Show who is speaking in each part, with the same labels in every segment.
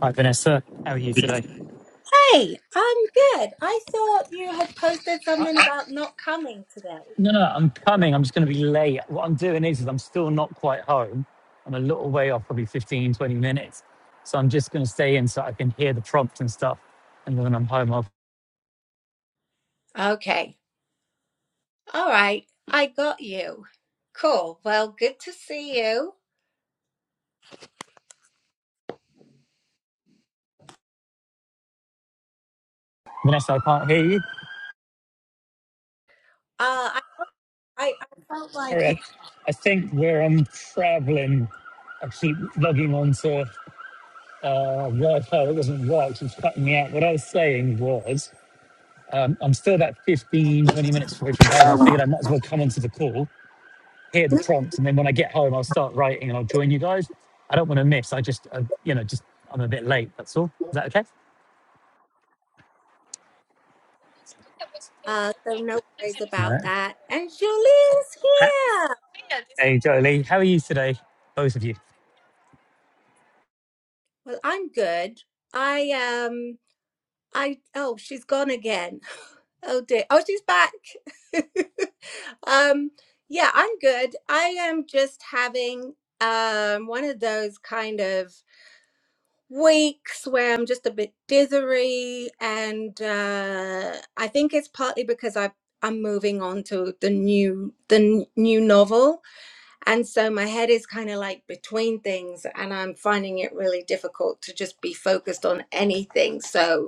Speaker 1: Hi, Vanessa. How are you today?
Speaker 2: Hey, I'm good. I thought you had posted
Speaker 1: Uh,
Speaker 2: something about not coming today.
Speaker 1: no, no, I'm coming. I'm just going to be late. What I'm doing is, is I'm still not quite home. I'm a little way off, probably 15 20 minutes. So I'm just going to stay in so I can hear the prompt and stuff. And then when I'm home, I'll...
Speaker 2: Okay. All right. I got you. Cool. Well, good to see you.
Speaker 1: Vanessa, I can't hear you.
Speaker 2: Uh, I, I, I felt
Speaker 1: All
Speaker 2: like it.
Speaker 1: right. I think where I'm traveling, I keep logging on to uh, Wi-Fi that doesn't work. so It's cutting me out. What I was saying was um, I'm still about 15 20 minutes away from home. I figured I might as well come onto the call hear the prompts, and then when I get home, I'll start writing and I'll join you guys. I don't want to miss. I just, uh, you know, just I'm a bit late. That's all. Is that okay?
Speaker 2: Uh, so no worries about
Speaker 1: No.
Speaker 2: that. And Julie's
Speaker 1: Ha-
Speaker 2: here.
Speaker 1: Hey, Jolie, how are you today, both of you?
Speaker 2: Well, I'm good. I, um, I, oh, she's gone again. Oh dear. Oh, she's back. Um, yeah, I'm good. I am just having um one of those kind of weeks where I'm just a bit dithery, and uh, I think it's partly because I I'm moving on to the new the n- new novel, and so my head is kind of like between things, and I'm finding it really difficult to just be focused on anything. So,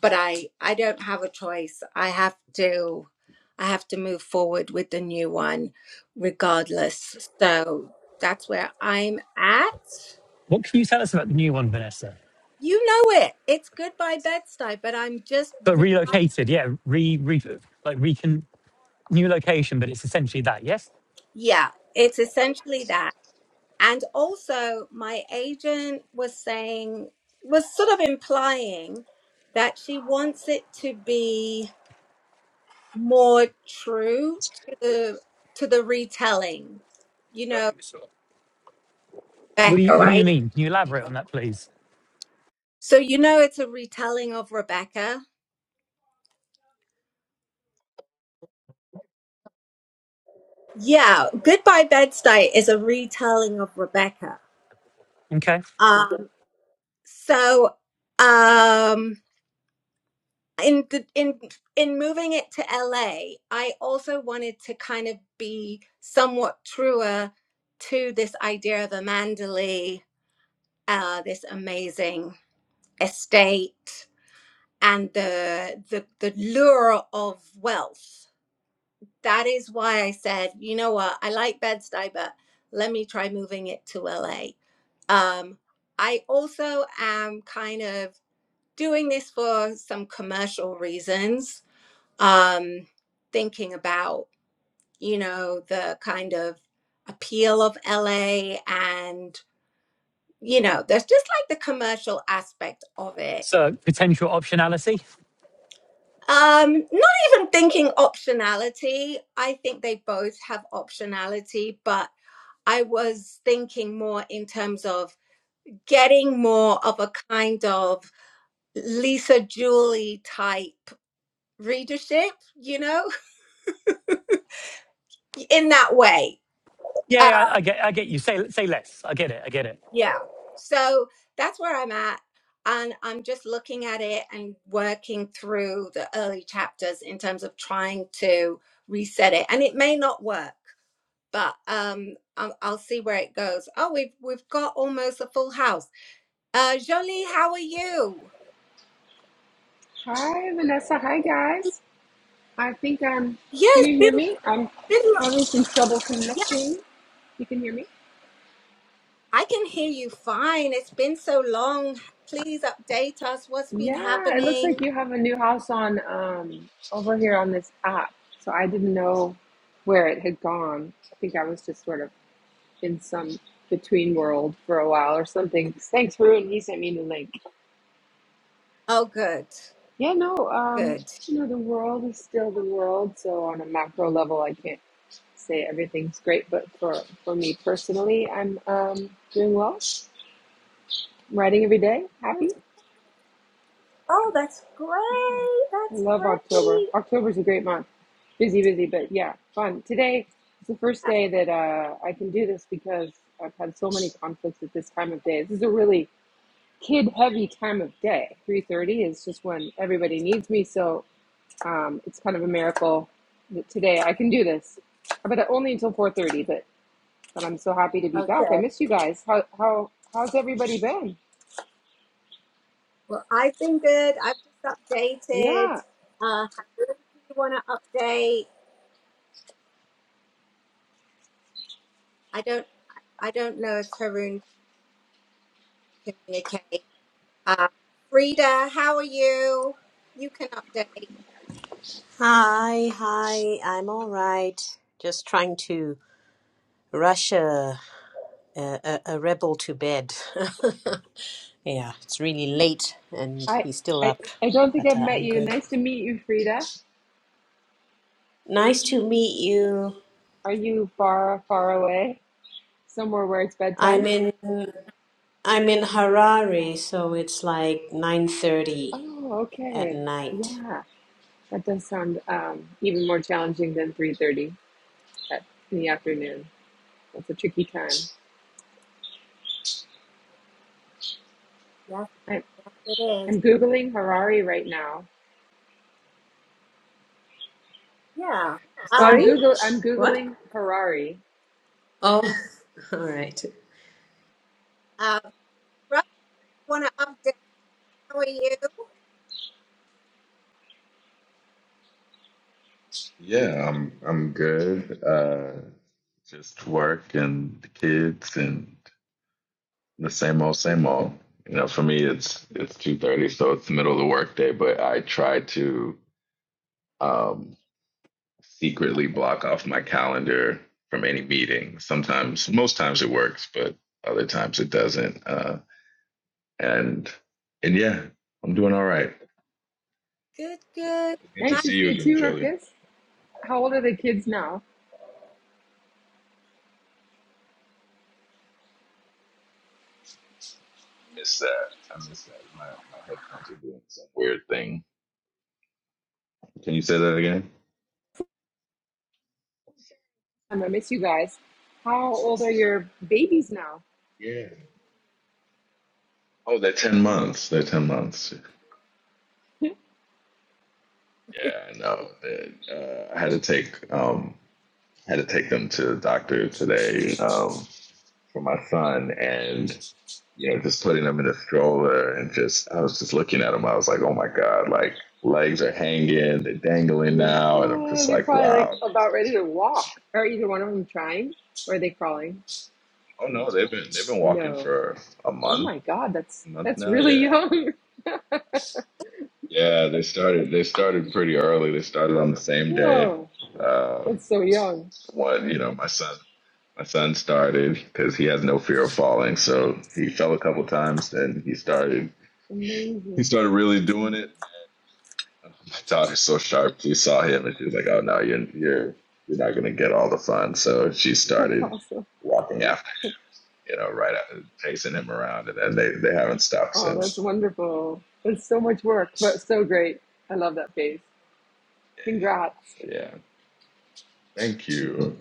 Speaker 2: but I I don't have a choice. I have to. I have to move forward with the new one regardless. So that's where I'm at
Speaker 1: What can you tell us about the new one, Vanessa?
Speaker 2: You know it. It's Goodbye Bed-Stuy, but I'm just
Speaker 1: But
Speaker 2: re-
Speaker 1: relocated, yeah, re, re like recon new location, but it's essentially that. Yes.
Speaker 2: yeah, it's essentially that. And also my agent was saying was sort of implying that she wants it to be more true to the to the retelling. You know,
Speaker 1: What do you
Speaker 2: Rebecca,
Speaker 1: What do you
Speaker 2: right?
Speaker 1: mean? Can you elaborate on that, please?
Speaker 2: So you know it's a retelling of Rebecca. Yeah, Goodbye Bed-Stuy is a retelling of Rebecca.
Speaker 1: Okay.
Speaker 2: Um so um in the in in moving it to LA, I also wanted to kind of be somewhat truer to this idea of Amandali, uh, this amazing estate, and the the the lure of wealth. That is why I said, you know what, I like Bed-Stuy, but let me try moving it to LA. Um, I also am kind of doing this for some commercial reasons um, thinking about you know the kind of appeal of LA and you know there's just like the commercial aspect of it.
Speaker 1: So potential optionality.
Speaker 2: Um, not even thinking optionality. I think they both have optionality, but I was thinking more in terms of getting more of a kind of Lisa Julie type readership, you know, in that way
Speaker 1: Yeah,
Speaker 2: Um,
Speaker 1: yeah, I, I get, I get you. Say, say less. I get it. I get it.
Speaker 2: Yeah. So that's where I'm at. And I'm just looking at it and working through the early chapters in terms of trying to reset it. And it may not work, but um, I'll, I'll see where it goes. Oh, we've we've got almost a full house. Uh, Jolie, how are you?
Speaker 3: Hi, Vanessa. Hi, guys. I think I'm. Can
Speaker 2: Yes,
Speaker 3: you hear
Speaker 2: been,
Speaker 3: me? I'm
Speaker 2: been, lo-
Speaker 3: having some trouble
Speaker 2: yeah,
Speaker 3: connecting. You can hear me?
Speaker 2: I can hear you fine. It's been so long. Please update us. What's been
Speaker 3: Yeah, it looks
Speaker 2: happening?
Speaker 3: like you have a new house on um, over here on this app. So I didn't know where it had gone. I think I was just sort of in some between world for a while or something. Thanks, Ruin. He sent me the link.
Speaker 2: Oh, good.
Speaker 3: Yeah, no, um,
Speaker 2: Good.
Speaker 3: you know, the world is still the world. So on a macro level, I can't say everything's great, but for, for me personally, I'm um, doing well. I'm writing every day, happy. I
Speaker 2: That's
Speaker 3: love October.
Speaker 2: great.
Speaker 3: October's a great month. Busy, busy, but yeah, fun. Today is the first
Speaker 2: Yeah,
Speaker 3: day that uh, I can do this because I've had so many conflicts at this time of day. This is a really kid-heavy time of day. 3.30 is just when everybody needs me, so Um, it's kind of a miracle that today I can do this, but only until 4:30. But but I'm so happy to be back. I
Speaker 2: Okay.
Speaker 3: miss you guys. How how how's everybody been?
Speaker 2: Well, I've been good. I've just updated.
Speaker 3: Yeah,
Speaker 2: Uh, Haroon, do you want to update? I don't. I don't know if Haroon can communicate. Uh, Frida, how are you? You can update.
Speaker 4: Hi, hi. I'm all right. Just trying to rush a a, a a rebel to bed. yeah, it's really late, and
Speaker 3: I
Speaker 4: he's still
Speaker 3: I
Speaker 4: up,
Speaker 3: I don't think
Speaker 4: but
Speaker 3: I've
Speaker 4: uh,
Speaker 3: met
Speaker 4: I'm
Speaker 3: you.
Speaker 4: good.
Speaker 3: Nice to meet you, Frida.
Speaker 4: Nice to meet you.
Speaker 3: Are you far far away? Somewhere where it's
Speaker 4: I'm
Speaker 3: bedtime?
Speaker 4: in I'm in Harare, so it's like nine thirty
Speaker 3: Oh,
Speaker 4: at
Speaker 3: okay.
Speaker 4: night.
Speaker 3: Yeah, that does sound um, even more challenging than 3:30 at- in the afternoon. That's a tricky time.
Speaker 2: Yes,
Speaker 3: I'm
Speaker 2: yes, it is.
Speaker 3: I'm googling Harari right now
Speaker 2: Yeah.
Speaker 3: Well,
Speaker 2: Uh,
Speaker 3: I'm
Speaker 4: Sorry,
Speaker 3: Google. I'm
Speaker 4: what?
Speaker 3: googling Harari.
Speaker 4: Oh, all right.
Speaker 2: uh, Russ, want to update? How are you?
Speaker 5: Yeah, I'm I'm good. Uh, just work and the kids and the same old, same old. You know, for me, it's it's two thirty, so it's the middle of the workday. But I try to um, secretly block off my calendar from any meeting. Sometimes, most times it works, but other times it doesn't. Uh, and and yeah, I'm doing all right.
Speaker 2: Good, good.
Speaker 5: Good to
Speaker 2: Ma-
Speaker 3: Nice to
Speaker 5: see
Speaker 3: see
Speaker 5: you
Speaker 3: you
Speaker 5: again,
Speaker 3: too,
Speaker 5: Jolie. I
Speaker 3: Ruckus. How old are the kids now?
Speaker 5: miss that. I miss that. My my headphones are doing some weird thing. Can you say that again?
Speaker 3: I'm gonna miss you guys. How old are your babies now?
Speaker 5: Yeah. Oh, they're ten
Speaker 3: Mm,
Speaker 5: months. They're ten months. Yeah, no. it, Uh, I had to take um, had to take them to the doctor today um, for my son, and you know, just putting him in a stroller and just I was just looking at him. I was like, oh my god, like legs are hanging, they're dangling now, and I'm
Speaker 3: Yeah,
Speaker 5: just
Speaker 3: they're
Speaker 5: like,
Speaker 3: probably like
Speaker 5: wow. these
Speaker 3: about ready
Speaker 5: kids-
Speaker 3: to walk. Are either one of them trying, or are they crawling?
Speaker 5: Oh no, they've been they've been walking
Speaker 3: No.
Speaker 5: for a
Speaker 3: Oh
Speaker 5: month,
Speaker 3: my God, that's
Speaker 5: a month
Speaker 3: that's
Speaker 5: now.
Speaker 3: really
Speaker 5: Yeah,
Speaker 3: young.
Speaker 5: Yeah, they started. They started pretty early. They started on the same day.
Speaker 3: Whoa,
Speaker 5: Uh,
Speaker 3: that's so young.
Speaker 5: what you know, my son. My son started because he has no fear of falling, so he fell a couple times. Then he started. He
Speaker 3: Amazing.
Speaker 5: started really doing it. My daughter's so sharp. She saw him and she was like, "Oh no, you're you're you're not gonna get all the fun." So she
Speaker 3: That's
Speaker 5: started
Speaker 3: awesome.
Speaker 5: walking after, you know, right after chasing him around, and then they they haven't stopped
Speaker 3: Oh, that's
Speaker 5: since.
Speaker 3: wonderful. That's so much work, but so great. I love that phase. Congrats.
Speaker 5: Yeah. Thank you.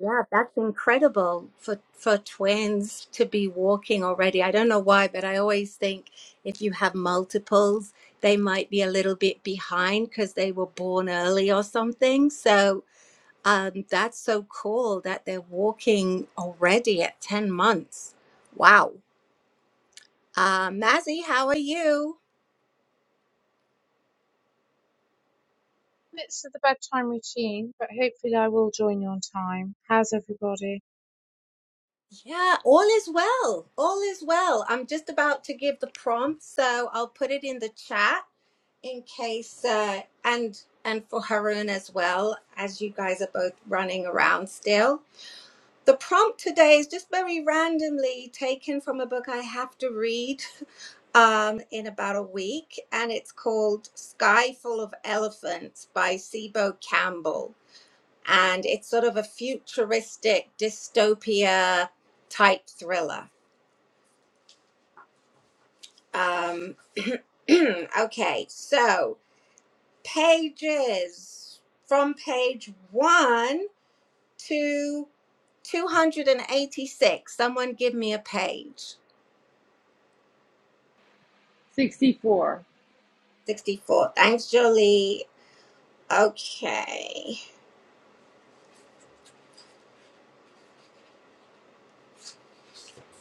Speaker 2: Yeah, that's incredible for for twins to be walking already. I don't know why, but I always think if you have multiples, they might be a little bit behind because they were born early or something. So Um, that's so cool that they're walking already at 10 months. Wow. Uh, Mazzy, how are you? Yeah, all is well. All is well. I'm just about to give the prompt, so I'll put it in the chat in case, uh, and and for Haroon as well, as you guys are both running around still. The prompt today is just very randomly taken from a book I have to read um, in about a week, and it's called Sky Full of Elephants by Sibo Campbell. And it's sort of a futuristic dystopia type thriller. Um, okay, so pages from page one to 286. Someone give me a page.
Speaker 3: 64.
Speaker 2: 64. Thanks, Jolie. Okay.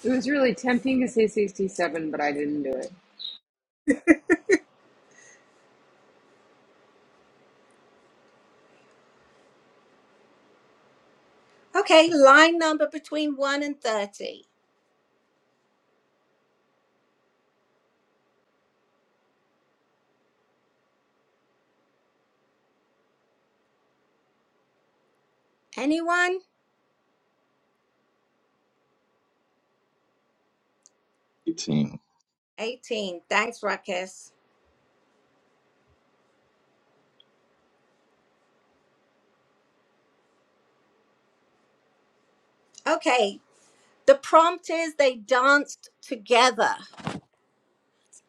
Speaker 3: It was really tempting to say 67, but I didn't do it.
Speaker 2: Okay, line number between 1 and 30. Anyone?
Speaker 5: 18.
Speaker 2: 18. Thanks, Ruckus. Okay, the prompt is they danced together.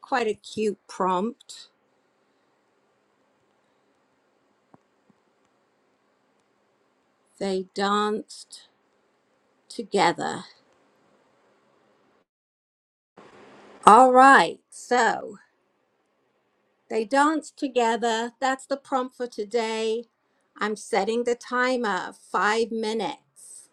Speaker 2: Quite a cute prompt. They danced together. All right, so they danced together. That's the prompt for today. I'm setting the timer five minutes.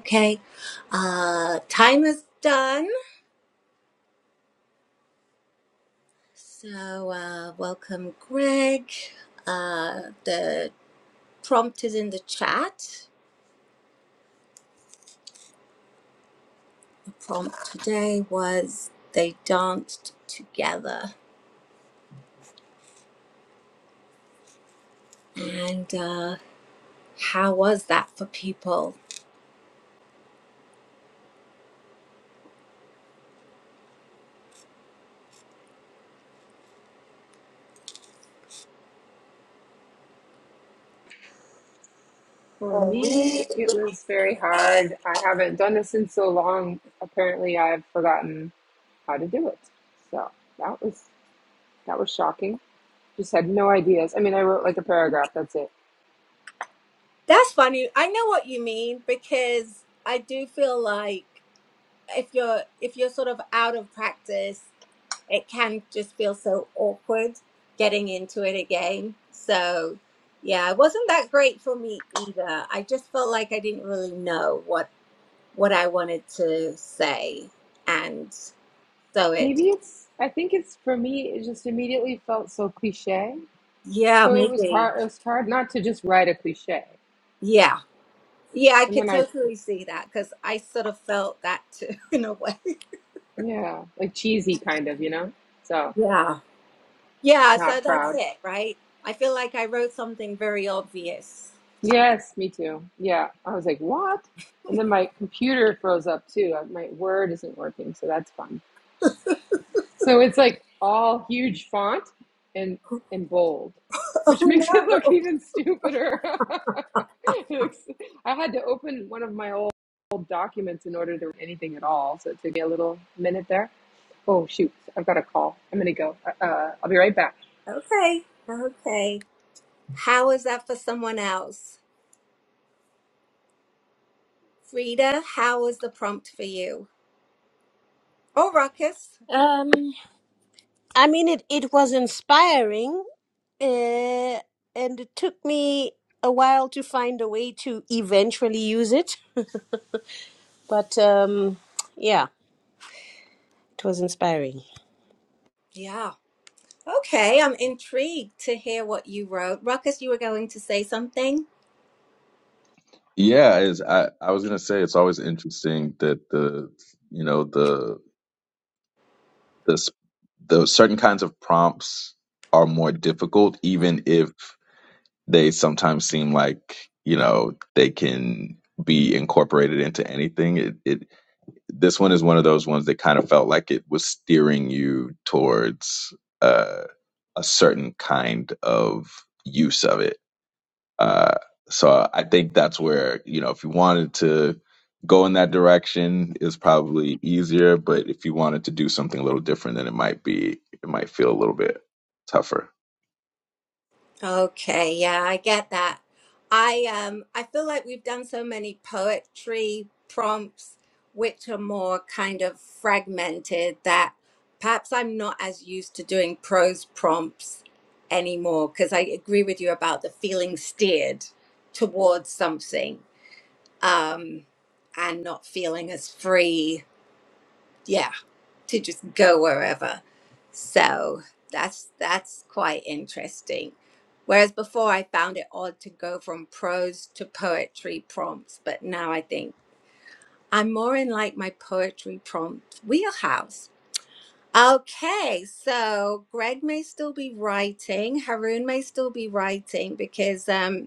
Speaker 2: Okay, uh, timer's done. So, uh, welcome, Greg. Uh, the prompt is in the chat. The prompt today was they danced together. And uh, how was that for people?
Speaker 3: For me, it was very hard. I haven't done this in so long. Apparently, I've forgotten how to do it. So that was that was shocking. Just had no ideas. I mean, I wrote like a paragraph. That's it.
Speaker 2: That's funny. I know what you mean because I do feel like if you're if you're sort of out of practice it can just feel so awkward getting into it again. So, yeah, it wasn't that great for me either. I just felt like I didn't really know what what I wanted to say, and so it,
Speaker 3: Maybe it's. I think it's for me. It just immediately felt so cliche.
Speaker 2: yeah,
Speaker 3: So it was
Speaker 2: maybe,
Speaker 3: hard. It was hard not to just write a cliche.
Speaker 2: yeah, yeah, I
Speaker 3: And
Speaker 2: could
Speaker 3: then I,
Speaker 2: totally see that because I sort of felt that too in a way.
Speaker 3: yeah, like cheesy kind of, you know. So
Speaker 2: Yeah, yeah. So
Speaker 3: not
Speaker 2: that's
Speaker 3: proud.
Speaker 2: it, right? I feel like I wrote something very obvious.
Speaker 3: Yes, me too. Yeah. I was like, what? And then my computer froze up too. Uh, My Word isn't working, so that's fun. So it's like all huge font and and bold,
Speaker 2: Oh
Speaker 3: which makes it
Speaker 2: no.
Speaker 3: look even stupider. it looks, I had to open one of my old, old documents in order to read anything at all, so it took me a little minute there. Oh shoot, I've got a call. I'm gonna go. Uh, uh, I'll be right back.
Speaker 2: Okay. Okay. How is that for someone else? Frida, how was the prompt for you? Oh, Ruckus.
Speaker 4: Um, I mean, it, it was inspiring, uh, and it took me a while to find a way to eventually use it. But um, yeah, it was inspiring.
Speaker 2: Yeah. Okay, I'm intrigued to hear what you wrote. Ruckus, you were going to say something?
Speaker 5: Yeah, is I I was gonna say it's always interesting that the you know the the s- the certain kinds of prompts are more difficult, even if they sometimes seem like you know they can be incorporated into anything. It it this one is one of those ones that kind of felt like it was steering you towards uh, a certain kind of use of it uh, so I think that's where, you know, if you wanted to go in that direction is probably easier, but if you wanted to do something a little different, then it might be, it might feel a little bit tougher.
Speaker 2: Okay, yeah, I get that. I um I feel like we've done so many poetry prompts which are more kind of fragmented that perhaps I'm not as used to doing prose prompts anymore because I agree with you about the feeling steered towards something um, and not feeling as free, yeah, to just go wherever. So that's that's quite interesting. Whereas before I found it odd to go from prose to poetry prompts, but now I think I'm more in like my poetry prompt wheelhouse. Okay, so Greg may still be writing, Haroon may still be writing because um,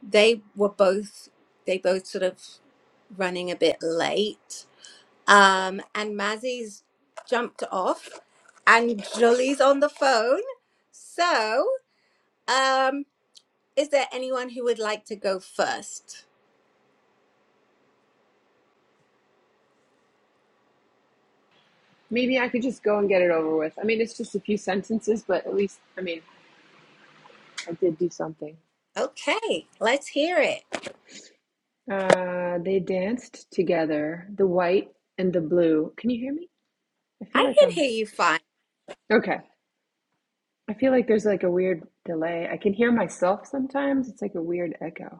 Speaker 2: they were both they both sort of running a bit late Um, and Mazzy's jumped off, and Jolie's on the phone. So, um, is there anyone who would like to go first?
Speaker 3: Maybe I could just go and get it over with. I mean, it's just a few sentences, but at least, I mean. I did do something.
Speaker 2: Okay, let's hear it.
Speaker 3: Uh, they danced together, the white and the blue. Can you hear me? I feel
Speaker 2: I
Speaker 3: like I'm
Speaker 2: can hear you fine.
Speaker 3: okay. I feel like there's like a weird delay. I can hear myself sometimes. It's like a weird echo.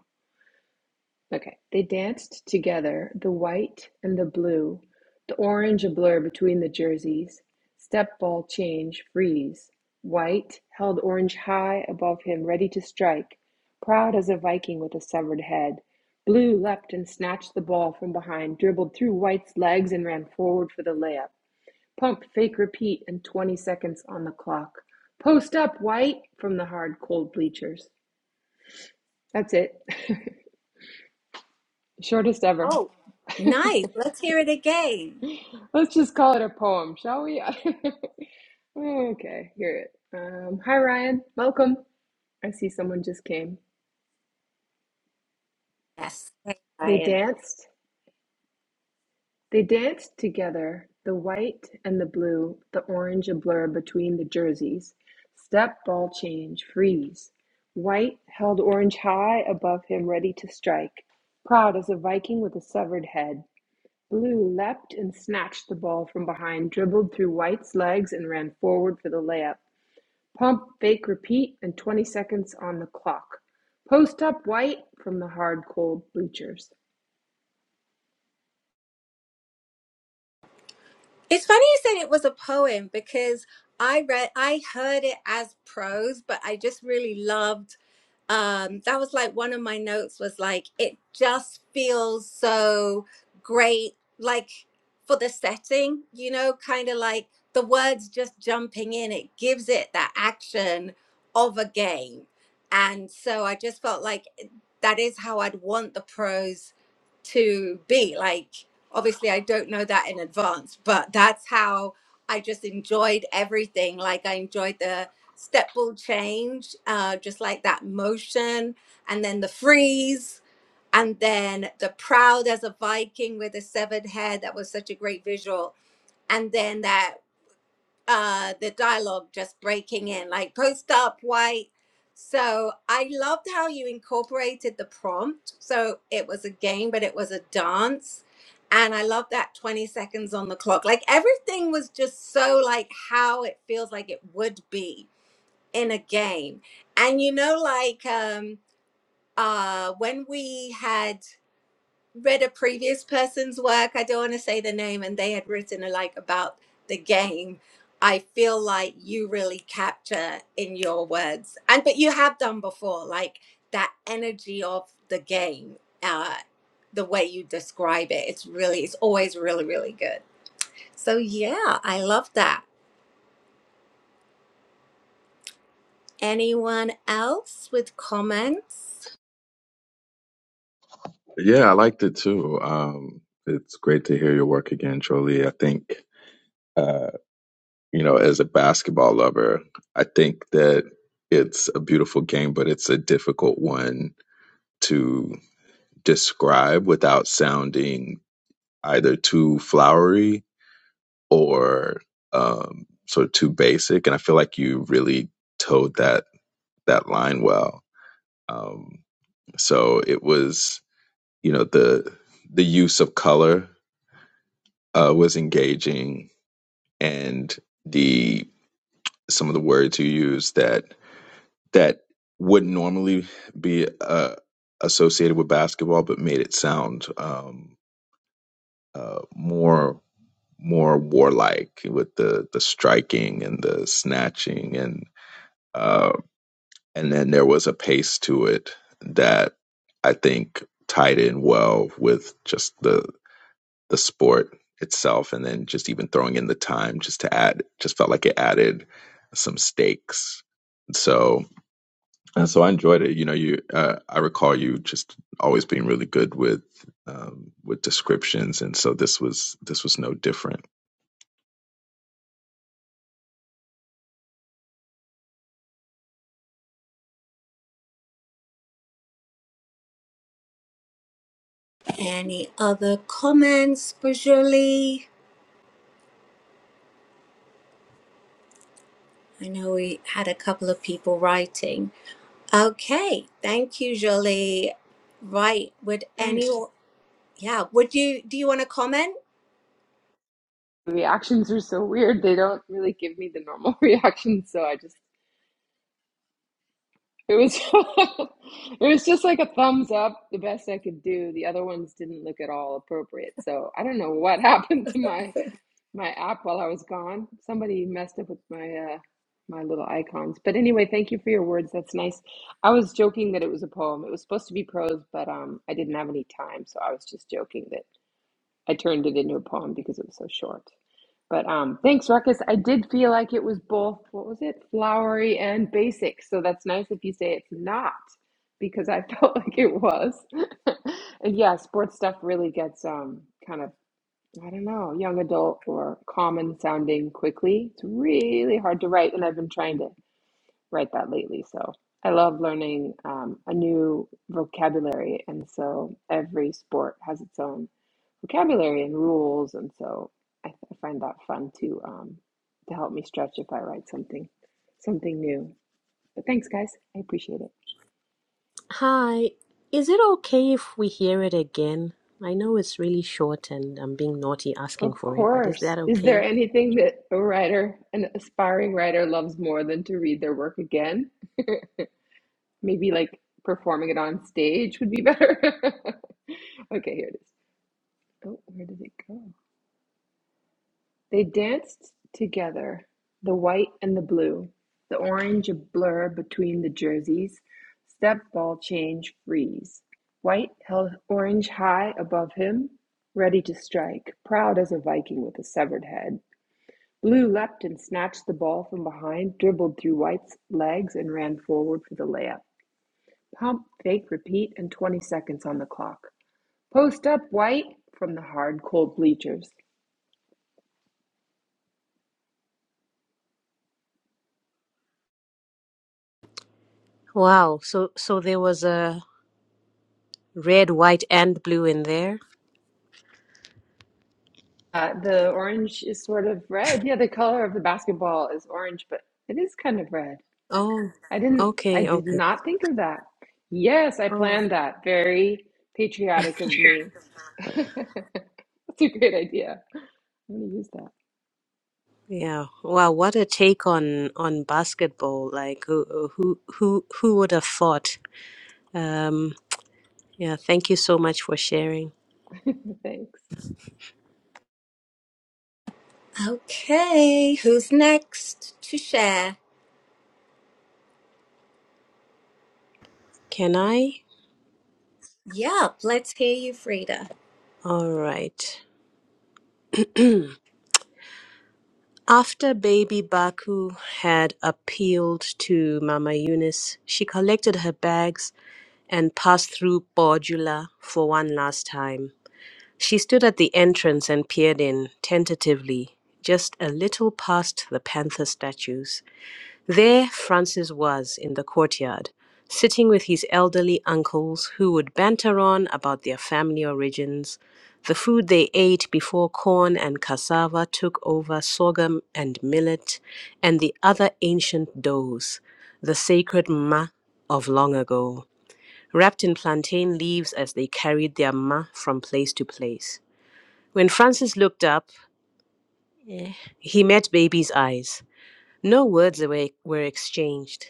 Speaker 3: Okay. They danced together, the white and the blue, the orange a blur between the jerseys. Step ball change, freeze. White held orange high above him, ready to strike, proud as a Viking with a severed head. Blue leapt and snatched the ball from behind, dribbled through White's legs, and ran forward for the layup. Pump, fake, repeat, and 20 seconds on the clock. Post up, White! from the hard, cold bleachers. That's it. Shortest ever.
Speaker 2: Oh, nice. Let's hear it again.
Speaker 3: Let's just call it a poem, shall we? okay, hear it. Um, hi, Ryan. Welcome. I see someone just came.
Speaker 2: Yes. Hey,
Speaker 3: They
Speaker 2: Ryan.
Speaker 3: danced. They danced together, the white and the blue, the orange a blur between the jerseys. Step, ball change, freeze. White held orange high above him, ready to strike. Proud as a Viking with a severed head. Blue leapt and snatched the ball from behind, dribbled through White's legs, and ran forward for the layup. Pump, bake, repeat, and 20 seconds on the clock. Post up white from the hard cold bleachers.
Speaker 2: It's funny you said it was a poem because I read, I heard it as prose, but I just really loved. Um, that was like one of my notes was like, it just feels so great, like for the setting, you know, kind of like the words just jumping in, it gives it that action of a game. And so I just felt like eh, that is how I'd want the prose to be. Like, obviously I don't know that in advance, but that's how I just enjoyed everything. Like I enjoyed the step ball change, uh, just like that motion, and then the freeze, and then the proud as a Viking with a severed head. That was such a great visual. And then that uh the dialogue just breaking in like post up white so i loved how you incorporated the prompt so it was a game but it was a dance and i love that 20 seconds on the clock like everything was just so like how it feels like it would be in a game and you know like um uh when we had read a previous person's work i don't want to say the name and they had written a, like about the game i feel like you really capture in your words and but you have done before like that energy of the game uh the way you describe it it's really it's always really really good so yeah i love that anyone else with comments
Speaker 5: Yeah, I liked it too. Um, it's great to hear your work again, Jolie. I think. Uh, you know, as a basketball lover, I think that it's a beautiful game, but it's a difficult one to describe without sounding either too flowery or um, sort of too basic. And I feel like you really toed that that line well. Um, so it was, you know, the the use of color uh, was engaging, and the some of the words you used that that would normally be uh, associated with basketball, but made it sound um, uh, more more warlike with the the striking and the snatching and uh, and then there was a pace to it that I think tied in well with just the the sport itself, and then just even throwing in the time just to add just felt like it added some stakes. So And so I enjoyed it. You know, you uh, I recall you just always being really good with um, with descriptions, and so this was this was no different.
Speaker 2: any other comments for julie i know we had a couple of people writing Okay, thank you, Jolie. Right, would
Speaker 3: Thanks.
Speaker 2: anyone, yeah, would you, do you want to comment?
Speaker 3: The reactions are so weird. They don't really give me the normal reactions, so I just it was it was just like a thumbs up, the best I could do. The other ones didn't look at all appropriate. So I don't know what happened to my my app while I was gone. Somebody messed up with my uh my little icons. But anyway, thank you for your words. That's nice. I was joking that it was a poem. It was supposed to be prose, but um I didn't have any time, so I was just joking that I turned it into a poem because it was so short. But um thanks, Ruckus. I did feel like it was both what was it? Flowery and basic. So that's nice if you say it's not because I felt like it was. and yeah, sports stuff really gets um kind of I don't know, young adult or common sounding quickly. It's really hard to write, and I've been trying to write that lately. So I love learning um, a new vocabulary, and so every sport has its own vocabulary and rules, and so I, I find that fun to um, to help me stretch if I write something something new. But thanks, guys, I appreciate it.
Speaker 4: Hi, is it okay if we hear it again? I know it's really short and I'm being naughty asking
Speaker 3: Of
Speaker 4: for it, but is
Speaker 3: course.
Speaker 4: that
Speaker 3: Is
Speaker 4: okay?
Speaker 3: there anything that a writer, an aspiring writer, loves more than to read their work again? Maybe like performing it on stage would be better. Okay, here it is. Oh, where did it go? They danced together, the white and the blue, the orange a blur between the jerseys, step ball change freeze. White held orange high above him, ready to strike, proud as a Viking with a severed head. Blue leapt and snatched the ball from behind, dribbled through White's legs, and ran forward for the layup. Pump, fake, repeat, and 20 seconds on the clock. Post up, white, from the hard, cold bleachers.
Speaker 4: Wow, so so there was a red, white, and blue in there?
Speaker 3: Uh, the orange is sort of red. Yeah, the color of the basketball is orange, but it is kind of red.
Speaker 4: Oh,
Speaker 3: I didn't, I
Speaker 4: okay,
Speaker 3: did
Speaker 4: okay.
Speaker 3: not think of that. Yes, I
Speaker 4: Oh.
Speaker 3: planned that. Very patriotic of me. That's a great idea. I'm going to use that.
Speaker 4: Yeah. Wow, what a take on on basketball. Like who who who who would have thought? Um yeah, thank you so much for sharing.
Speaker 3: Thanks.
Speaker 2: Okay, who's next to share?
Speaker 4: Can I?
Speaker 2: Yeah, let's hear you, Frida.
Speaker 4: All right. After baby Baku had appealed to Mama Eunice, she collected her bags and passed through Bordula for one last time. She stood at the entrance and peered in, tentatively, just a little past the panther statues. There Francis was in the courtyard, sitting with his elderly uncles who would banter on about their family origins, the food they ate before corn and cassava took over sorghum and millet, and the other ancient doughs, the sacred ma of long ago, wrapped in plantain leaves as they carried their ma from place to place. When Francis looked up, eh, he met baby's eyes. No words were, were exchanged,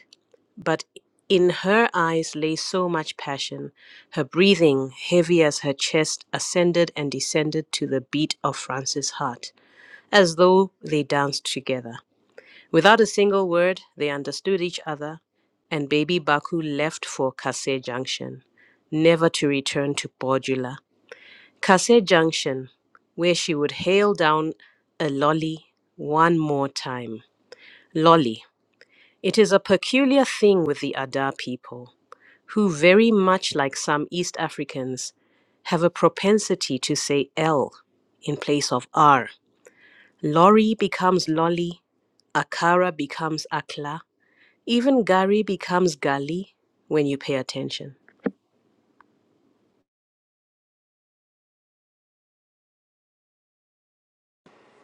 Speaker 4: but in her eyes lay so much passion. Her breathing, heavy as her chest, ascended and descended to the beat of Francis' heart, as though they danced together. Without a single word, they understood each other, and baby Baku left for Kase Junction, never to return to Bordula. Kase Junction, where she would hail down a lolly one more time. Lolly. It is a peculiar thing with the Ada people, who, very much like some East Africans, have a propensity to say L in place of R. Lorry becomes lolly, Akara becomes Akla, even Gari becomes Gali when you pay attention.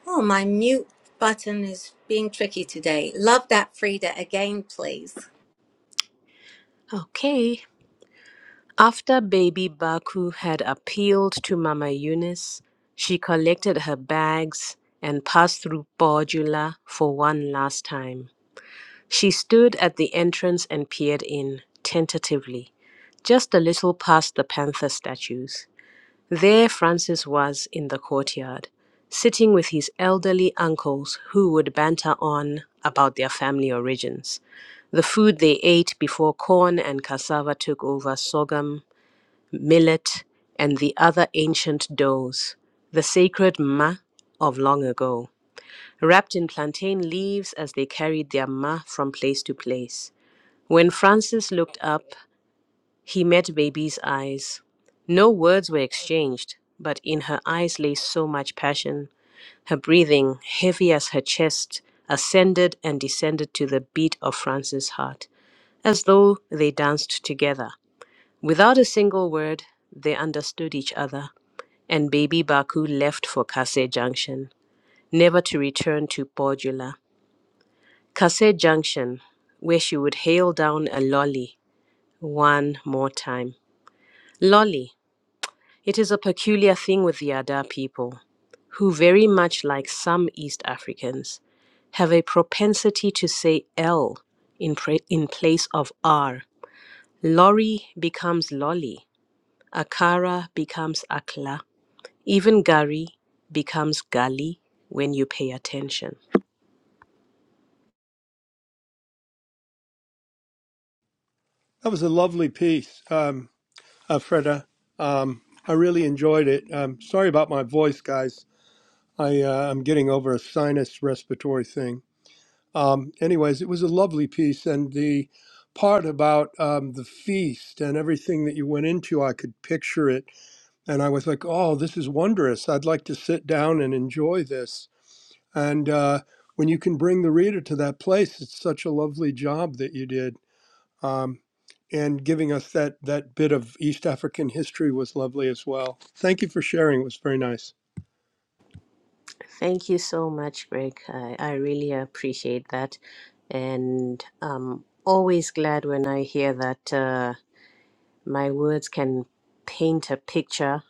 Speaker 2: Oh, my mute button is being tricky today. Love that, Frida, again, please.
Speaker 4: Okay. After baby Baku had appealed to Mama Eunice, she collected her bags and passed through Bordula for one last time. She stood at the entrance and peered in, tentatively, just a little past the panther statues. There Francis was in the courtyard, sitting with his elderly uncles who would banter on about their family origins, the food they ate before corn and cassava took over sorghum, millet, and the other ancient doughs, the sacred ma of long ago, wrapped in plantain leaves as they carried their ma from place to place. When Francis looked up, he met Baby's eyes. No words were exchanged, but in her eyes lay so much passion. Her breathing, heavy as her chest, ascended and descended to the beat of Francis' heart, as though they danced together. Without a single word, they understood each other, and Baby Baku left for Kase Junction, never to return to Podula. Kase Junction, where she would hail down a lolly one more time. Lolly. It is a peculiar thing with the Ada people, who very much like some East Africans, have a propensity to say L in, pra in place of R. Lorry becomes lolly, Akara becomes Akla, even Gari becomes Gali when you pay attention.
Speaker 6: That was a lovely piece, um, uh, Freda. Um, I really enjoyed it. Um, sorry about my voice, guys. I, uh, I'm getting over a sinus respiratory thing. Um, anyways, it was a lovely piece, and the part about um, the feast and everything that you went into, I could picture it, and I was like, "Oh, this is wondrous! I'd like to sit down and enjoy this." And uh, when you can bring the reader to that place, it's such a lovely job that you did um, and giving us that that bit of East African history was lovely as well. Thank you for sharing. It was very nice.
Speaker 4: Thank you so much, Greg. I, I really appreciate that. And I'm always glad when I hear that. Uh, my words can paint a picture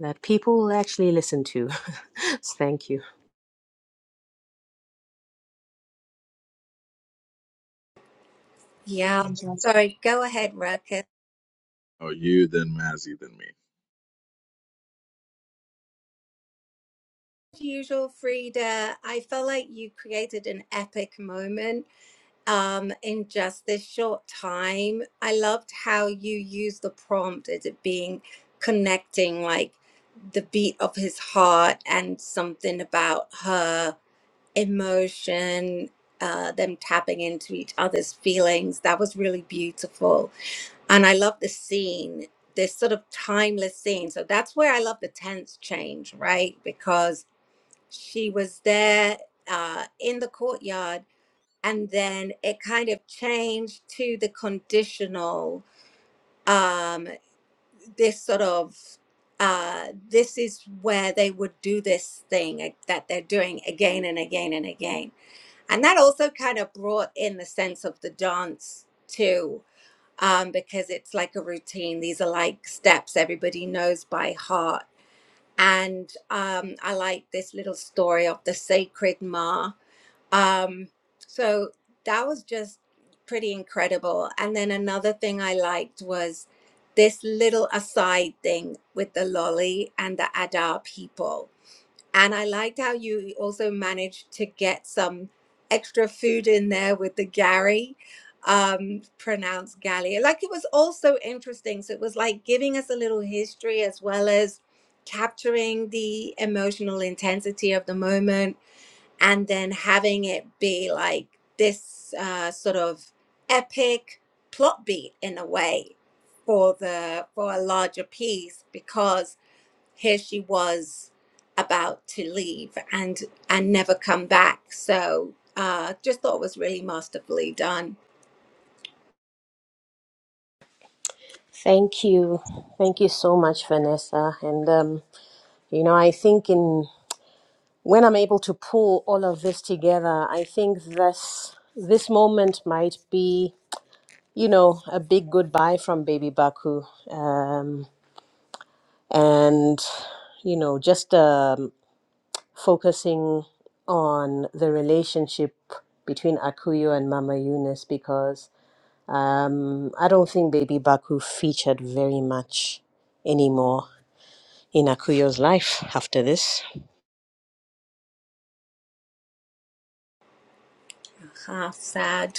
Speaker 4: that people will actually listen to. Thank you.
Speaker 2: Yeah, sorry, go ahead, Ruckus.
Speaker 5: Oh, you then Mazzy then me.
Speaker 2: As usual, Frida, I felt like you created an epic moment um, in just this short time. I loved how you used the prompt as it being connecting like the beat of his heart and something about her emotion, uh, them tapping into each other's feelings. That was really beautiful. And I love the scene, this sort of timeless scene. So that's where I love the tense change, right? Because she was there uh, in the courtyard and then it kind of changed to the conditional um this sort of uh this is where they would do this thing ag- that they're doing again and again and again and that also kind of brought in the sense of the dance too um because it's like a routine these are like steps everybody knows by heart and um, I like this little story of the sacred Ma um, so that was just pretty incredible. And then another thing I liked was this little aside thing with the lolly and the Adar people. And I liked how you also managed to get some extra food in there with the Gary, um, pronounced Gallia. Like it was also interesting. So it was like giving us a little history as well as capturing the emotional intensity of the moment and then having it be like this uh, sort of epic plot beat in a way for the for a larger piece because here she was about to leave and and never come back so uh just thought it was really masterfully done
Speaker 4: Thank you. Thank you so much, Vanessa. And, um, you know, I think in when I'm able to pull all of this together, I think this this moment might be, you know, a big goodbye from baby Baku. Um, and, you know, just a focusing on the relationship between Akuyo and Mama Eunice because um, I don't think Baby Baku featured very much anymore in Akuyo's life after this.
Speaker 2: half sad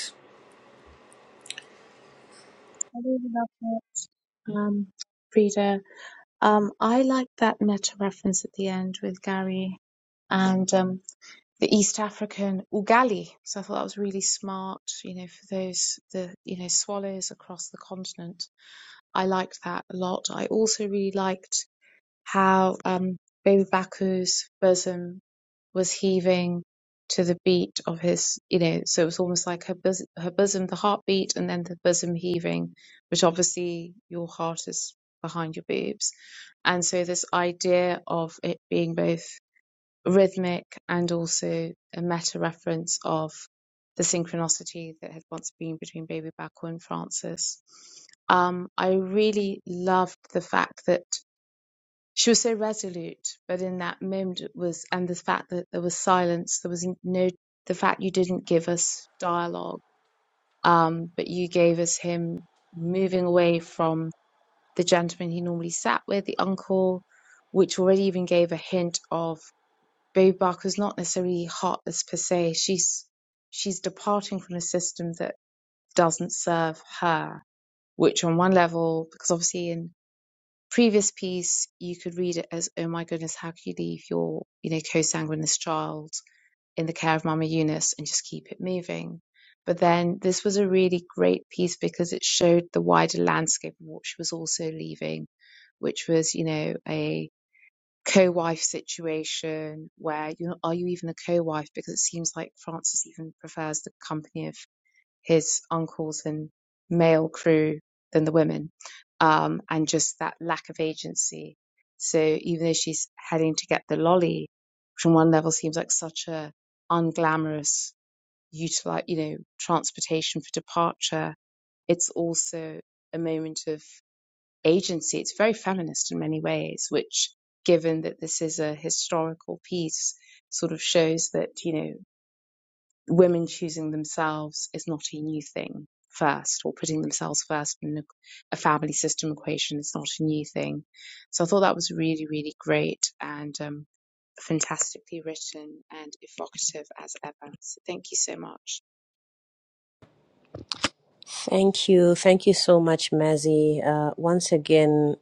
Speaker 4: Thank you. Thank you so much, Mazzy. Uh, once again,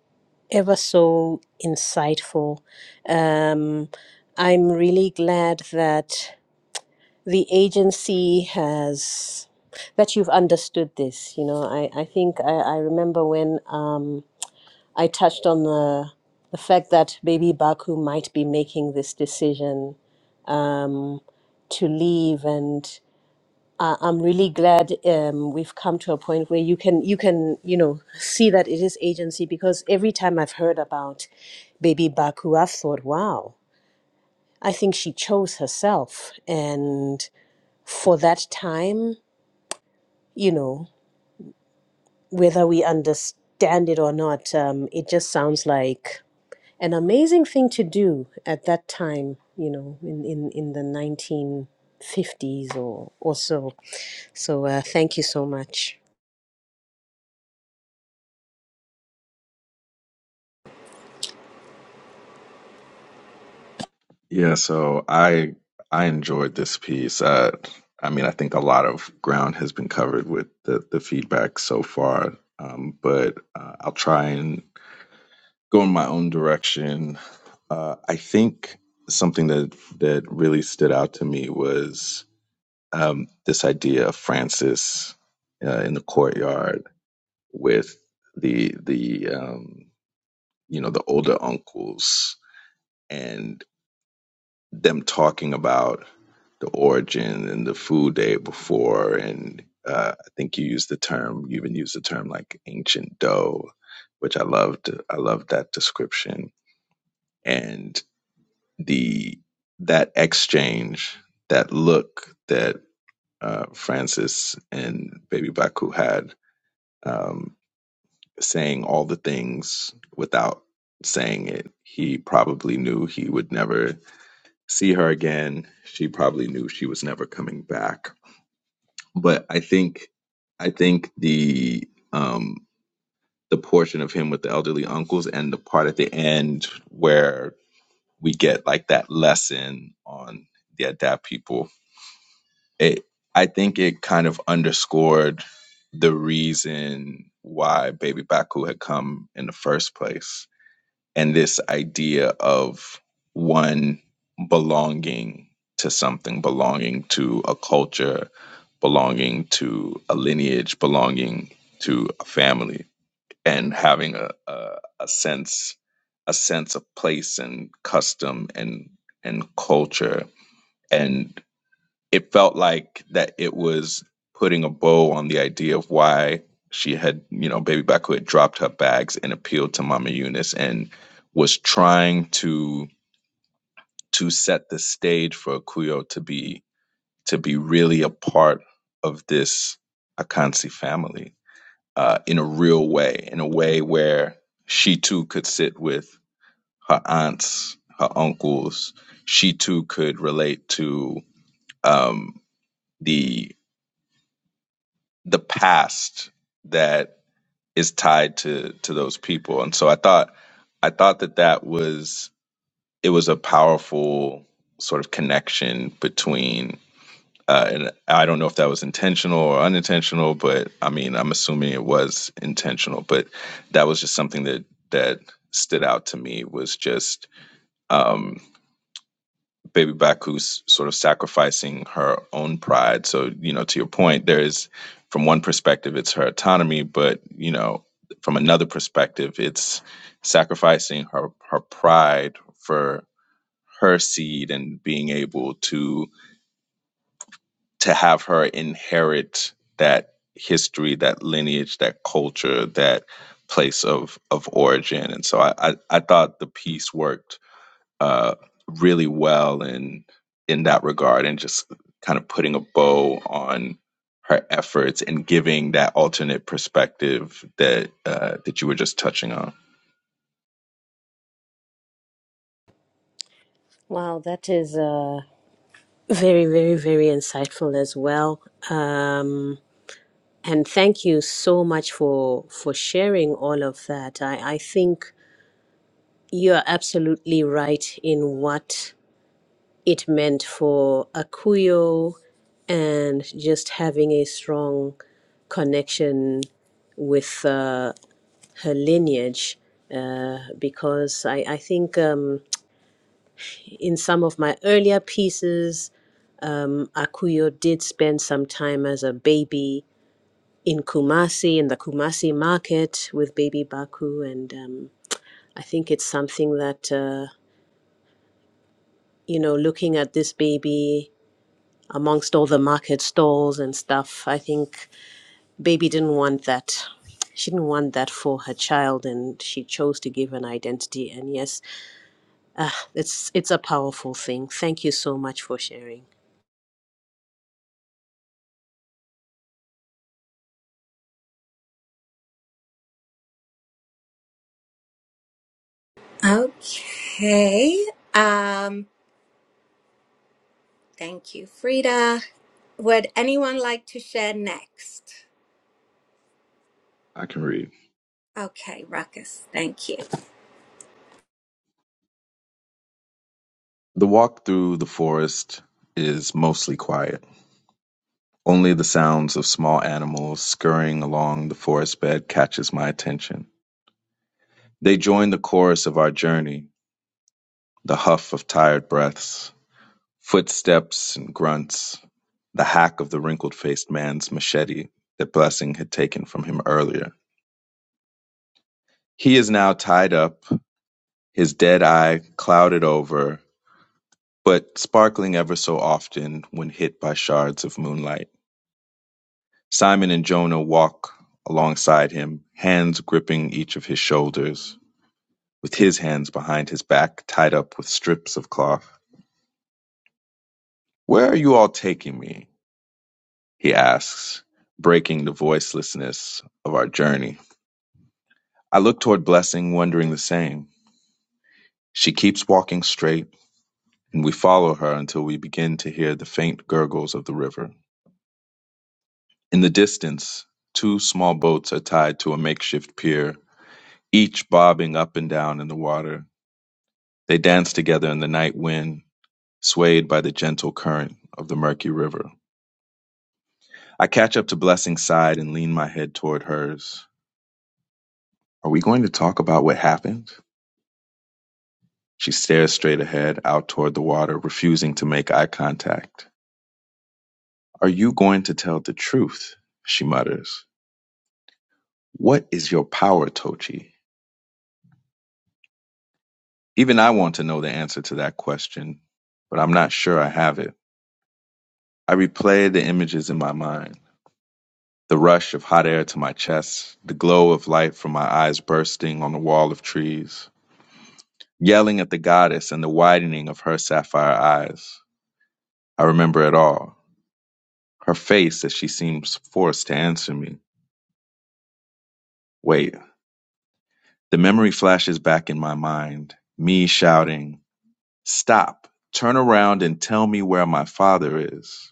Speaker 4: ever so insightful. Um, I'm really glad that. the agency has that you've understood this you know i, I think I, I remember when um, i touched on the the fact that baby baku might be making this decision um, to leave and I- I'm really glad um, we've come to a point where you can you can you know see that it is agency because every time I've heard about baby Baku, I've thought, wow, I think she chose herself, and for that time you know, whether we understand it or not, um, it just sounds like an amazing thing to do at that time, you know, in, in, in the 1950s or, or so. So uh, thank you so much.
Speaker 5: Yeah, so I I enjoyed this piece. Uh, I mean, I think a lot of ground has been covered with the the feedback so far, um, but uh, I'll try and go in my own direction. Uh, I think something that that really stood out to me was um, this idea of Francis uh, in the courtyard with the the um, you know the older uncles and. them talking about the origin and the food day before, and uh, I think you used the term. You even used the term like ancient dough, which I loved. I loved that description and the that exchange, that look that uh, Francis and Baby Baku had, um, saying all the things without saying it. He probably knew he would never see her again. She probably knew she was never coming back. But I think I think the um the portion of him with the elderly uncles and the part at the end where we get like that lesson on the adapt people, it I think it kind of underscored the reason why Baby Baku had come in the first place and this idea of one belonging to something, belonging to a culture, belonging to a lineage, belonging to a family, and having a, a, a sense a sense of place and custom and and culture. and it felt like that it was putting a bow on the idea of why she had, you know, Baby Baku had dropped her bags and appealed to Mama Eunice and was trying to to set the stage for Akuyo to be to be really a part of this Akansi family uh, in a real way, in a way where she too could sit with her aunts, her uncles. She too could relate to um, the the past that is tied to to those people and so i thought i thought that that was it was a powerful sort of connection between uh, and i don't know if that was intentional or unintentional but i mean i'm assuming it was intentional but that was just something that that stood out to me was just um, Baby Baku's sort of sacrificing her own pride. So, you know, to your point, there is, from one perspective, it's her autonomy, but, you know, from another perspective, it's sacrificing her, her pride for her seed and being able to to have her inherit that history, that lineage, that culture, that place of of origin. And so I I, I thought the piece worked uh, really well in in that regard, and just kind of putting a bow on her efforts and giving that alternate perspective that uh, that you were just touching on.
Speaker 4: Wow, that is uh, very, very, very insightful as well. Um, and thank you so much for for sharing all of that. I, I think you're absolutely right in what it meant for Akuyo and just having a strong connection with uh, her lineage. Uh, because I, I think um, in some of my earlier pieces, um, Akuyo did spend some time as a baby in Kumasi, in the Kumasi market with baby Baku. And um, I think it's something that, uh, you know, looking at this baby amongst all the market stalls and stuff. I think baby didn't want that. She didn't want that for her child, and she chose to give an identity. And yes, uh, it's it's a powerful thing. Thank you so much for sharing.
Speaker 2: okay um thank you frida would anyone like to share next
Speaker 5: I can read.
Speaker 2: okay ruckus thank you
Speaker 5: The walk through the forest is mostly quiet. Only the sounds of small animals scurrying along the forest bed catches my attention. They join the chorus of our journey, the huff of tired breaths, footsteps and grunts, the hack of the wrinkled faced man's machete that Blessing had taken from him earlier. He is now tied up, his dead eye clouded over, but sparkling ever so often when hit by shards of moonlight. Simon and Jonah walk alongside him, hands gripping each of his shoulders, with his hands behind his back tied up with strips of cloth. Where are you all taking me? he asks, breaking the voicelessness of our journey. I look toward Blessing, wondering the same. She keeps walking straight, and we follow her until we begin to hear the faint gurgles of the river. In the distance, two small boats are tied to a makeshift pier, each bobbing up and down in the water. They dance together in the night wind, swayed by the gentle current of the murky river. I catch up to Blessing's side and lean my head toward hers. Are we going to talk about what happened? She stares straight ahead, out toward the water, refusing to make eye contact. Are you going to tell the truth? She mutters. What is your power, Tochi? Even I want to know the answer to that question, but I'm not sure I have it. I replay the images in my mind. The rush of hot air to my chest, the glow of light from my eyes bursting on the wall of trees, yelling at the goddess and the widening of her sapphire eyes. I remember it all. Her face as she seems forced to answer me. Wait, The memory flashes back in my mind, me shouting, Stop, turn around and tell me where my father is.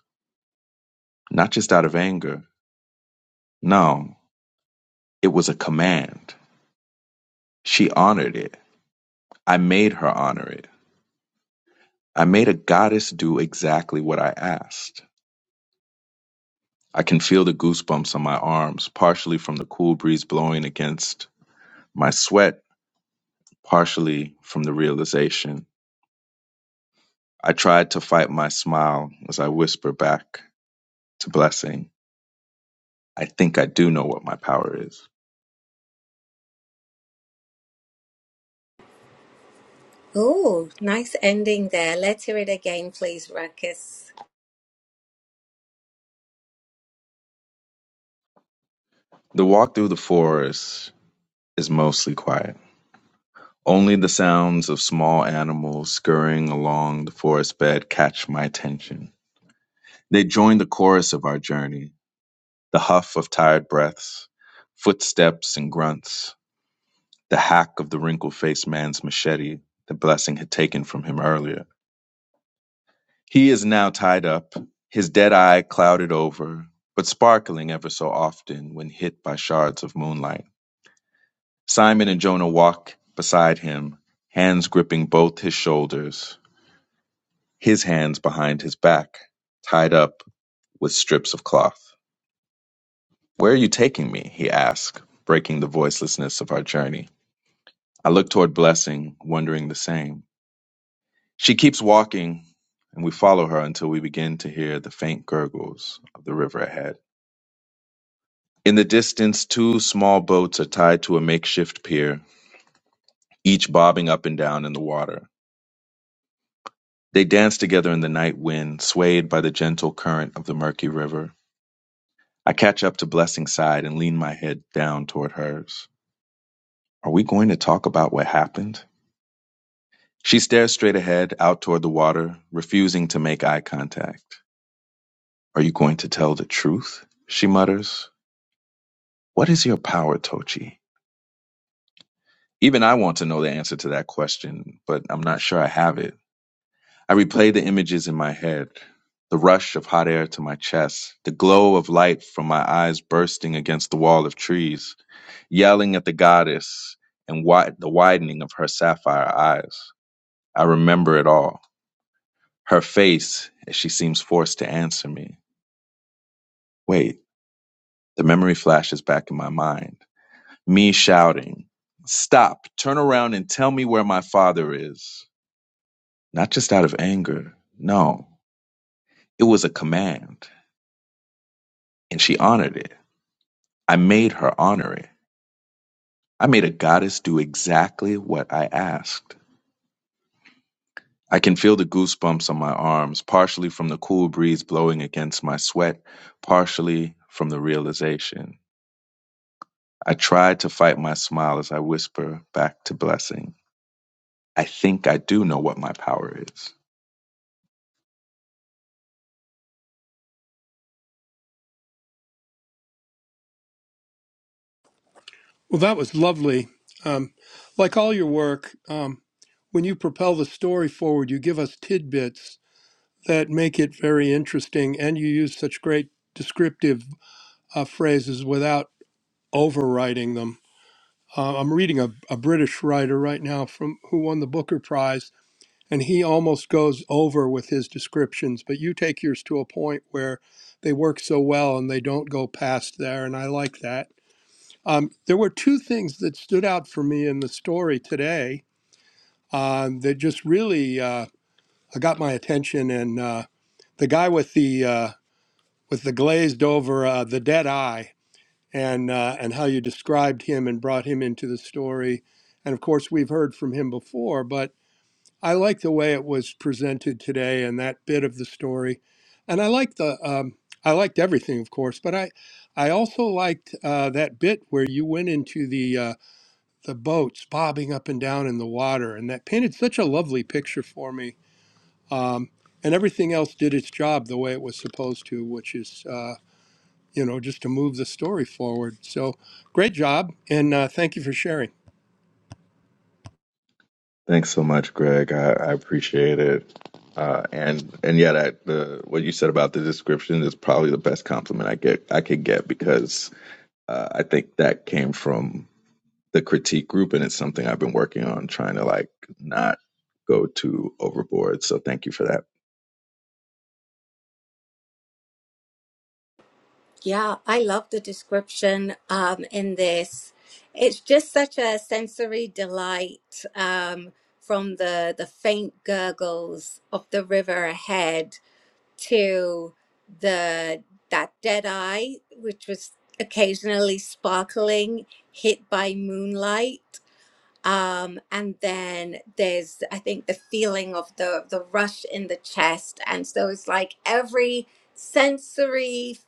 Speaker 5: Not just out of anger. No, it was a command. She honored it. I made her honor it. I made a goddess do exactly what I asked. I can feel the goosebumps on my arms, partially from the cool breeze blowing against my sweat, partially from the realization. I tried to fight my smile as I whisper back to Blessing. I think I do know what my power is.
Speaker 2: Oh, nice ending there. Let's hear it again, please, Ruckus.
Speaker 5: The walk through the forest is mostly quiet. Only the sounds of small animals scurrying along the forest bed catch my attention. They join the chorus of our journey, the huff of tired breaths, footsteps and grunts, the hack of the wrinkled faced man's machete the blessing had taken from him earlier. He is now tied up, his dead eye clouded over, but sparkling ever so often when hit by shards of moonlight. Simon and Jonah walk beside him, hands gripping both his shoulders, his hands behind his back, tied up with strips of cloth. Where are you taking me? he asks, breaking the voicelessness of our journey. I look toward Blessing, wondering the same. She keeps walking, and we follow her until we begin to hear the faint gurgles of the river ahead. In the distance, two small boats are tied to a makeshift pier, each bobbing up and down in the water. They dance together in the night wind, swayed by the gentle current of the murky river. I catch up to Blessing's side and lean my head down toward hers. Are we going to talk about what happened? She stares straight ahead, out toward the water, refusing to make eye contact. Are you going to tell the truth? She mutters. What is your power, Tochi? Even I want to know the answer to that question, but I'm not sure I have it. I replay the images in my head the rush of hot air to my chest, the glow of light from my eyes bursting against the wall of trees, yelling at the goddess and wi- the widening of her sapphire eyes. I remember it all. Her face as she seems forced to answer me. Wait, the memory flashes back in my mind. Me shouting, Stop, turn around and tell me where my father is. Not just out of anger, no, it was a command, and she honored it. I made her honorary. I made a goddess do exactly what I asked. I can feel the goosebumps on my arms, partially from the cool breeze blowing against my sweat, partially from the realization. I try to fight my smile as I whisper back to Blessing. I think I do know what my power is.
Speaker 6: Well, that was lovely. Um, like all your work, um, when you propel the story forward, you give us tidbits that make it very interesting, and you use such great descriptive uh, phrases without overwriting them. Uh, I'm reading a, a British writer right now from who won the Booker Prize, and he almost goes over with his descriptions but you take yours to a point where they work so well and they don't go past there and i like that um, there were two things that stood out for me in the story today um, that just really uh, got my attention and uh, the guy with the uh, with the glazed over uh, the dead eye and uh, and how you described him and brought him into the story and of course we've heard from him before but. I like the way it was presented today and that bit of the story, and I like the um, I liked everything, of course, but I I also liked uh, that bit where you went into the uh, the boats bobbing up and down in the water, and that painted such a lovely picture for me. Um, and everything else did its job the way it was supposed to, which is uh, you know just to move the story forward. So great job, and uh, thank you for sharing.
Speaker 5: Thanks so much, Greg. I, I appreciate it. Uh, and and yeah, that the what you said about the description is probably the best compliment I get I could get because uh, I think that came from the critique group, and it's something I've been working on trying to like not go too overboard. So thank you for that.
Speaker 2: Yeah, I love the description um, in this. It's just such a sensory delight um, from the the faint gurgles of the river ahead to the that dead eye, which was occasionally sparkling, hit by moonlight. um, and then there's I think the feeling of the the rush in the chest, and so it's like every sensory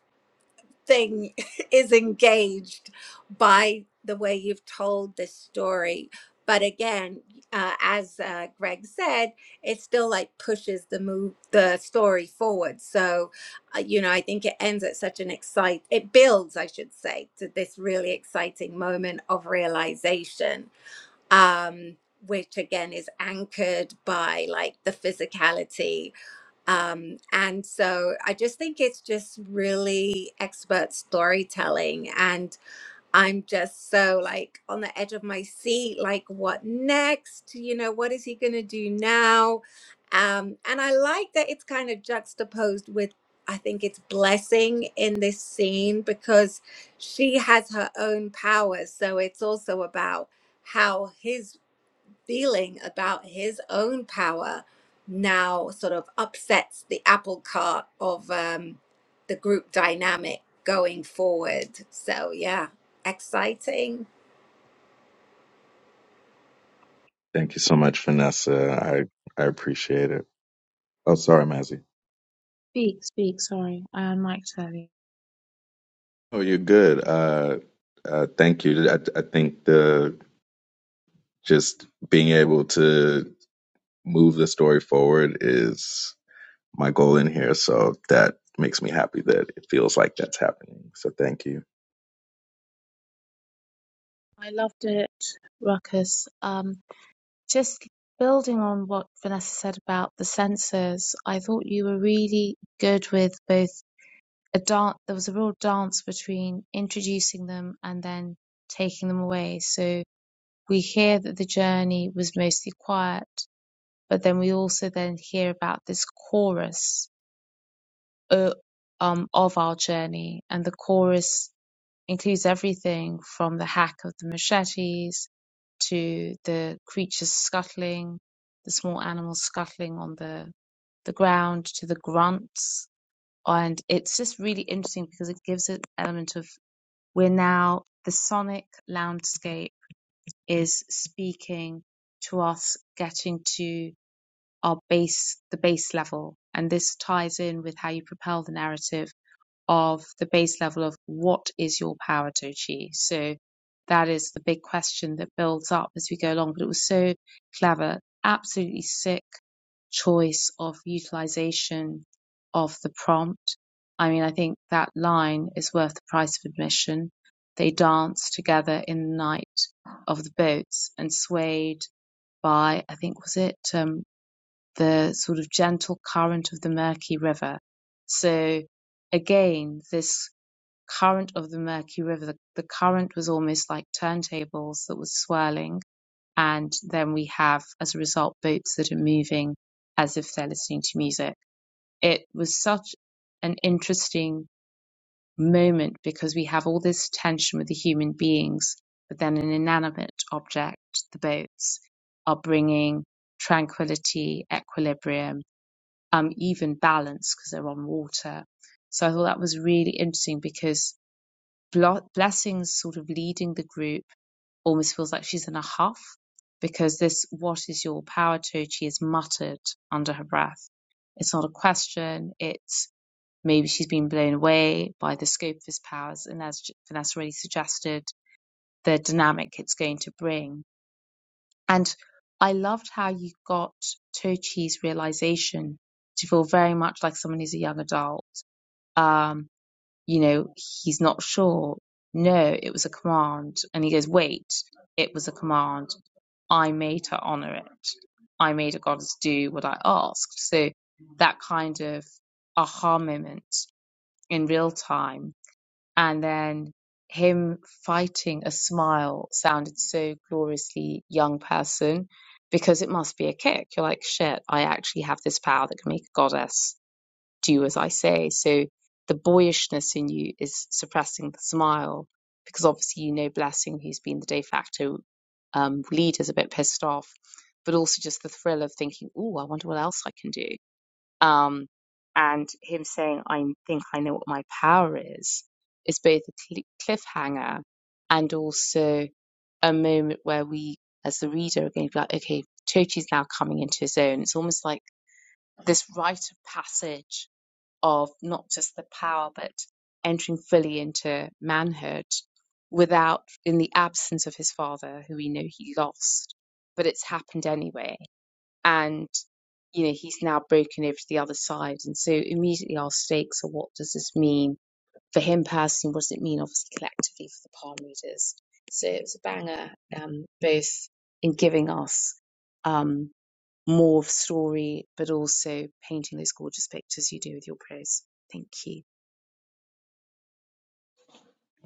Speaker 2: thing is engaged by the way you've told this story. But again, uh, as uh, Greg said, it still like pushes the move the story forward. So, uh, you know, I think it ends at such an excite it builds, I should say, to this really exciting moment of realization um, which again is anchored by like the physicality. Um, and so I just think it's just really expert storytelling. And I'm just so like on the edge of my seat, like, what next? You know, what is he going to do now? Um, and I like that it's kind of juxtaposed with. I think it's blessing in this scene because she has her own powers. So it's also about how his feeling about his own power now sort of upsets the apple cart of um, the group dynamic going forward. So, yeah, exciting.
Speaker 5: Thank you so much, Vanessa. I I appreciate it. Oh, sorry, Mazzy. Oh, you're good. Uh, uh, thank you. I, I think the just being able to move the story forward is my goal in here. So that makes me happy that it feels like that's happening. So thank you.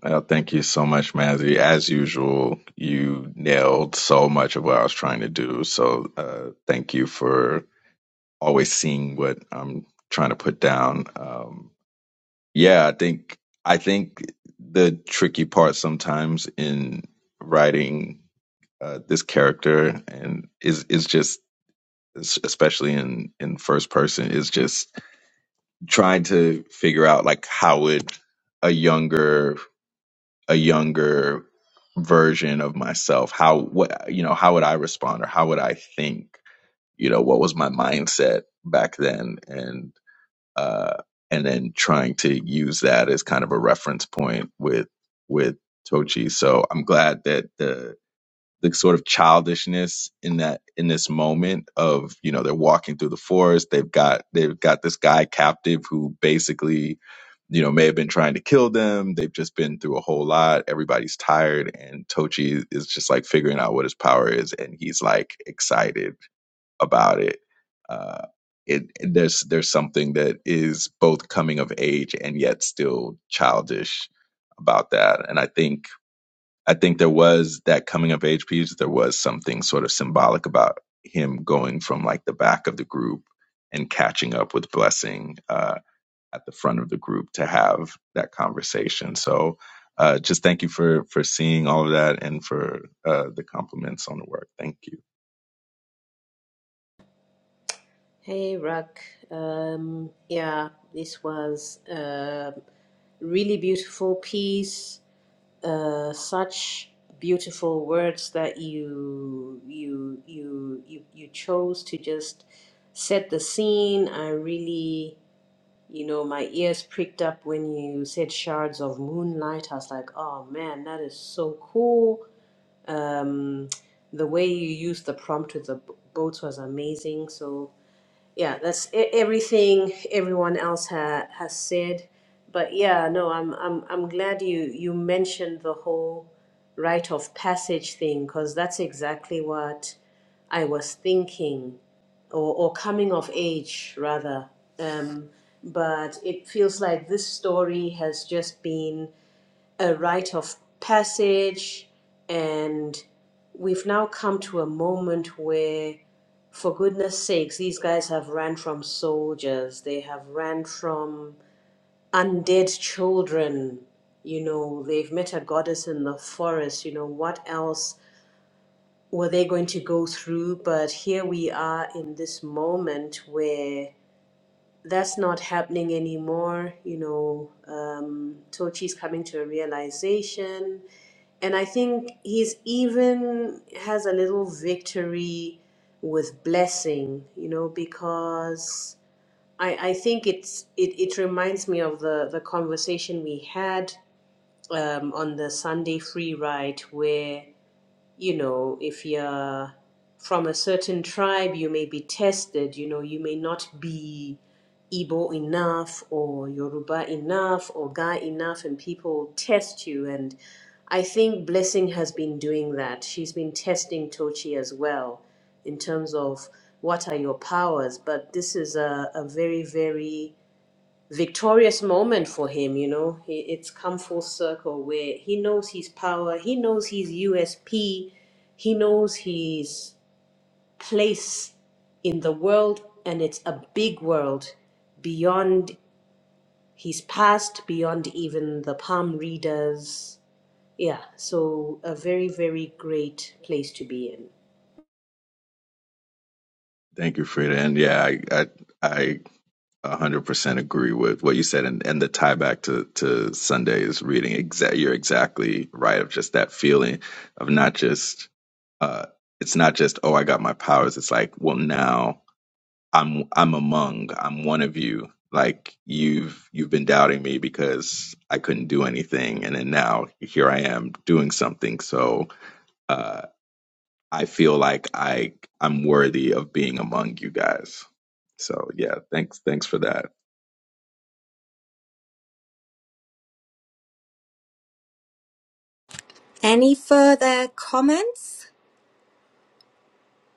Speaker 5: Well, thank you so much, Matthew. As usual, you nailed so much of what I was trying to do. So, uh, thank you for always seeing what I'm trying to put down. Um, yeah, I think I think the tricky part sometimes in writing uh, this character and is is just especially in in first person is just trying to figure out like how would a younger a younger version of myself how what you know how would i respond or how would i think you know what was my mindset back then and uh and then trying to use that as kind of a reference point with with tochi so i'm glad that the the sort of childishness in that in this moment of you know they're walking through the forest they've got they've got this guy captive who basically you know may have been trying to kill them they've just been through a whole lot everybody's tired and tochi is just like figuring out what his power is and he's like excited about it uh it there's there's something that is both coming of age and yet still childish about that and i think I think there was that coming of age piece. There was something sort of symbolic about him going from like the back of the group and catching up with Blessing uh, at the front of the group to have that conversation. So, uh, just thank you for for seeing all of that and for uh, the compliments on the work. Thank you,
Speaker 4: Hey, Rak. Um, yeah, this was a really beautiful piece. Uh, such beautiful words that you you you you you chose to just set the scene. I really You know, my ears pricked up when you said shards of moonlight. I was like, oh man, that is so cool. Um, the way you used the prompt with the b- boats was amazing. So yeah, that's e- everything everyone else ha- has said. But yeah, no, I'm I'm I'm glad you you mentioned the whole rite of passage thing because that's exactly what I was thinking, or or coming of age rather. Um, but it feels like this story has just been a rite of passage and we've now come to a moment where for goodness sakes these guys have ran from soldiers they have ran from undead children you know they've met a goddess in the forest you know what else were they going to go through but here we are in this moment where that's not happening anymore you know um, tochi's coming to a realization and I think he's even has a little victory with blessing, you know, because I, I think it's it, it reminds me of the, the conversation we had um, on the Sunday free ride where you know, if you're from a certain tribe, you may be tested, you know, you may not be Igbo enough or Yoruba enough or Ga enough, and people test you. And I think Blessing has been doing that. She's been testing Tochi as well in terms of what are your powers, but this is a, a very, very victorious moment for him. You know, he, it's come full circle where he knows his power, he knows his USP, he knows his place in the world, and it's a big world beyond his past, beyond even the palm readers. Yeah, so a very, very great place to be in.
Speaker 5: thank you, Frida. And yeah, I I, I 100% agree with what you said and, and the tie back to, to sunday's reading exa- you're exactly right of just that feeling of not just uh, it's not just oh i got my powers it's like well now i'm i'm among i'm one of you like you've you've been doubting me because i couldn't do anything and then now here i am doing something so uh, i feel like i i'm worthy of being among you guys so yeah thanks thanks for that
Speaker 2: Any further comments?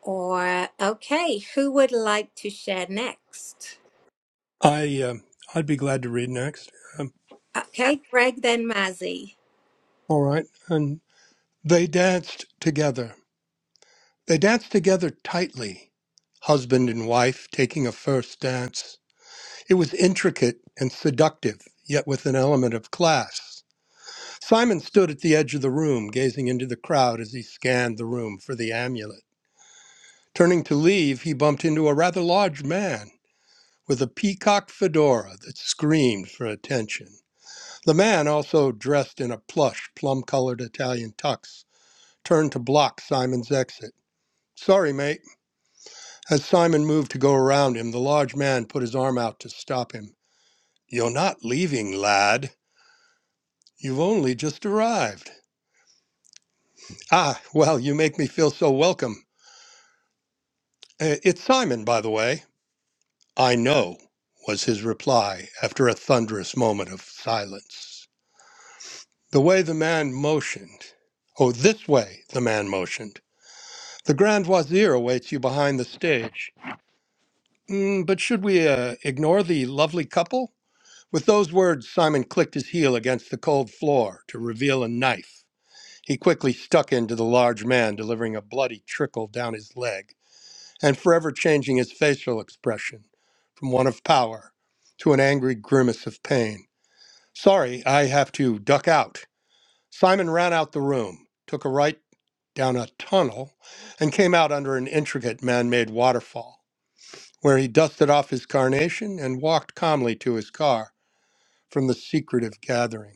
Speaker 2: Or, okay, who would like to share next?
Speaker 6: I uh, I'd be glad to read next. Um,
Speaker 2: Okay, Greg, then Mazzy.
Speaker 6: all right, and They danced together. They danced together tightly, husband and wife taking a first dance. It was intricate and seductive, yet with an element of class. Simon stood at the edge of the room, gazing into the crowd as he scanned the room for the amulet. Turning to leave, he bumped into a rather large man with a peacock fedora that screamed for attention. The man, also dressed in a plush, plum colored Italian tux, turned to block Simon's exit. Sorry, mate. As Simon moved to go around him, the large man put his arm out to stop him. You're not leaving, lad. You've only just arrived. Ah, well, you make me feel so welcome. Uh, It's Simon, by the way. I know, was his reply after a thunderous moment of silence. The way the man motioned. Oh, this way, the man motioned. The Grand Wazir awaits you behind the stage. Mm, but should we uh, ignore the lovely couple? With those words, Simon clicked his heel against the cold floor to reveal a knife. He quickly stuck into the large man, delivering a bloody trickle down his leg and forever changing his facial expression from one of power to an angry grimace of pain. Sorry, I have to duck out. Simon ran out the room, took a right down a tunnel, and came out under an intricate man made waterfall, where he dusted off his carnation and walked calmly to his car from the secretive gathering.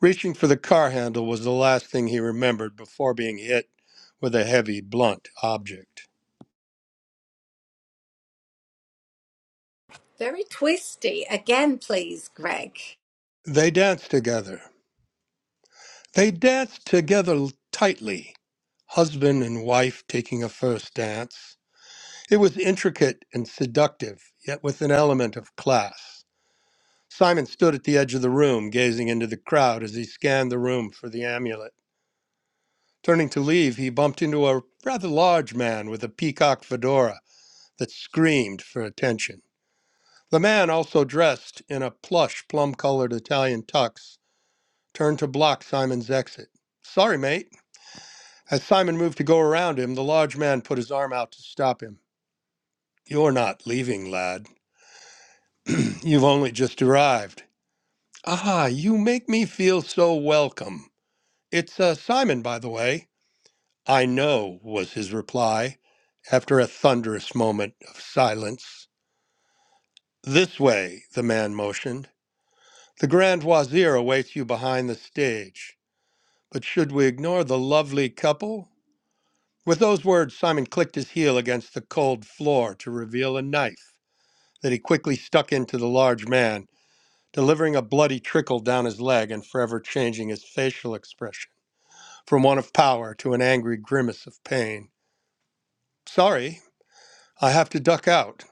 Speaker 6: Reaching for the car handle was the last thing he remembered before being hit with a heavy, blunt object.
Speaker 2: Very twisty. Again, please, Greg.
Speaker 6: They danced together. They danced together tightly, husband and wife taking a first dance. It was intricate and seductive, yet with an element of class. Simon stood at the edge of the room, gazing into the crowd as he scanned the room for the amulet. Turning to leave, he bumped into a rather large man with a peacock fedora that screamed for attention. The man, also dressed in a plush, plum colored Italian tux, turned to block Simon's exit. Sorry, mate. As Simon moved to go around him, the large man put his arm out to stop him. You're not leaving, lad. You've only just arrived. Ah, you make me feel so welcome. It's uh, Simon, by the way. I know, was his reply, after a thunderous moment of silence. This way, the man motioned. The Grand Wazir awaits you behind the stage. But should we ignore the lovely couple? With those words, Simon clicked his heel against the cold floor to reveal a knife that he quickly stuck into the large man, delivering a bloody trickle down his leg and forever changing his facial expression from one of power to an angry grimace of pain. Sorry, I have to duck out.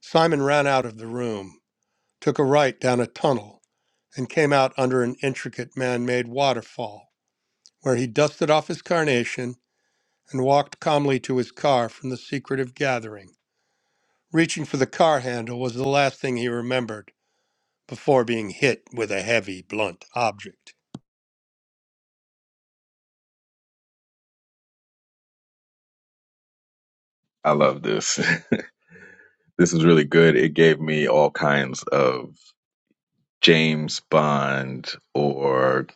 Speaker 6: Simon ran out of the room, took a right down a tunnel, and came out under an intricate man made waterfall, where he dusted off his carnation and walked calmly to his car from the secretive gathering. Reaching for the car handle was the last thing he remembered before being hit with a heavy, blunt object.
Speaker 5: I love this. this is really good. It gave me all kinds of James Bond or,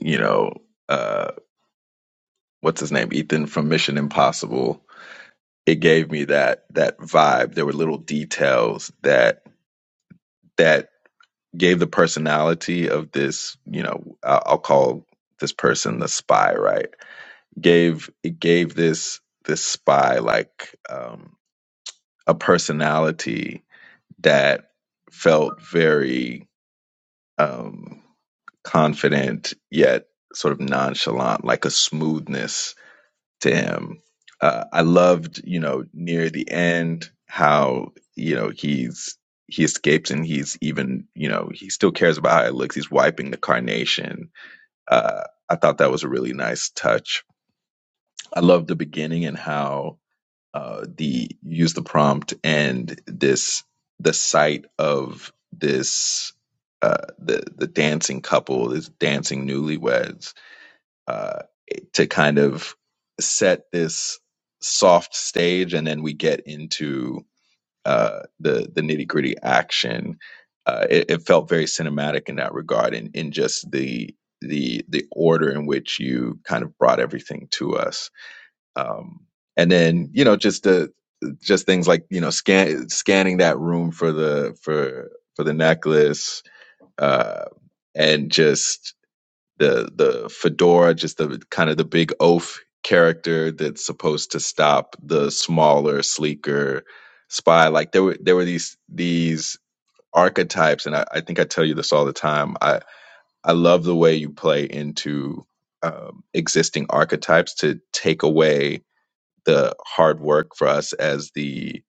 Speaker 5: you know, uh what's his name? Ethan from Mission Impossible. It gave me that that vibe. There were little details that that gave the personality of this, you know, I- I'll call this person the spy, right? Gave it gave this this spy like um a personality that felt very um, confident yet sort of nonchalant, like a smoothness to him. Uh, I loved, you know, near the end how you know he's he escapes and he's even you know he still cares about how it looks. He's wiping the carnation. Uh, I thought that was a really nice touch. I loved the beginning and how uh, the use the prompt and this the sight of this uh, the the dancing couple, this dancing newlyweds, uh, to kind of set this soft stage, and then we get into uh, the the nitty gritty action. Uh, it, it felt very cinematic in that regard, and in, in just the the the order in which you kind of brought everything to us um, and then you know just the just things like you know scan scanning that room for the for for the necklace uh and just the the fedora just the kind of the big oaf character that's supposed to stop the smaller sleeker spy like there were there were these these archetypes and I, I think I tell you this all the time I I love the way you play into um, existing archetypes to take away the hard work for us as the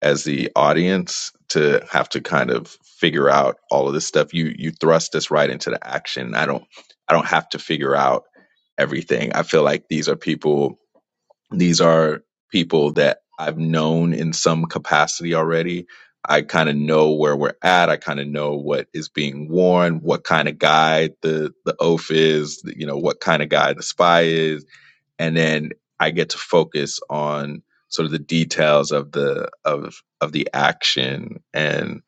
Speaker 5: as the audience to have to kind of figure out all of this stuff you you thrust us right into the action i don't i don't have to figure out everything i feel like these are people these are people that i've known in some capacity already i kind of know where we're at i kind of know what is being worn what kind of guy the the oaf is you know what kind of guy the spy is and then I get to focus on sort of the details of the of of the action, and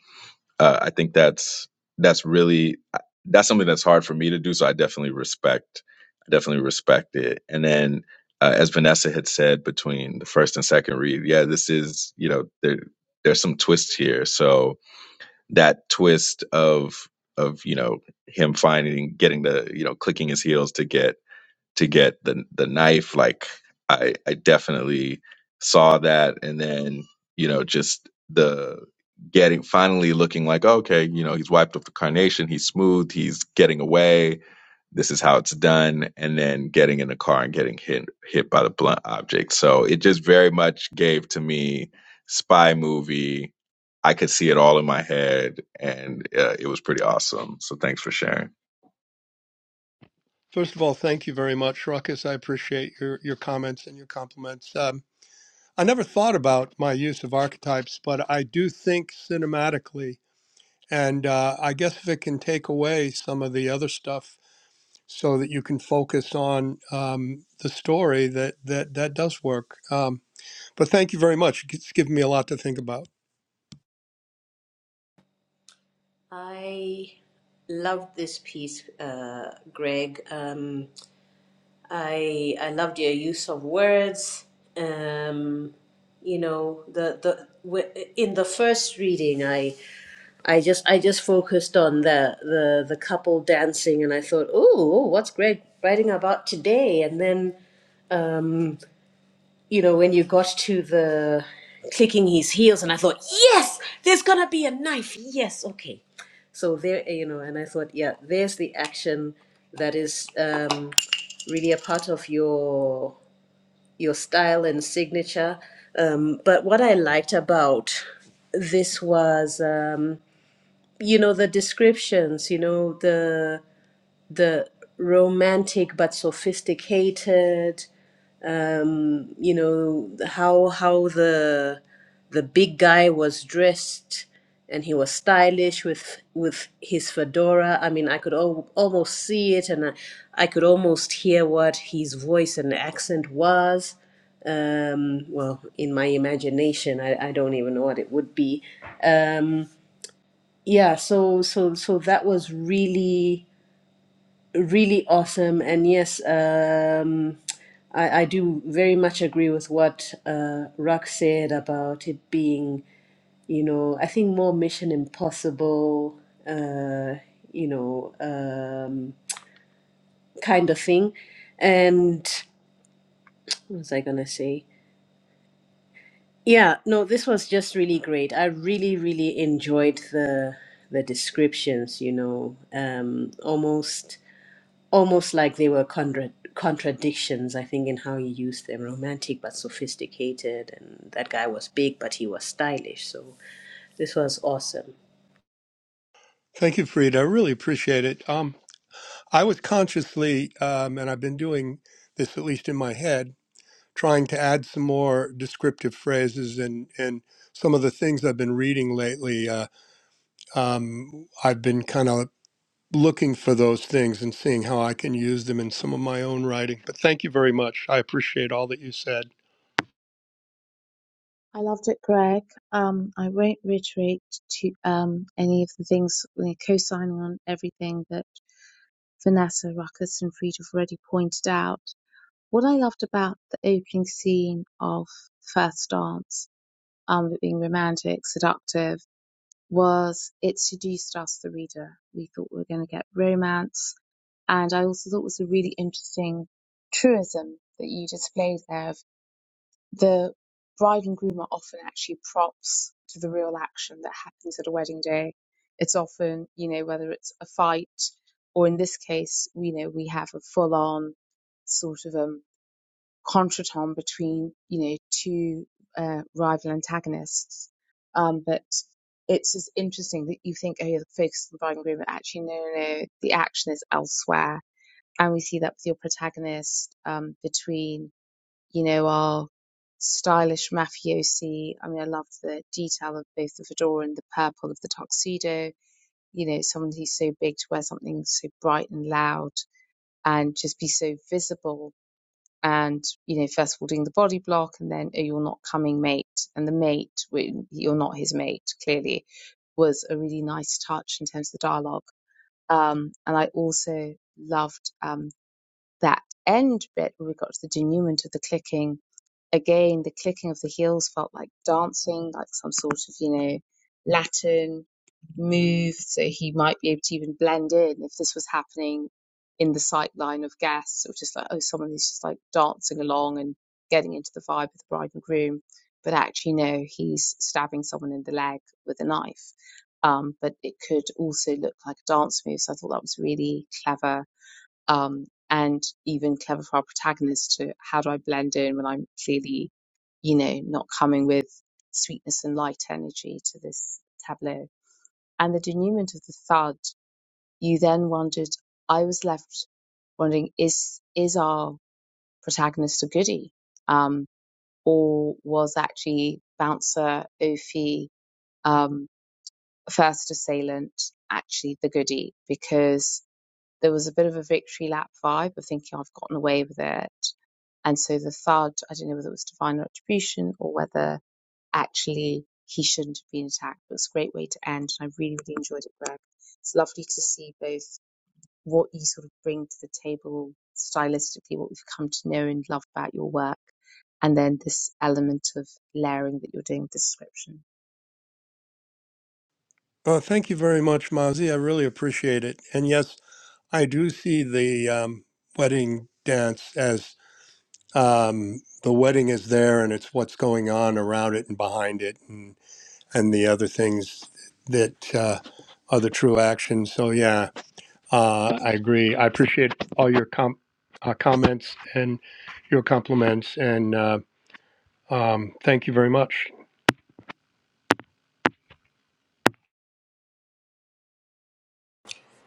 Speaker 5: uh, I think that's that's really uh, that's something that's hard for me to do. So I definitely respect definitely respect it. And then, uh, as Vanessa had said, between the first and second read, yeah, this is you know there there's some twists here. So that twist of of you know him finding getting the you know clicking his heels to get to get the the knife like i i definitely saw that and then you know just the getting finally looking like okay you know he's wiped off the carnation he's smooth he's getting away this is how it's done and then getting in the car and getting hit hit by the blunt object so it just very much gave to me spy movie i could see it all in my head and uh, it was pretty awesome so thanks for sharing
Speaker 6: First of all, thank you very much, Ruckus. I appreciate your, your comments and your compliments. Um, I never thought about my use of archetypes, but I do think cinematically, and uh, I guess if it can take away some of the other stuff so that you can focus on um, the story, that, that, that does work. Um, But thank you very much. It's given me a lot to think about.
Speaker 4: I love this piece, uh, Greg. Um, I I loved your use of words. Um, you know, the the w- in the first reading, I I just I just focused on the the the couple dancing, and I thought, oh, what's Greg writing about today? And then um, you know, when you got to the clicking his heels, and I thought, yes, there's gonna be a knife. Yes, okay. So there, you know, and I thought, yeah, there's the action that is um, really a part of your your style and signature. Um, but what I liked about this was, um, you know, the descriptions, you know, the the romantic but sophisticated you know how how the the big guy was dressed and he was stylish with with his fedora i mean i could al- almost see it and I, I could almost hear what his voice and accent was um well in my imagination i, I don't even know what it would be um yeah so so so that was really really awesome. And yes, um, I, I do very much agree with what uh, Rock said about it being, you know, I think more Mission Impossible, uh, you know, um, kind of thing. And what was I going to say? Yeah, no, this was just really great. I really, really enjoyed the the descriptions, you know, um, almost almost like they were contra- contradictions, I think, in how he used them romantic but sophisticated. And that guy was big, but he was stylish. So this was awesome.
Speaker 6: Thank you, Frida. I really appreciate it. Um, I was consciously, um, and I've been doing this at least in my head, trying to add some more descriptive phrases and and some of the things I've been reading lately. Uh, um, I've been kind of looking for those things and seeing how I can use them in some of my own writing. But thank you very much. I appreciate all that you said. Oh, thank you very much, Mazi. I really appreciate it. And yes, I do see the um, wedding dance as um, the wedding is there and it's what's going on around it and behind it and, and the other things that uh, are the true action. So, yeah, uh, I agree. I appreciate all your com- uh, comments and your compliments. And uh, um, thank you very much.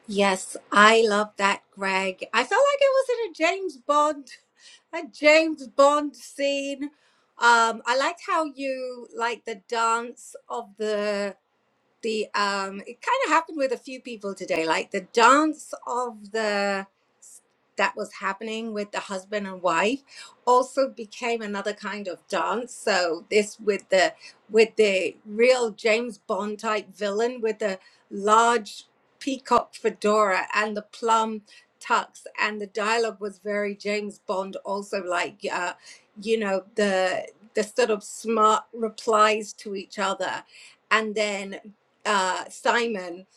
Speaker 2: Yes, I love that, Greg. I felt like it was in a James Bond a James Bond scene. Um, I liked how you like the dance of the the um it kind of happened with a few people today like the dance of the that was happening with the husband and wife also became another kind of dance so this with the with the real james bond type villain with the large peacock fedora and the plum tux and the dialogue was very james bond also like uh you know the the sort of smart replies to each other and then uh Simon,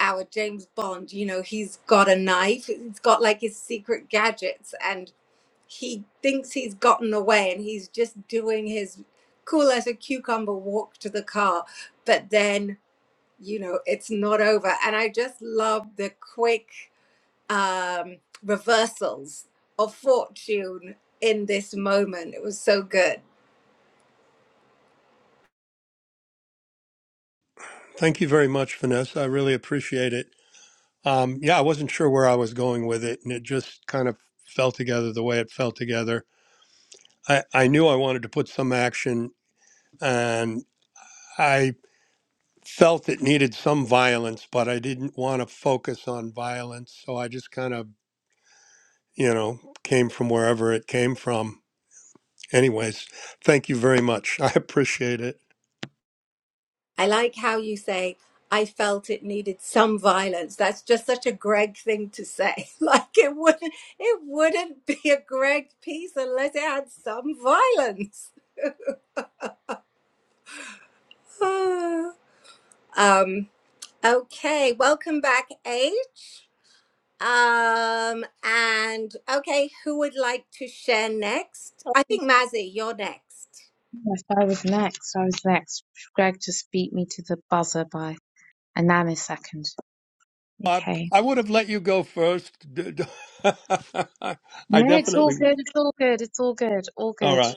Speaker 2: our James Bond, you know, he's got a knife, he's got like his secret gadgets and he thinks he's gotten away and he's just doing his cool as a cucumber walk to the car, but then, you know, it's not over and I just love the quick um reversals of fortune in this moment. It was so good.
Speaker 6: Thank you very much, Vanessa. I really appreciate it. Um, yeah, I wasn't sure where I was going with it, and it just kind of fell together the way it fell together I, I knew I wanted to put some action and I felt it needed some violence, but I didn't want to focus on violence. So I just kind of, you know, came from wherever it came from. Anyways, thank you very much. I appreciate it.
Speaker 2: I like how you say, I felt it needed some violence. That's just such a Greg thing to say. Like it wouldn't it wouldn't be a Greg piece unless it had some violence. um okay, welcome back, H. Um and okay, who would like to share next? I think Mazzy, you're next.
Speaker 6: I, I would have let you go first. D- d- I definitely. All right.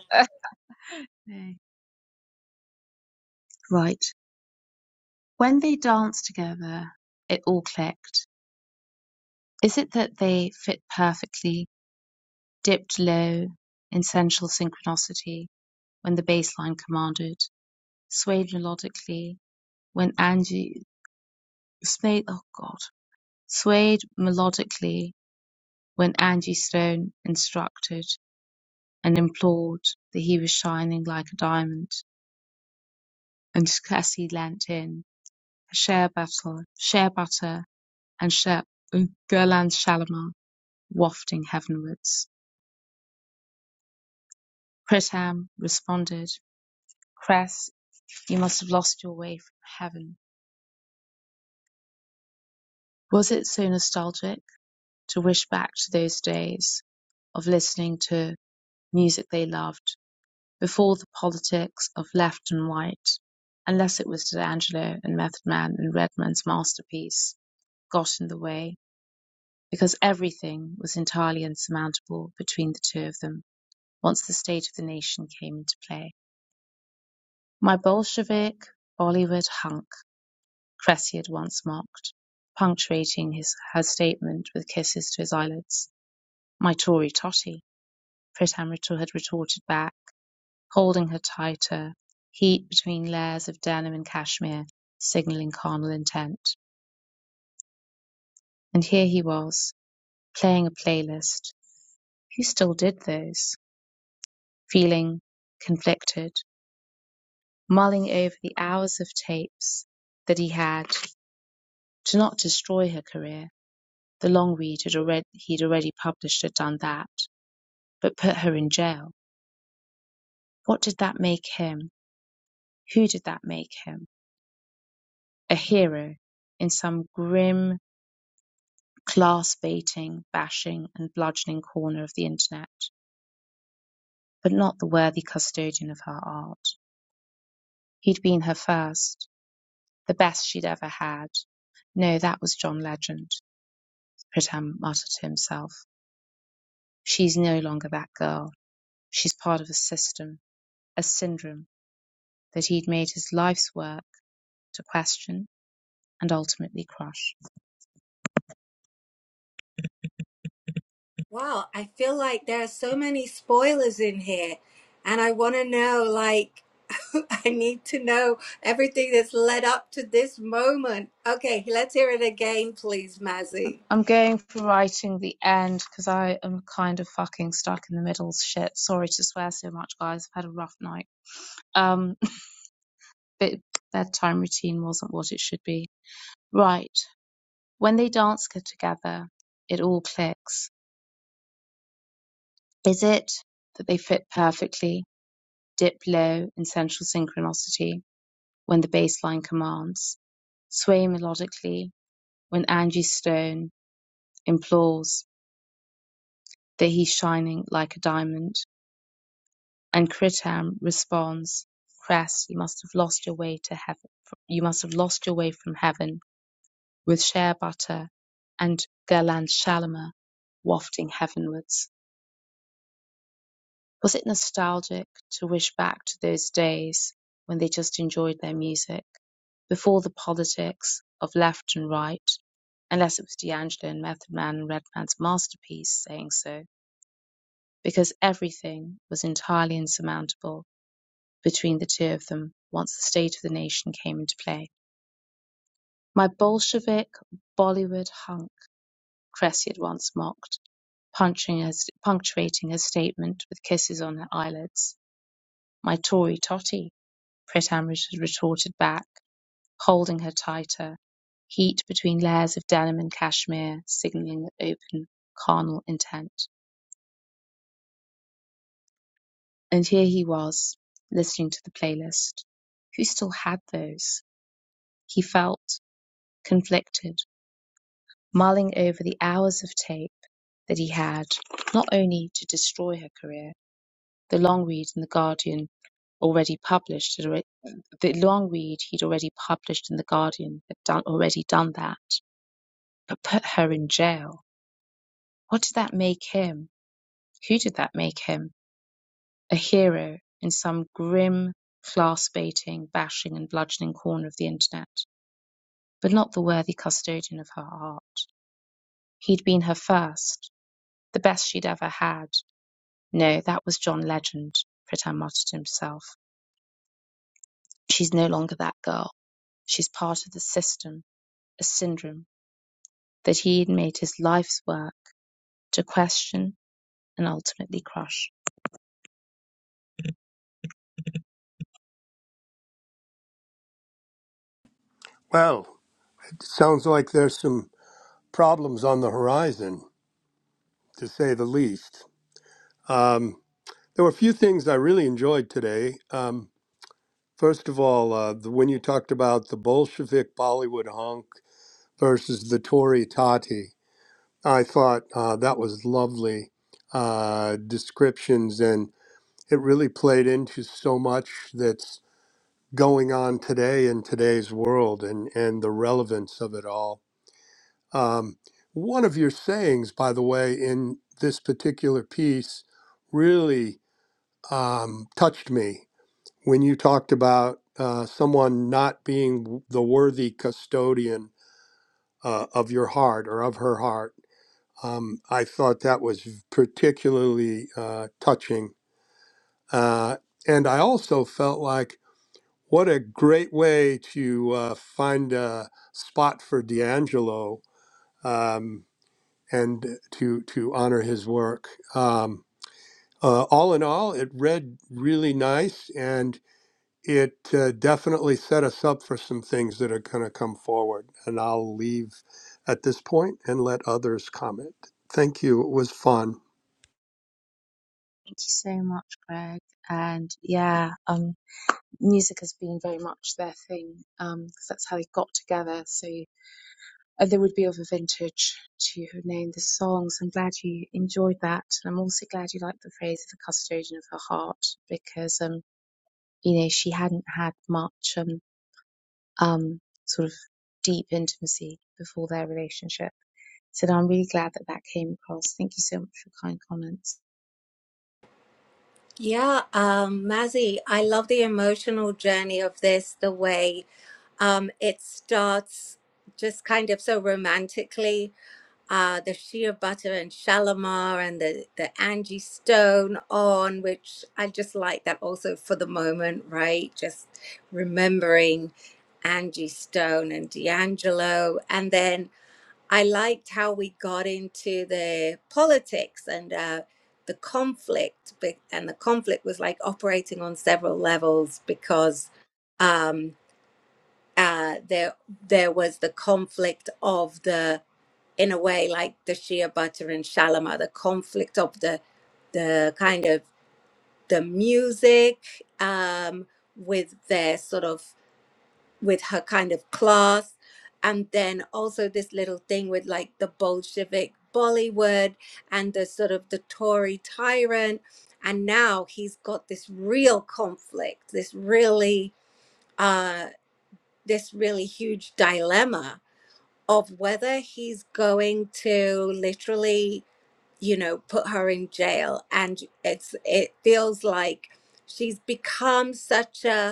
Speaker 2: Wow, I feel like there are so many spoilers in here and I want to know like I need to know everything that's led up to this moment. Okay, let's hear it again, please, Mazzy.
Speaker 6: Well, it sounds like there's some problems on the horizon, to say the least. Um. There were a few things I really enjoyed today. Um, first of all, uh, the, when you talked about the Bolshevik Bollywood honk versus the Tory Tati, I thought uh, that was lovely uh, descriptions, and it really played into so much that's going on today in today's world and, and the relevance of it all. Um, one of your sayings, by the way, in this particular piece really um, touched me when you talked about uh, someone not being the worthy custodian uh, of your heart or of her heart, um, I thought that was particularly uh, touching. Uh, and I also felt like what a great way to uh, find a spot for D'Angelo um, and to to honor his work. Um, uh, all in all, it read really nice, and it uh, definitely set us up for some things that are going to come forward. And I'll leave at this point and let others comment. Thank you. It was fun.
Speaker 2: Yeah, um, Mazzy, I love the emotional journey of this, the way um, it starts just kind of so romantically. Uh, the Shea Butter and Shalimar and the, the Angie Stone on, which I just like that also for the moment, right? Just remembering Angie Stone and D'Angelo. And then I liked how we got into the politics and uh, the conflict, be- and the conflict was like operating on several levels because um, uh, there there was the conflict of the, in a way, like the Shia Butter and Shalimar, the conflict of the the kind of the music um, with their sort of with her kind of class and then also this little thing with like the bolshevik bollywood and the sort of the tory tyrant and now he's got this real conflict this really uh this really huge dilemma of whether he's going to literally you know put her in jail and it's it feels like she's become such a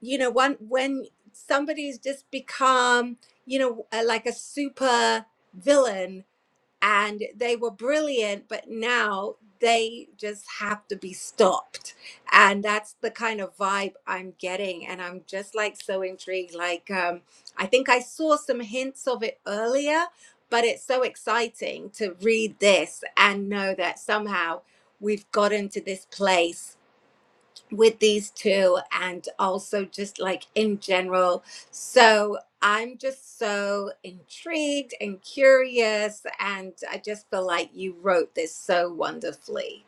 Speaker 2: you know when when somebody's just become you know uh, like a super villain and they were brilliant but now they just have to be stopped and that's the kind of vibe i'm getting and i'm just like so intrigued like um i think i saw some hints of it earlier but it's so exciting to read this and know that somehow we've gotten to this place with these two and also just like in general. So I'm just so intrigued and curious, and I just feel like you wrote this so wonderfully.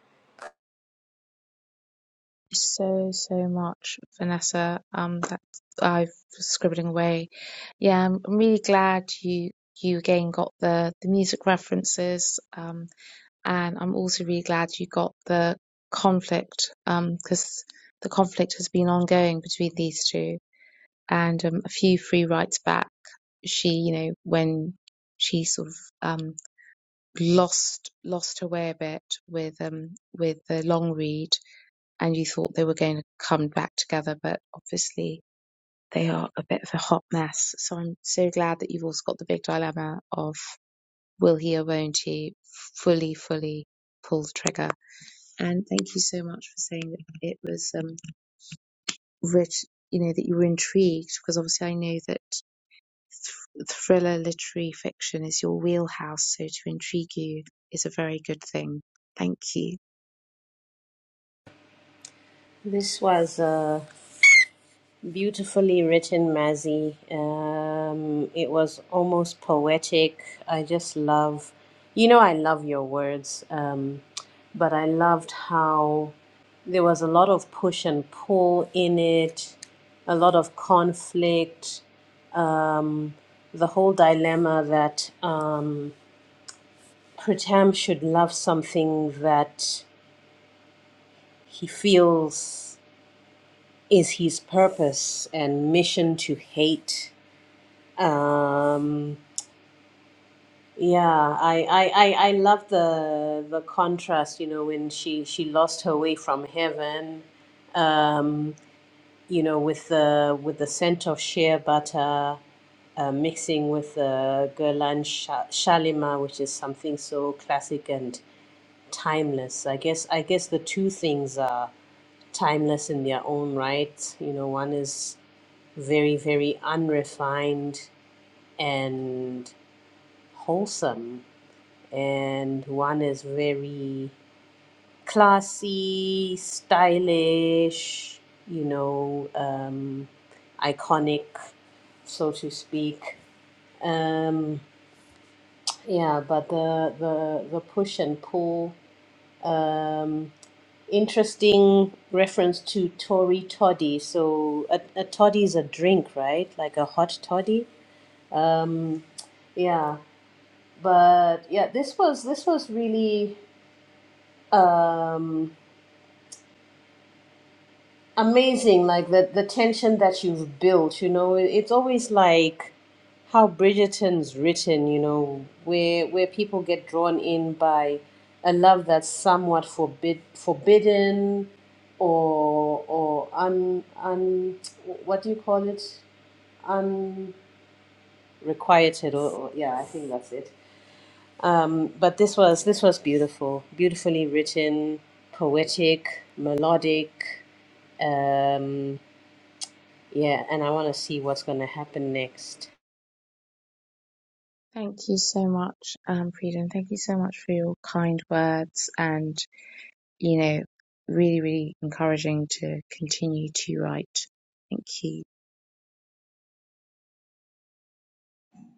Speaker 4: This was uh, Beautifully written, Mazzy. Um, it was almost poetic. I just love, you know, I love your words, um, but I loved how there was a lot of push and pull in it, a lot of conflict, um, the whole dilemma that um, Pritam should love something that he feels is his purpose and mission to hate Um, yeah, I, I, I, I love the the contrast, you know, when she, she lost her way from heaven, um, you know, with the with the scent of shea butter uh, mixing with the Guerlain Sha- Shalima, which is something so classic and timeless. I guess I guess the two things are timeless in their own right. You know, one is very very unrefined and wholesome and one is very classy, stylish, you know, um, iconic, so to speak. Um, yeah, but the the the push and pull. Um, interesting reference to Tory toddy. So a, a toddy is a drink, right? Like a hot toddy. Um, yeah, but yeah, this was this was really. Um, amazing like the the tension that you've built you know It- it's always like how bridgerton's written you know where where people get drawn in by a love that's somewhat forbid forbidden or or un un what do you call it unrequited or, or yeah i think that's it um but this was this was beautiful beautifully written poetic melodic um, yeah, and I want to see what's going to happen next.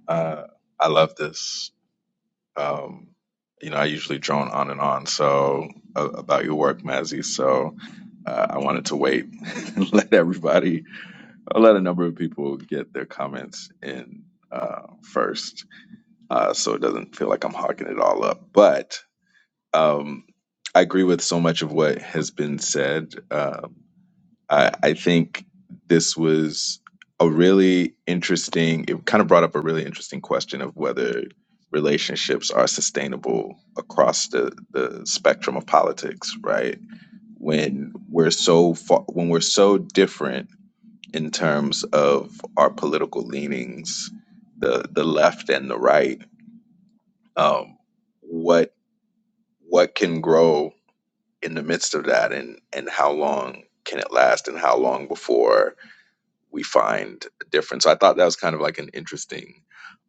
Speaker 5: uh, i love this Um, you know, I usually drone on and on. So uh, about your work, Mazzy. So uh, I wanted to wait and let everybody, or let a number of people get their comments in uh, first, uh, so it doesn't feel like I'm hogging it all up. But um, I agree with so much of what has been said. Um, I, I think this was a really interesting, it kind of brought up a really interesting question of whether relationships are sustainable across the, the spectrum of politics, right? When we're so far, when we're so different in terms of our political leanings, the the left and the right, um, what what can grow in the midst of that, and and how long can it last, and how long before we find a difference. So I thought that was kind of like an interesting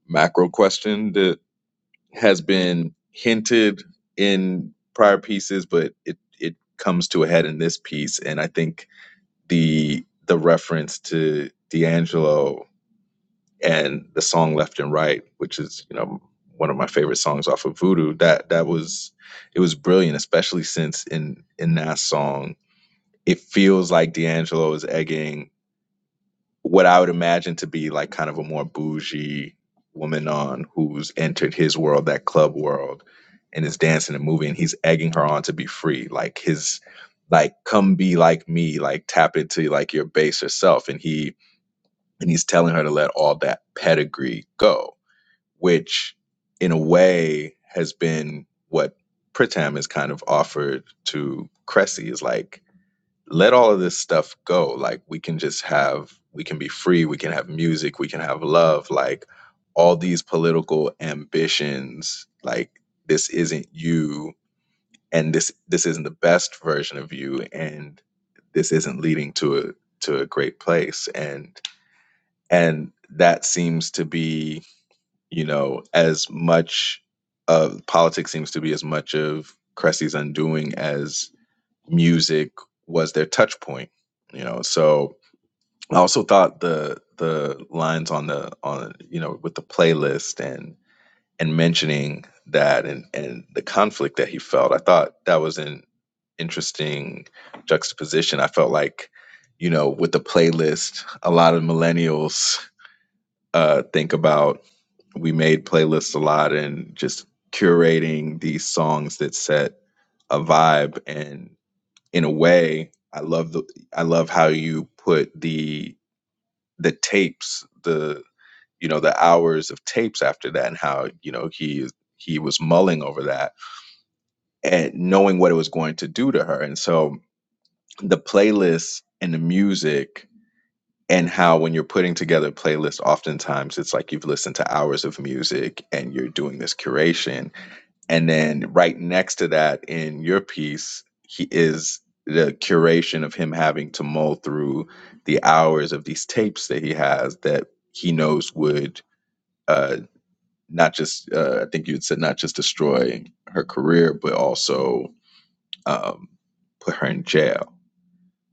Speaker 5: macro question that has been hinted in prior pieces, but it it comes to a head in this piece. And I think the the reference to D'Angelo and the song Left and Right, which is, you know, one of my favorite songs off of Voodoo, that that was it was brilliant, especially since in in that song, it feels like D'Angelo is egging what I would imagine to be like kind of a more bougie woman on who's entered his world, that club world, and is dancing and moving. He's egging her on to be free. Like his like come be like me, like tap into like your baser self. And he and he's telling her to let all that pedigree go, which in a way has been what Pritam has kind of offered to Cressy is like let all of this stuff go. Like we can just have, we can be free. We can have music. We can have love. Like all these political ambitions. Like this isn't you, and this this isn't the best version of you, and this isn't leading to a to a great place. And and that seems to be, you know, as much of politics seems to be as much of Cressy's undoing as music was their touch point you know so i also thought the the lines on the on you know with the playlist and and mentioning that and and the conflict that he felt i thought that was an interesting juxtaposition i felt like you know with the playlist a lot of millennials uh think about we made playlists a lot and just curating these songs that set a vibe and in a way i love the i love how you put the the tapes the you know the hours of tapes after that and how you know he he was mulling over that and knowing what it was going to do to her and so the playlist and the music and how when you're putting together playlists oftentimes it's like you've listened to hours of music and you're doing this curation And then right next to that in your piece, he is the curation of him having to mull through the hours of these tapes that he has that he knows would uh, not just, uh, I think you had said, not just destroy her career, but also um, put her in jail.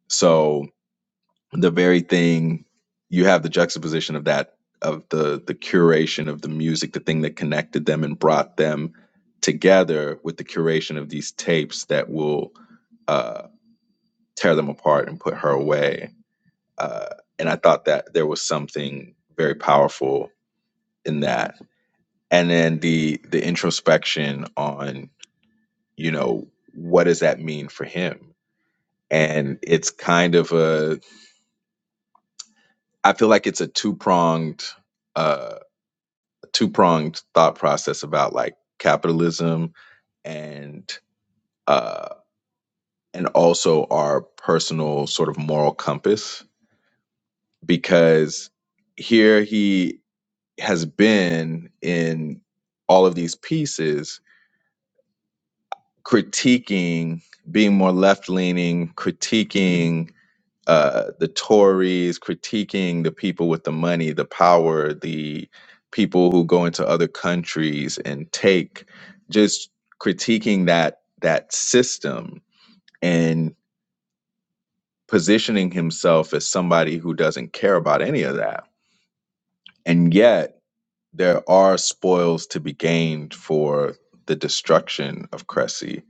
Speaker 5: So the very thing you have the juxtaposition of that of the the curation of the music the thing that connected them and brought them together with the curation of these tapes that will uh, tear them apart and put her away uh, and i thought that there was something very powerful in that and then the the introspection on you know what does that mean for him and it's kind of a i feel like it's a two pronged uh, two pronged thought process about like capitalism and uh and also our personal sort of moral compass because here he has been in all of these pieces critiquing being more left leaning critiquing uh, the Tories critiquing the people with the money, the power, the people who go into other countries and take, just critiquing that that system and positioning himself as somebody who doesn't care about any of that. And yet, there are spoils to be gained for the destruction of Cressy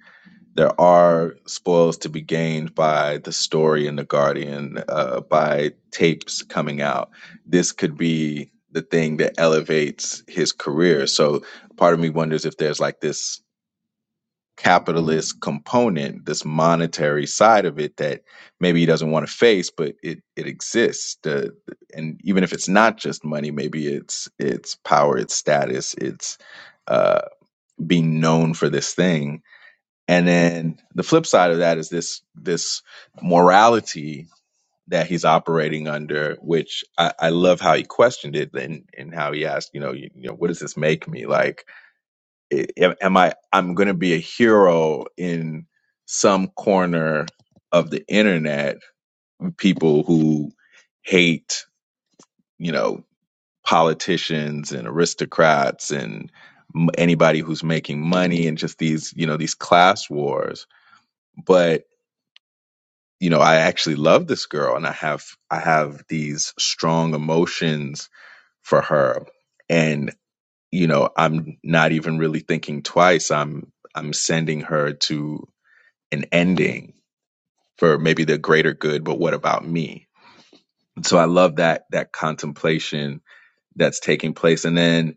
Speaker 5: there are spoils to be gained by the story in the guardian uh, by tapes coming out this could be the thing that elevates his career so part of me wonders if there's like this capitalist component this monetary side of it that maybe he doesn't want to face but it it exists the, and even if it's not just money maybe it's it's power it's status it's uh being known for this thing and then the flip side of that is this this morality that he's operating under, which I, I love how he questioned it and, and how he asked, you know, you, you know, what does this make me like? i- Am am I I'm going to be a hero in some corner of the internet? People who hate, you know, politicians and aristocrats and m- anybody who's making money and just these, you know, these class wars. but. you know, I actually love this girl and I have I have these strong emotions for her. And, you know, I'm not even really thinking twice. I'm I'm sending her to an ending for maybe the greater good, but what about me? And So I love that that contemplation that's taking place. And then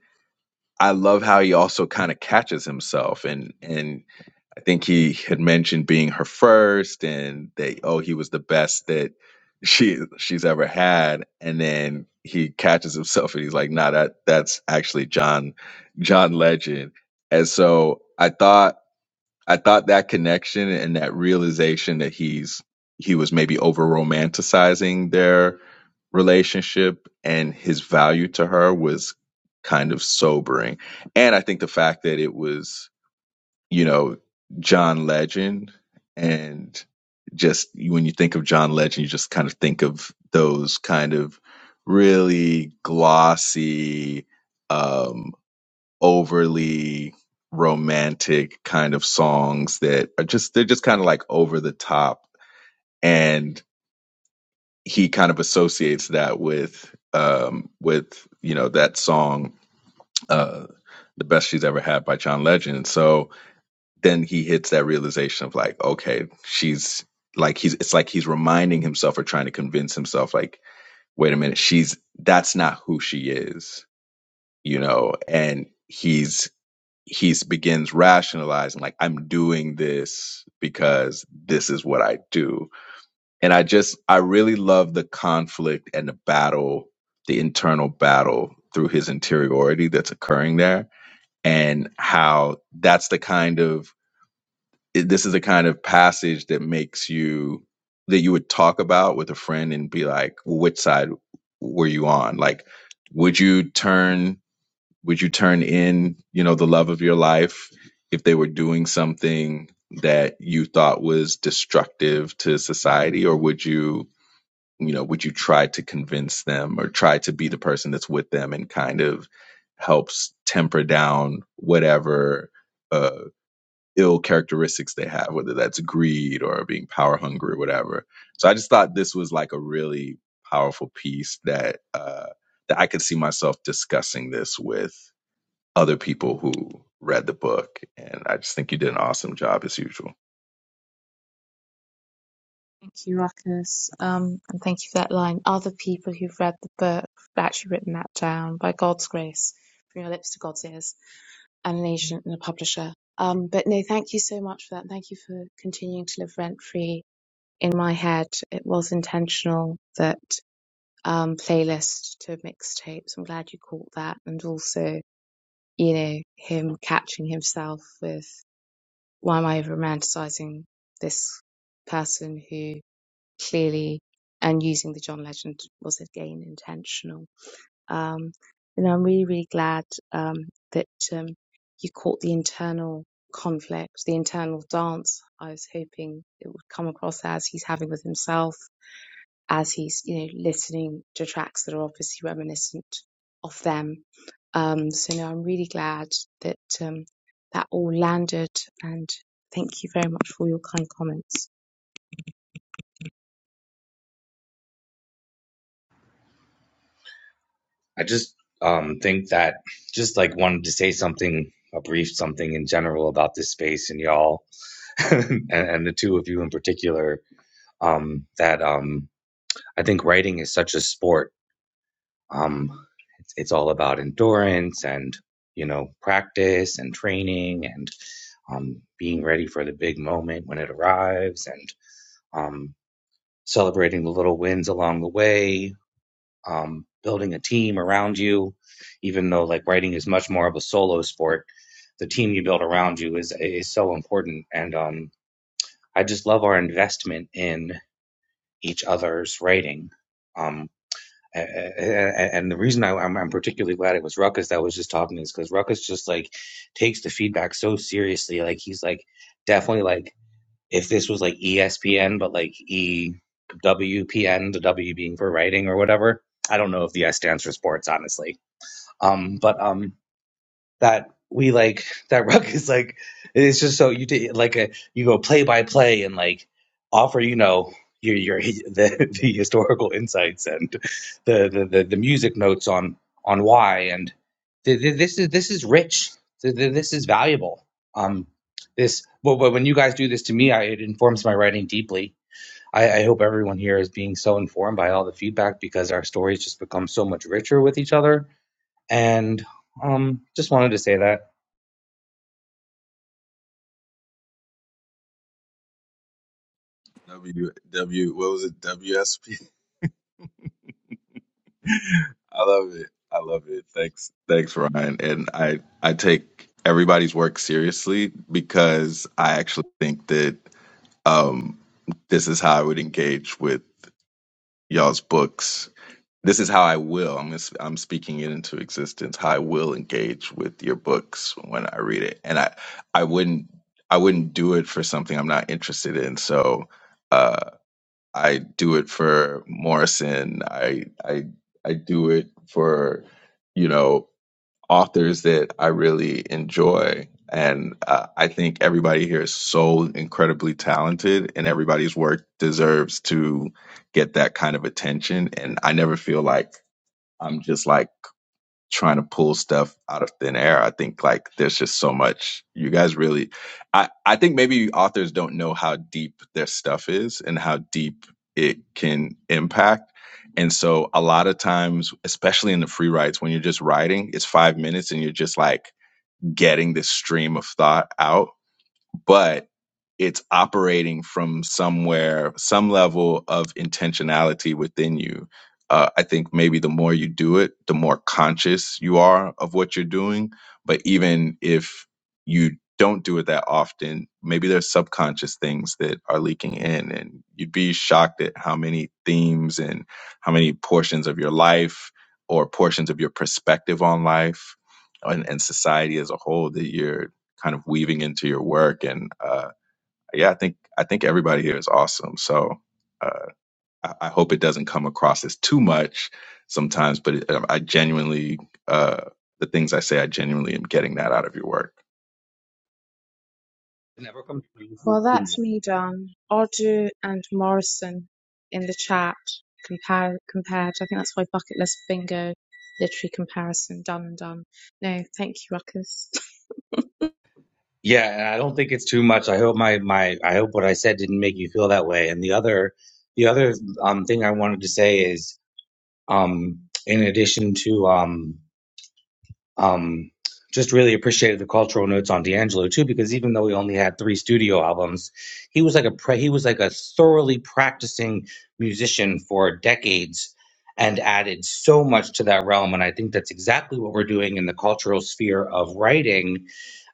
Speaker 5: I love how he also kind of catches himself and and. I think he had mentioned being her first and that oh he was the best that she she's ever had and then he catches himself and he's like nah that that's actually John John Legend and so I thought I thought that connection and that realization that he's he was maybe over romanticizing their relationship and his value to her was kind of sobering and I think the fact that it was you know, John Legend. And just when you think of John Legend, you just kind of think of those kind of really glossy, um, overly romantic kind of songs that are just, they're just kind of like over the top. And he kind of associates that with, um, with, you know, that song, uh, the best she's ever had by John Legend. So, then he hits that realization of like, okay, she's like he's it's like he's reminding himself or trying to convince himself like, wait a minute, she's that's not who she is, you know, and he's he's begins rationalizing like I'm doing this because this is what I do. And I just I really love the conflict and the battle, the internal battle through his interiority that's occurring there and how that's the kind of it, this is the kind of passage that makes you that you would talk about with a friend and be like well, which side were you on like would you turn would you turn in you know the love of your life if they were doing something that you thought was destructive to society or would you you know would you try to convince them or try to be the person that's with them and kind of helps temper down whatever uh, ill characteristics they have, whether that's greed or being power hungry or whatever. So I just thought this was like a really powerful piece that uh, that I could see myself discussing this with other people who read the book, and I just think you did an awesome job as usual.
Speaker 7: I just um, think that just like wanted to say something, a brief something in general about this space and y'all, and, and the two of you in particular. Um, that um, I think writing is such a sport. Um, it's, it's all about endurance and you know practice and training and um, being ready for the big moment when it arrives and um, celebrating the little wins along the way um, building a team around you, even though like writing is much more of a solo sport, the team you build around you is is so important. And um, I just love our investment in each other's writing. Um, and the reason I, I'm, I'm particularly glad it was Ruckus that was just talking is because Ruckus just like takes the feedback so seriously. Like he's like definitely like if this was like ESPN, but like EWPN, the W being for writing or whatever. I don't know if the S stands for sports, honestly. Um, but um, that we like that Ruck is like it's just so you did like a you go play by play and like offer you know your your the, the historical insights and the, the the the music notes on on why and th- th- this is this is rich Th- th- this is valuable um this but, but when you guys do this to me I, it informs my writing deeply I, I hope everyone here is being so informed by all the feedback because our stories just become so much richer with each other and um just wanted to say that
Speaker 5: W W what was it? WSP. I love it. I love it. Thanks. Thanks, Ryan. And I I take everybody's work seriously because I actually think that Um, this is how I would engage with y'all's books. This is how I will. I'm i I'm speaking it into existence. How I will engage with your books when I read it, and I I wouldn't I wouldn't do it for something I'm not interested in. So uh, I do it for Morrison. I I I do it for you know authors that I really enjoy. And uh, I think everybody here is so incredibly talented, and everybody's work deserves to get that kind of attention. And I never feel like I'm just like, trying to pull stuff out of thin air. I think like there's just so much. You guys really I I think maybe authors don't know how deep their stuff is and how deep it can impact. And so a lot of times, especially in the free writes, when you're just writing, it's 5 minutes and you're just like getting this stream of thought out. But it's operating from somewhere, some level of intentionality within you. Uh, I think maybe the more you do it, the more conscious you are of what you're doing. But even if you don't do it that often, maybe there's subconscious things that are leaking in, and you'd be shocked at how many themes and how many portions of your life or portions of your perspective on life and, and society as a whole that you're kind of weaving into your work. And uh, yeah, I think I think everybody here is awesome. So uh, I, I hope it doesn't come across as too much sometimes, but it, um, I genuinely uh, the things I say, I genuinely am getting that out of your work.
Speaker 7: never come yeah and i don't think it's too much i hope my my i hope what i said didn't make you feel that way and the other the other um thing i wanted to say is um in addition to um um just really appreciated the cultural notes on D'Angelo too, because even though he only had three studio albums, he was like a pre- he was like a thoroughly practicing musician for decades, and added so much to that realm. And I think that's exactly what we're doing in the cultural sphere of writing,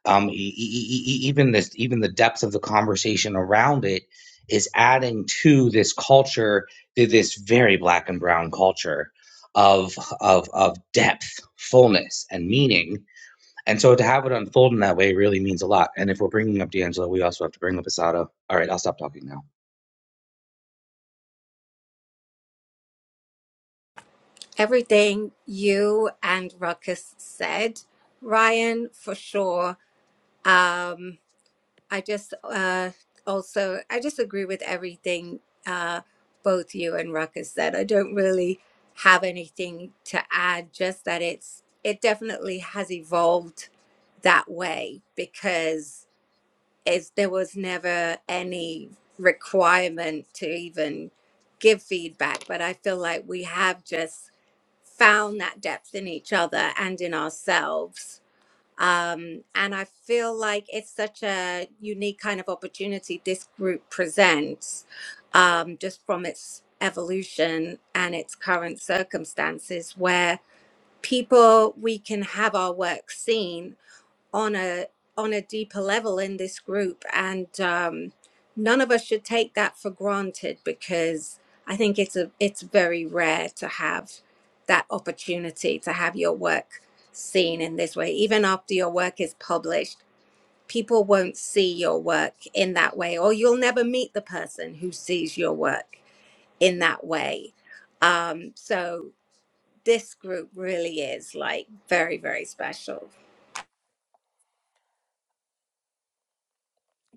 Speaker 7: um, e- e- e- e- e, even this, even the depth of the conversation around it is adding to this culture, to this very black and brown culture of of of depth, fullness, and meaning. And so to have it unfold in that way really means a lot. And if we're bringing up D'Angelo, we also have to bring up Asada. All right, I'll stop talking now.
Speaker 2: Everything you and Ruckus said, Ryan, for sure. Um, I just uh, also I just agree with everything uh, both you and Ruckus said. I don't really have anything to add. Just that it's it definitely has evolved that way because it's, there was never any requirement to even give feedback. But I feel like we have just found that depth in each other and in ourselves um, and I feel like it's such a unique kind of opportunity this group presents um, just from its evolution and its current circumstances, where people, we can have our work seen on a on a deeper level in this group and um, none of us should take that for granted because i think it's a it's very rare to have that opportunity to have your work seen in this way even after your work is published people won't see your work in that way or you'll never meet the person who sees your work in that way um, so this group really is like very very special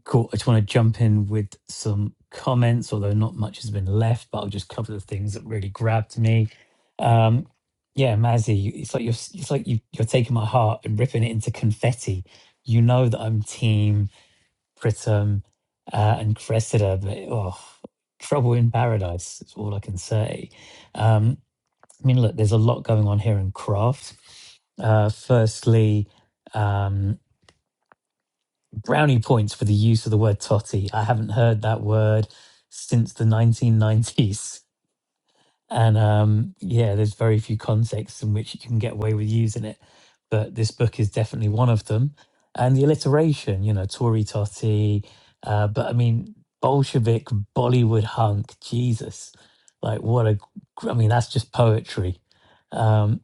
Speaker 1: Cool. I just want to jump in with some comments, although not much has been left, but I'll just cover the things that really grabbed me. Um, yeah, Mazzy, you- it's like you're s- it's like you, you're taking my heart and ripping it into confetti. You know that I'm team Pritam uh, and Cressida, but oh, trouble in paradise is all I can say. Um, I mean, look, there's a lot going on here in craft. Uh, firstly. um, brownie points for the use of the word totty. I haven't heard that word since the 1990s. And um, yeah, there's very few contexts in which you can get away with using it. But this book is definitely one of them. And the alliteration, you know, Tory totty. Uh, but I mean, Bolshevik, Bollywood hunk, Jesus. Like, what a, gr- I mean, that's just poetry. Um,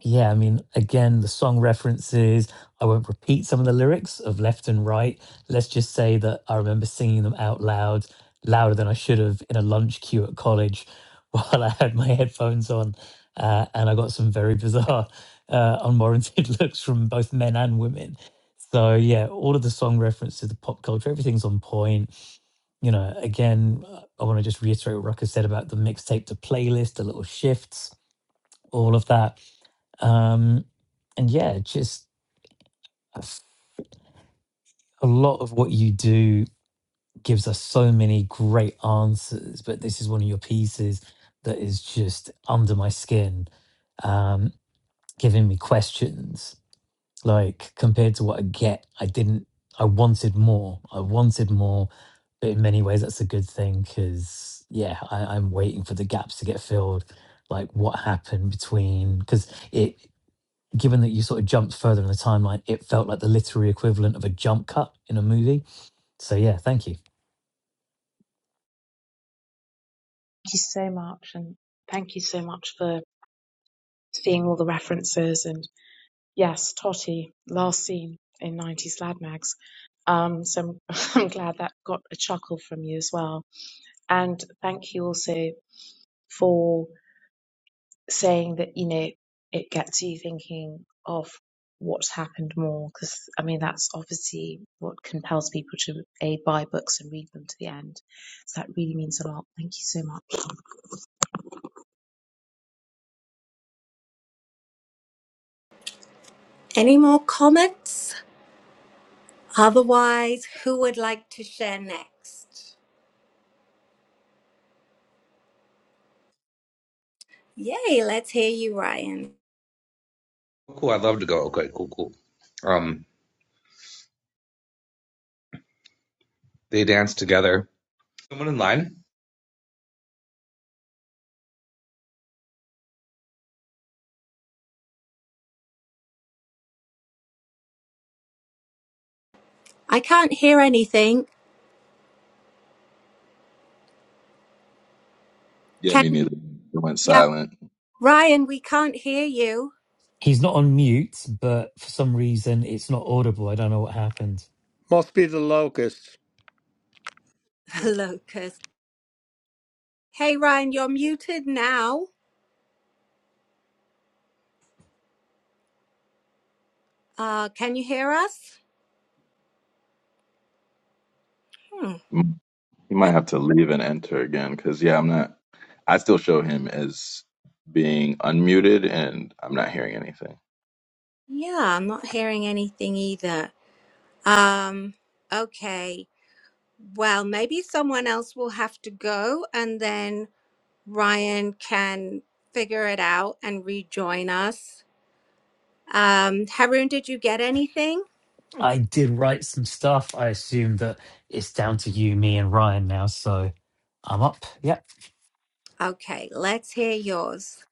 Speaker 1: yeah, I mean, again, the song references, I won't repeat some of the lyrics of left and right. Let's just say that I remember singing them out loud, louder than I should have in a lunch queue at college while I had my headphones on. Uh, and I got some very bizarre, uh, unwarranted looks from both men and women. So, yeah, all of the song references, the pop culture, everything's on point. You know, again, I want to just reiterate what Rucker said about the mixtape to playlist, the little shifts, all of that um, and yeah, just a f- a lot of what you do gives us so many great answers. But this is one of your pieces that is just under my skin, um, giving me questions. Like compared to what I get, I didn't. I wanted more. I wanted more. But in many ways, that's a good thing because yeah, I, I'm waiting for the gaps to get filled. Like what happened between because it. given that you sort of jumped further in the timeline, it felt like the literary equivalent of a jump cut in a movie. So yeah, thank you.
Speaker 2: any more comments Otherwise, who would like to share next? Yay, let's hear you, Ryan.
Speaker 7: Cool. I'd love to go. Okay. Cool. Cool. Um, they dance together. Someone in line.
Speaker 2: I can't hear anything.
Speaker 5: Yeah,
Speaker 2: Can
Speaker 5: me neither. It went
Speaker 2: yeah,
Speaker 5: silent.
Speaker 2: Ryan, we can't hear you.
Speaker 1: He's not on mute, but for some reason it's not audible. I don't know what happened.
Speaker 6: Must be the locusts.
Speaker 2: Locust. Hey Ryan, you're muted now. Uh can you hear us? Hmm.
Speaker 5: You might
Speaker 2: that-
Speaker 5: have to leave and enter again because yeah, I'm not. I still show him as being unmuted, and I'm not hearing anything.
Speaker 2: Yeah, I'm not hearing anything either. Um okay. Well, maybe someone else will have to go and then Ryan can figure it out and rejoin us. Um, Haroon, did you get anything?
Speaker 1: I did write some stuff. I assume that it's down to you, me, and Ryan now. So I'm up. Yeah.
Speaker 2: Okay, let's hear yours.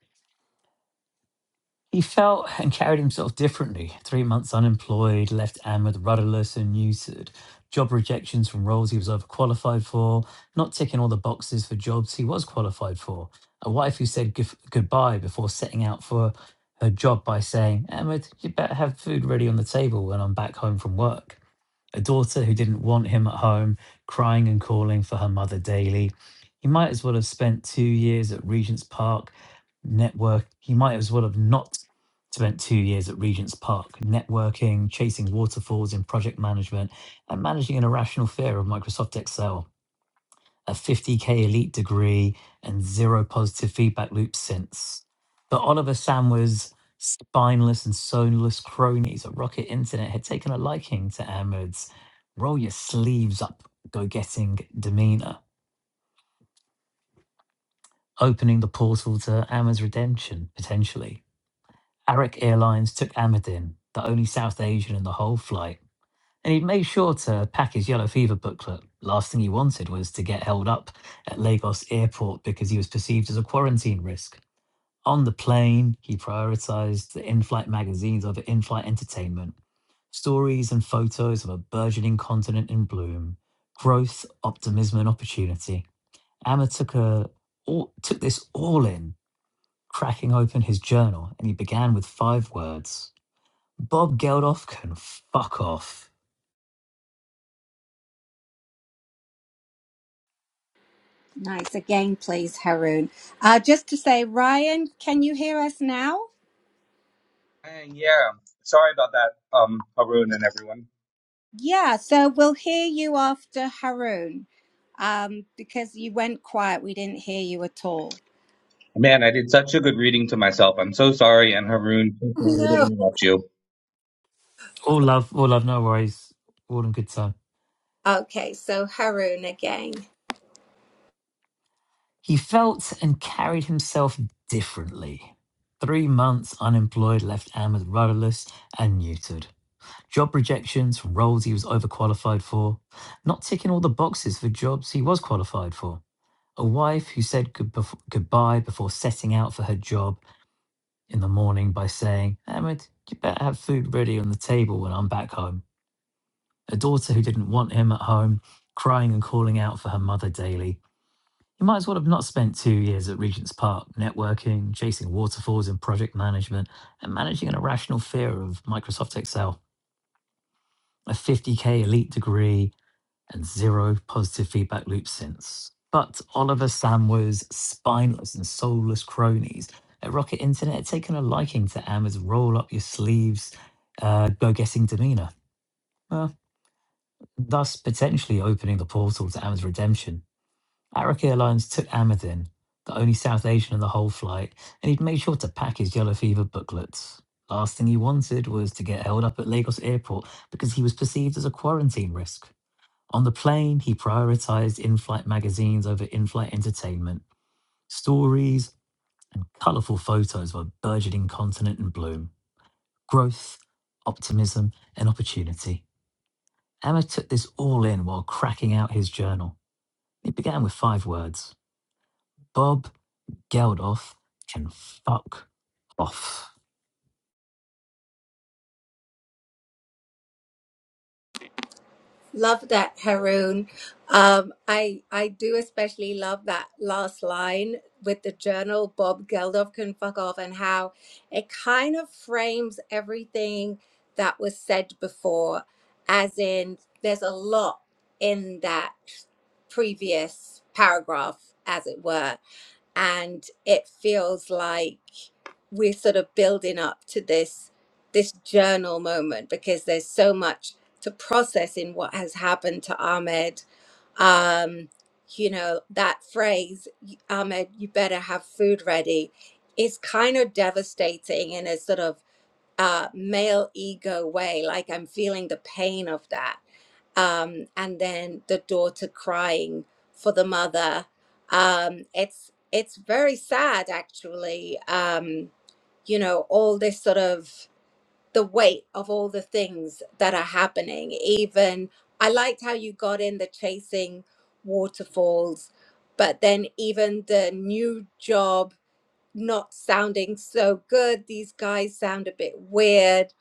Speaker 1: He felt and carried himself differently. Three months unemployed, left Ahmed rudderless and neutered. Job rejections from roles he was overqualified for, not ticking all the boxes for jobs he was qualified for. A wife who said gif- goodbye before setting out for her job by saying, Ahmed, you better have food ready on the table when I'm back home from work. A daughter who didn't want him at home, crying and calling for her mother daily. He might as well have spent two years at Regent's Park network he might as well have not spent two years at regent's park networking chasing waterfalls in project management and managing an irrational fear of microsoft excel a 50k elite degree and zero positive feedback loops since but oliver samwa's spineless and soulless cronies at rocket internet had taken a liking to ahmed's roll your sleeves up go getting demeanor opening the portal to ahmed's redemption potentially Arik Airlines took Ahmed in, the only South Asian in the whole flight, and he'd made sure to pack his yellow fever booklet. Last thing he wanted was to get held up at Lagos airport because he was perceived as a quarantine risk. On the plane, he prioritized the in flight magazines over in flight entertainment, stories and photos of a burgeoning continent in bloom, growth, optimism, and opportunity. Ahmed took, a, all, took this all in, cracking open his journal, and he began with five words. Bob Geldof can fuck off.
Speaker 2: Nice again, please, Haroon. Uh, just to say, Ryan, can you hear us now?
Speaker 7: And yeah, sorry about that, um, Haroon and everyone.
Speaker 2: Yeah, so we'll hear you after Haroon um, because you went quiet. We didn't hear you at all.
Speaker 7: Man, I did such a good reading to myself. I'm so sorry, and Haroon, so sorry to
Speaker 2: No.
Speaker 7: interrupt you.
Speaker 1: All love, all love, no worries. All in good time.
Speaker 2: Okay, so Haroon again.
Speaker 1: He felt and carried himself differently. Three months unemployed left Ahmed rudderless and neutered. Job rejections from roles he was overqualified for, not ticking all the boxes for jobs he was qualified for. A wife who said good bef- goodbye before setting out for her job in the morning by saying, Ahmed, you better have food ready on the table when I'm back home. a daughter who didn't want him at home, crying and calling out for her mother daily. He might as well have not spent two years at Regent's Park networking, chasing waterfalls in project management, and managing an irrational fear of Microsoft Excel. A 50k elite degree and zero positive feedback loops since. But Oliver Samwer's spineless and soulless cronies at Rocket Internet had taken a liking to Ammer's roll up your sleeves, uh, go guessing demeanor. Well. thus potentially opening the portal to Amid's redemption. Arik Airlines took Amid in, the only South Asian in the whole flight, and he'd made sure to pack his yellow fever booklets. Last thing he wanted was to get held up at Lagos airport because he was perceived as a quarantine risk. On the plane, he prioritized in flight magazines over in flight entertainment, stories, and colorful photos of a burgeoning continent in bloom, growth, optimism, and opportunity. Amid took this all in while cracking out his journal. It began with five words Bob Geldof can fuck off.
Speaker 2: Love that, Haroon. Um, I I do especially love that last line with the journal Bob Geldof can fuck off and how it kind of frames everything that was said before, as in there's a lot in that previous paragraph, as it were, and it feels like we're sort of building up to this this journal moment because there's so much to process in what has happened to Ahmed. Um, you know that phrase, "Y- Ahmed, you better have food ready, is kind of devastating in a sort of uh, male ego way. Like I'm feeling the pain of that, um, and then the daughter crying for the mother. Um, it's it's very sad actually. Um, you know, all this sort of the weight of all the things that are happening. Even I liked how you got in the chasing waterfalls, but then even the new job not sounding so good. These guys sound a bit weird.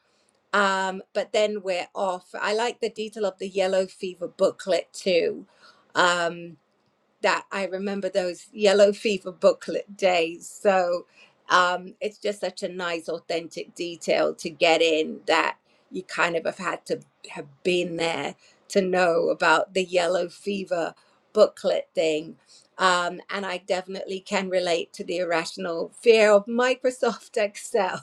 Speaker 2: Um, but then we're off. I like the detail of the yellow fever booklet too. Um, that I remember those yellow fever booklet days. So um, it's just such a nice, authentic detail to get in that you kind of have had to have been there to know about the yellow fever booklet thing. Um, and I definitely can relate to the irrational fear of Microsoft Excel.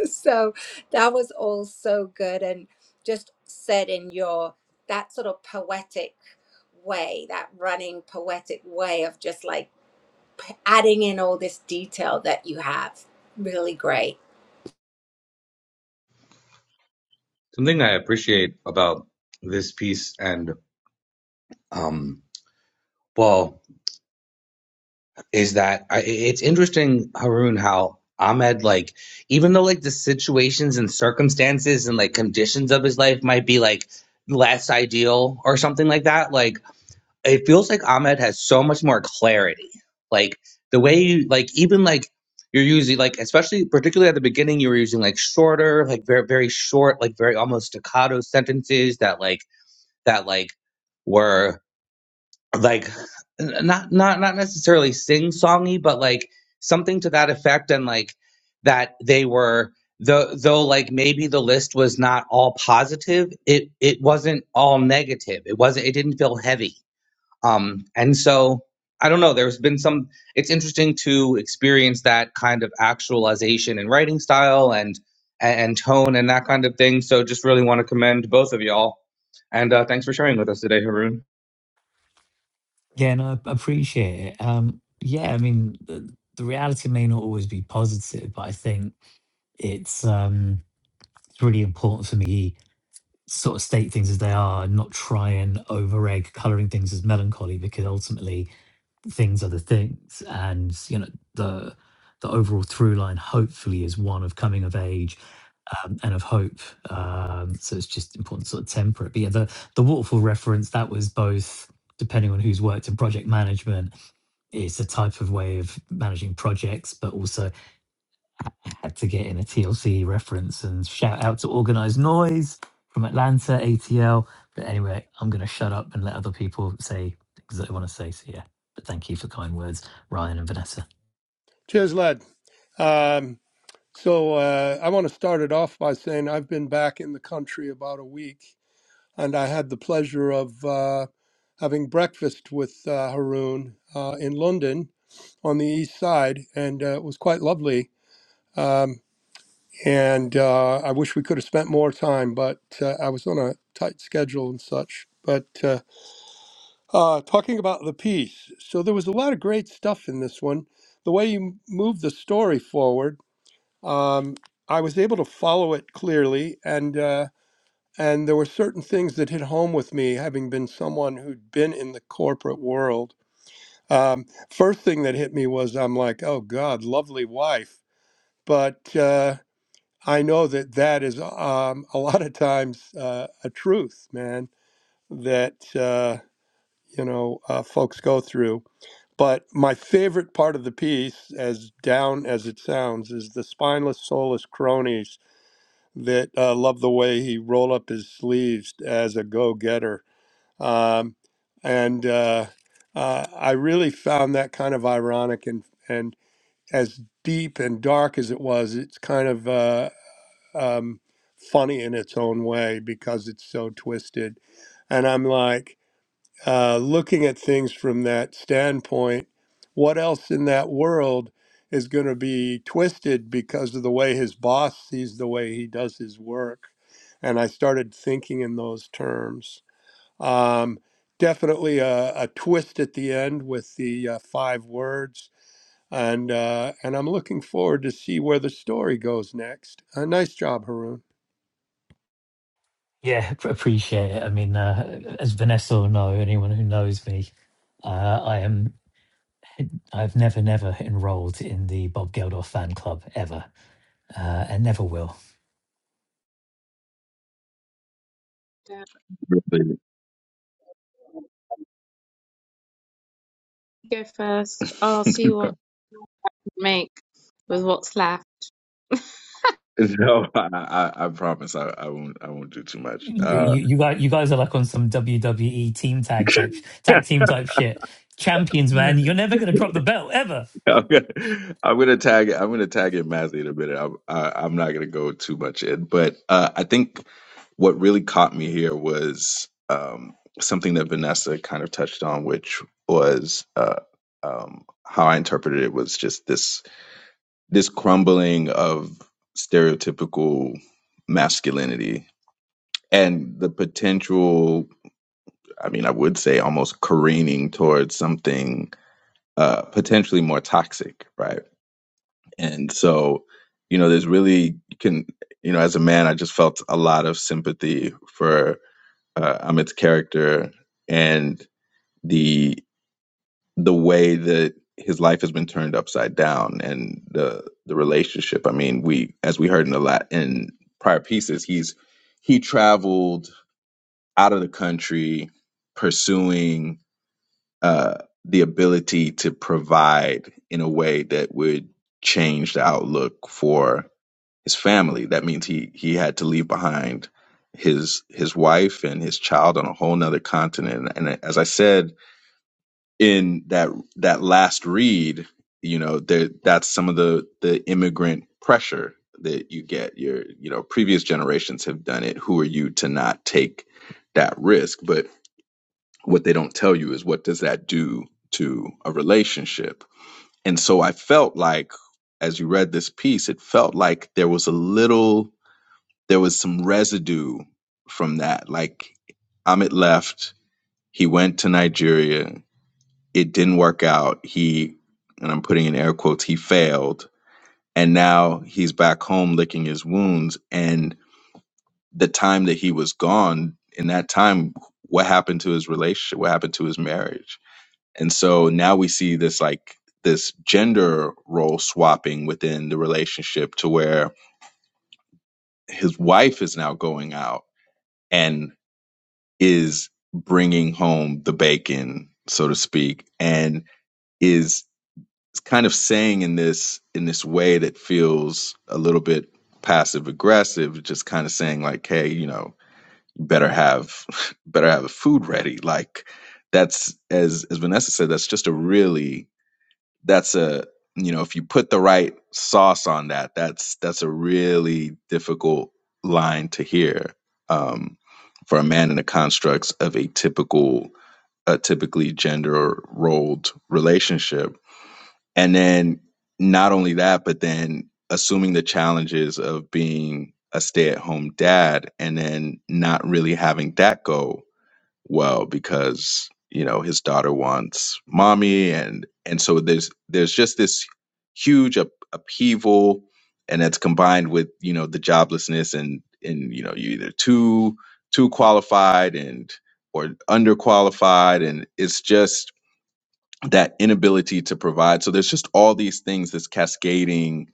Speaker 2: so that was all so good and just said in your that sort of poetic way that running poetic way of just like adding in all this detail that you have really great
Speaker 7: Something I appreciate about this piece and um, well, is that I, it's interesting, Haroon, how Ahmed, like, even though like the situations and circumstances and like conditions of his life might be like less ideal or something like that, like. it feels like Ahmed has so much more clarity. Like the way you like even like you're using like especially particularly at the beginning you were using like shorter like very very short like very almost staccato sentences that like that like were like n- not not not necessarily sing songy but like something to that effect and like that they were though though like maybe the list was not all positive it it wasn't all negative it wasn't it didn't feel heavy um, and so I don't know. There's been some. It's interesting to experience that kind of actualization in writing style and and tone and that kind of thing. So just really want to commend both of y'all, and uh, thanks for sharing with us today, Haroon.
Speaker 1: Yeah, and I appreciate it. Um, yeah, I mean, the, the reality may not always be positive, but I think it's, um, it's really important for me sort of state things as they are and not try and over egg colouring things as melancholy because ultimately things are the things and you know the the overall through line hopefully is one of coming of age um, and of hope um, so it's just important to sort of temper it but yeah the the waterfall reference that was both depending on who's worked in project management it's a type of way of managing projects but also had to get in a TLC reference and shout out to Organized Noise from Atlanta, ATL. But anyway, I'm going to shut up and let other people say things that they want to say. So, yeah. But thank you for kind words, Ryan and Vanessa.
Speaker 6: Cheers, lad. Um, so uh, I want to start it off by saying I've been back in the country about a week, and I had the pleasure of uh, having breakfast with uh, Haroon uh, in London on the east side, and uh, it was quite lovely. Um, and uh, I wish we could have spent more time, but uh, I was on a tight schedule and such. But uh, uh, talking about the piece, so there was a lot of great stuff in this one. The way you moved the story forward, um, I was able to follow it clearly, and uh, and there were certain things that hit home with me, having been someone who'd been in the corporate world. Um, first thing that hit me was I'm like, oh God, lovely wife, but. Uh, I know that that is um, a lot of times uh, a truth, man, that, uh, you know, uh, folks go through. But my favorite part of the piece, as down as it sounds, is the spineless, soulless cronies that uh, love the way he roll up his sleeves as a go-getter. Um, and uh, uh, I really found that kind of ironic and, and as deep and dark as it was, it's kind of uh, um, funny in its own way because it's so twisted. And I'm like, uh, looking at things from that standpoint, what else in that world is going to be twisted because of the way his boss sees the way he does his work? And I started thinking in those terms. Um, definitely a, a twist at the end with the uh, five words. And, uh, and I'm looking forward to see where the story goes next. Uh, nice job, Haroon.
Speaker 1: Yeah, p- appreciate it. I mean, uh, as Vanessa will know, anyone who knows me, uh, I am. I've never, never enrolled in the Bob Geldof fan club ever, uh, and never will.
Speaker 5: Really? No, I, I, I promise I, I won't. I won't do too much.
Speaker 1: you,
Speaker 5: Uh,
Speaker 1: you you guys you guys are like on some WWE team tag type tag team type shit. Champions, man, you're never gonna drop the belt ever.
Speaker 5: I'm gonna, I'm gonna tag I'm gonna tag in Mazzy in a minute. I'm, I, I'm not gonna go too much in, but uh, I think what really caught me here was um, something that Vanessa kind of touched on, which was uh, um, how I interpreted it was just this this crumbling of stereotypical masculinity and the potential. I mean, I would say almost careening towards something uh, potentially more toxic, right? And so, you know, there's really you can, you know, as a man, I just felt a lot of sympathy for uh, Amit's character and the the way that his life has been turned upside down and the the relationship. I mean, we as we heard in the lat in prior pieces, he's he traveled out of the country pursuing uh, the ability to provide in a way that would change the outlook for his family. That means he he had to leave behind his his wife and his child on a whole nother continent. And as I said in that that last read, you know, there that's some of the the immigrant pressure that you get. Your you know, previous generations have done it. Who are you to not take that risk? But what they don't tell you is what does that do to a relationship? And so I felt like as you read this piece, it felt like there was a little there was some residue from that. Like Amit left, he went to Nigeria, it didn't work out. He, and I'm putting in air quotes, he failed. And now he's back home licking his wounds. And the time that he was gone, in that time, what happened to his relationship? What happened to his marriage? And so now we see this like this gender role swapping within the relationship to where his wife is now going out and. is bringing home the bacon, so to speak, and is kind of saying in this in this way that feels a little bit passive aggressive, just kind of saying like, "Hey, you know, better have better have the food ready." Like that's as as Vanessa said, that's just a really that's a you know if you put the right sauce on that that's that's a really difficult line to hear um, for a man in the constructs of a typical a typically gender rolled relationship and then not only that but then assuming the challenges of being a stay at home dad and then not really having that go well because you know his daughter wants mommy and and so there's there's just this huge up, upheaval and that's combined with you know the joblessness and and you know you are either too too qualified and or underqualified and it's just that inability to provide so there's just all these things this cascading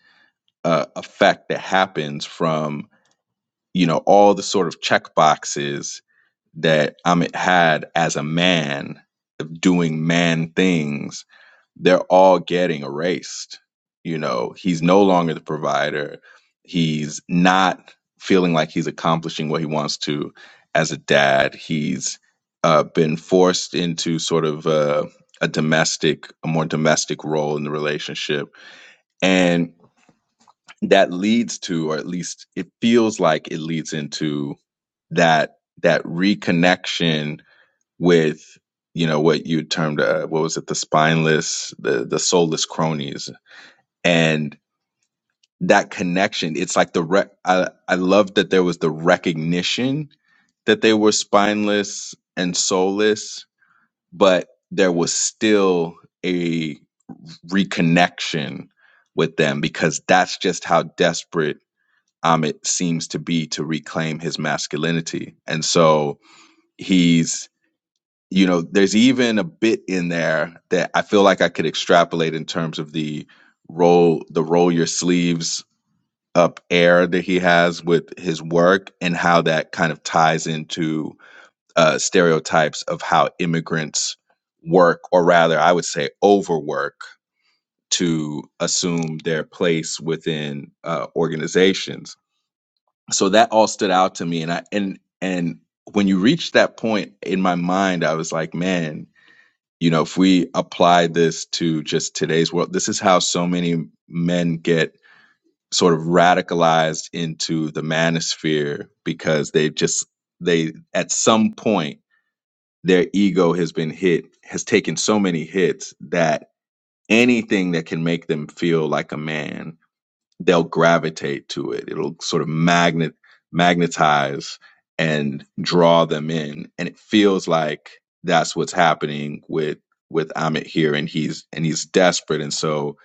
Speaker 5: uh, effect that happens from you know all the sort of check boxes that Amit had as a man of doing man things, they're all getting erased. You know, he's no longer the provider. He's not feeling like he's accomplishing what he wants to as a dad. He's uh, been forced into sort of uh, a domestic, a more domestic role in the relationship. And that leads to, or at least it feels like it leads into that that reconnection with you know what you termed uh, what was it the spineless the the soulless cronies and that connection it's like the rec- I I love that there was the recognition that they were spineless and soulless but there was still a reconnection with them because that's just how desperate Amit seems to be to reclaim his masculinity and so he's. you know, there's even a bit in there that I feel like I could extrapolate in terms of the roll the roll your sleeves up air that he has with his work and how that kind of ties into uh, stereotypes of how immigrants work, or rather, I would say overwork to assume their place within uh, organizations. So that all stood out to me, and I and and when you reached that point in my mind, I was like, man you know, if we apply this to just today's world, this is how so many men get sort of radicalized into the manosphere because they just, they, at some point, their ego has been hit, has taken so many hits that anything that can make them feel like a man they'll gravitate to it. It'll sort of magnet magnetize and draw them in. And it feels like that's what's happening with with Amit here and he's and he's desperate. And so,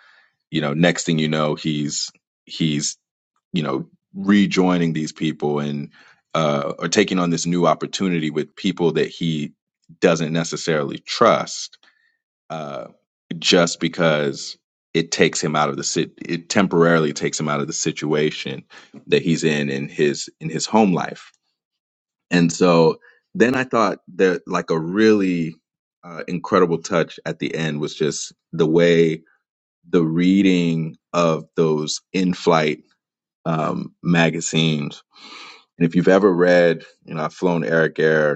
Speaker 5: you know, next thing you know, he's he's, you know, rejoining these people and uh or taking on this new opportunity with people that he doesn't necessarily trust uh, just because it takes him out of the sit it temporarily takes him out of the situation that he's in in his in his home life and so then i thought that like a really uh, incredible touch at the end was just the way the reading of those in-flight um, magazines and if you've ever read you know i've flown eric air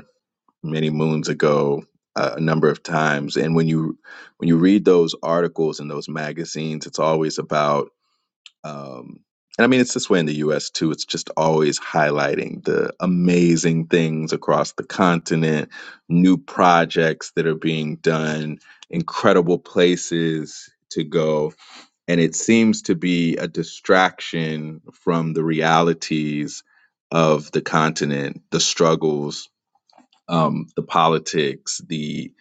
Speaker 5: many moons ago uh, a number of times and when you when you read those articles and those magazines it's always about um and i mean it's this way in the us too it's just always highlighting the amazing things across the continent new projects that are being done incredible places to go and it seems to be a distraction from the realities of the continent the struggles um, the politics, the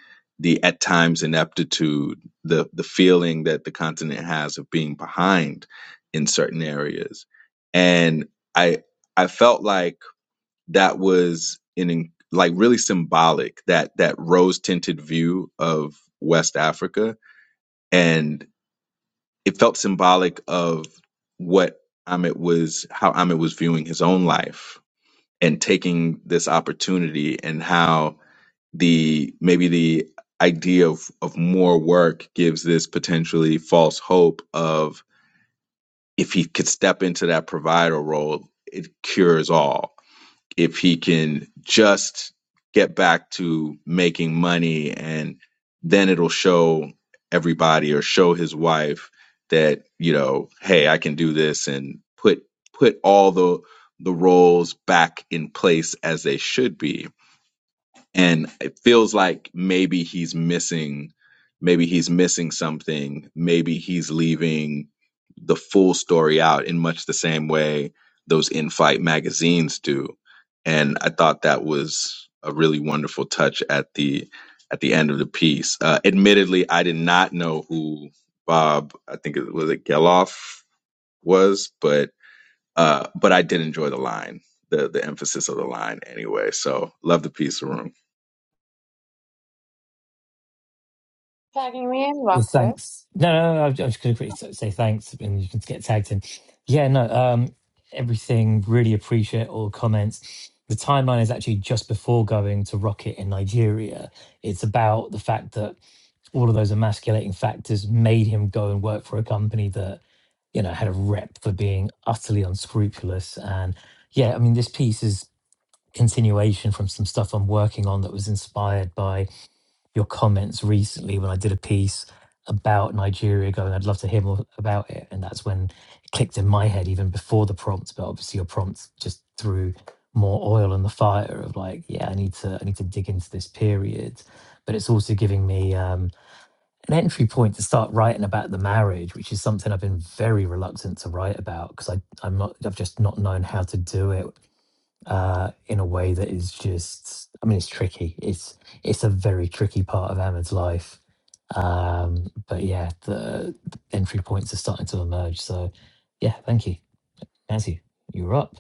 Speaker 5: the at times ineptitude, the the feeling that the continent has of being behind in certain areas, and I I felt like that was an in, like really symbolic that that rose tinted view of West Africa, and it felt symbolic of what Amit was how Amit was viewing his own life and taking this opportunity and how the maybe the idea of of more work gives this potentially false hope of if he could step into that provider role it cures all if he can just get back to making money and then it'll show everybody or show his wife that you know hey I can do this and put put all the the roles back in place as they should be and it feels like maybe he's missing maybe he's missing something maybe he's leaving the full story out in much the same way those in-flight magazines do and i thought that was a really wonderful touch at the at the end of the piece uh, admittedly i did not know who bob i think it was it geloff was but uh but i did enjoy the line the the emphasis of the line anyway so love the piece room
Speaker 1: Yeah, thanks. No, no, no I was just gonna quickly say thanks, and you can get tagged in. Yeah, no, um, everything. Really appreciate all the comments. The timeline is actually just before going to Rocket in Nigeria. It's about the fact that all of those emasculating factors made him go and work for a company that you know had a rep for being utterly unscrupulous and yeah i mean this piece is continuation from some stuff i'm working on that was inspired by your comments recently when i did a piece about nigeria going i'd love to hear more about it and that's when it clicked in my head even before the prompt but obviously your prompt just threw more oil on the fire of like yeah i need to i need to dig into this period but it's also giving me um, an entry point to start writing about the marriage, which is something I've been very reluctant to write about because I I'm not I've just not known how to do it uh, in a way that is just I mean it's tricky. It's it's a very tricky part of Ahmed's life. Um, but yeah, the, the entry points are starting to emerge. So yeah, thank you, Nancy. You're up.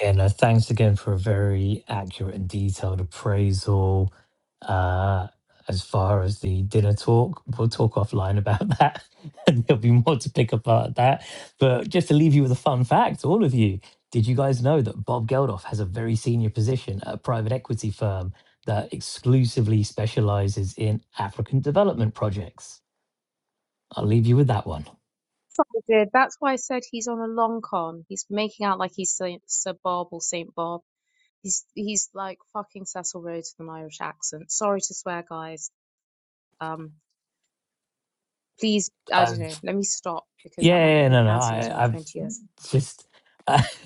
Speaker 1: Yeah, no, thanks again for a very accurate and detailed appraisal. Uh, as far as the dinner talk, we'll talk offline about that, and there'll be more to pick apart that. But just to leave you with a fun fact, all of you, did you guys know that Bob Geldof has a very senior position at a private equity firm that exclusively specializes in African development projects? I'll leave you with that one. I've yeah, yeah, yeah, no, no, I, I've just.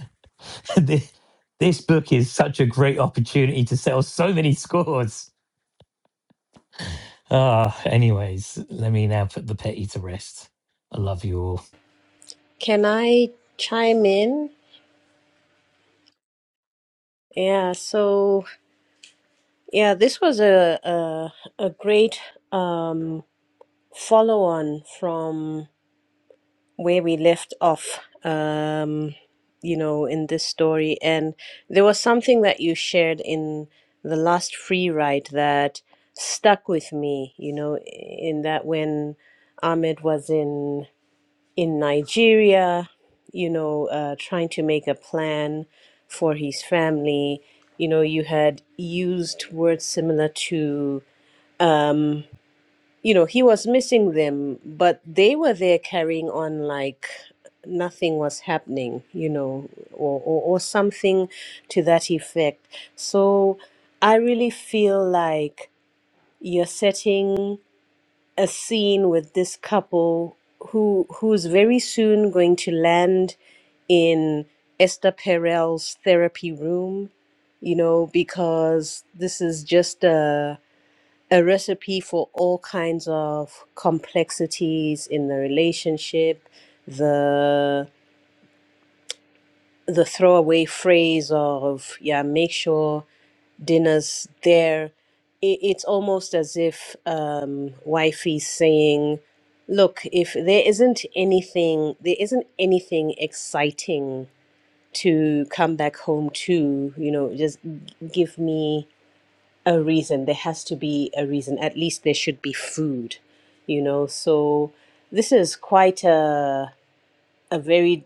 Speaker 1: this, this book is such a great opportunity to sell so many scores. Ah, anyways, let me now put the petty to rest. I love you all.
Speaker 4: Can I chime in? Yeah, so yeah, this was a a, a great um, follow on from where we left off. Um, you know, in this story, and there was something that you shared in the last free ride that stuck with me. You know, in that when Ahmed was in in Nigeria, you know, uh, trying to make a plan for his family. You know, you had used words similar to, um, you know, he was missing them, but they were there carrying on like nothing was happening, you know, or, or, or something to that effect. So I really feel like you're setting a scene with this couple who who's very soon going to land in Esther Perel's therapy room, you know, because this is just a a recipe for all kinds of complexities in the relationship, the the throwaway phrase of yeah, make sure dinners there, it, it's almost as if um, wifey's saying, "Look, if there isn't anything, there isn't anything exciting to come back home to, you know, just g- give me a reason. There has to be a reason. At least there should be food, you know." So this is quite a a very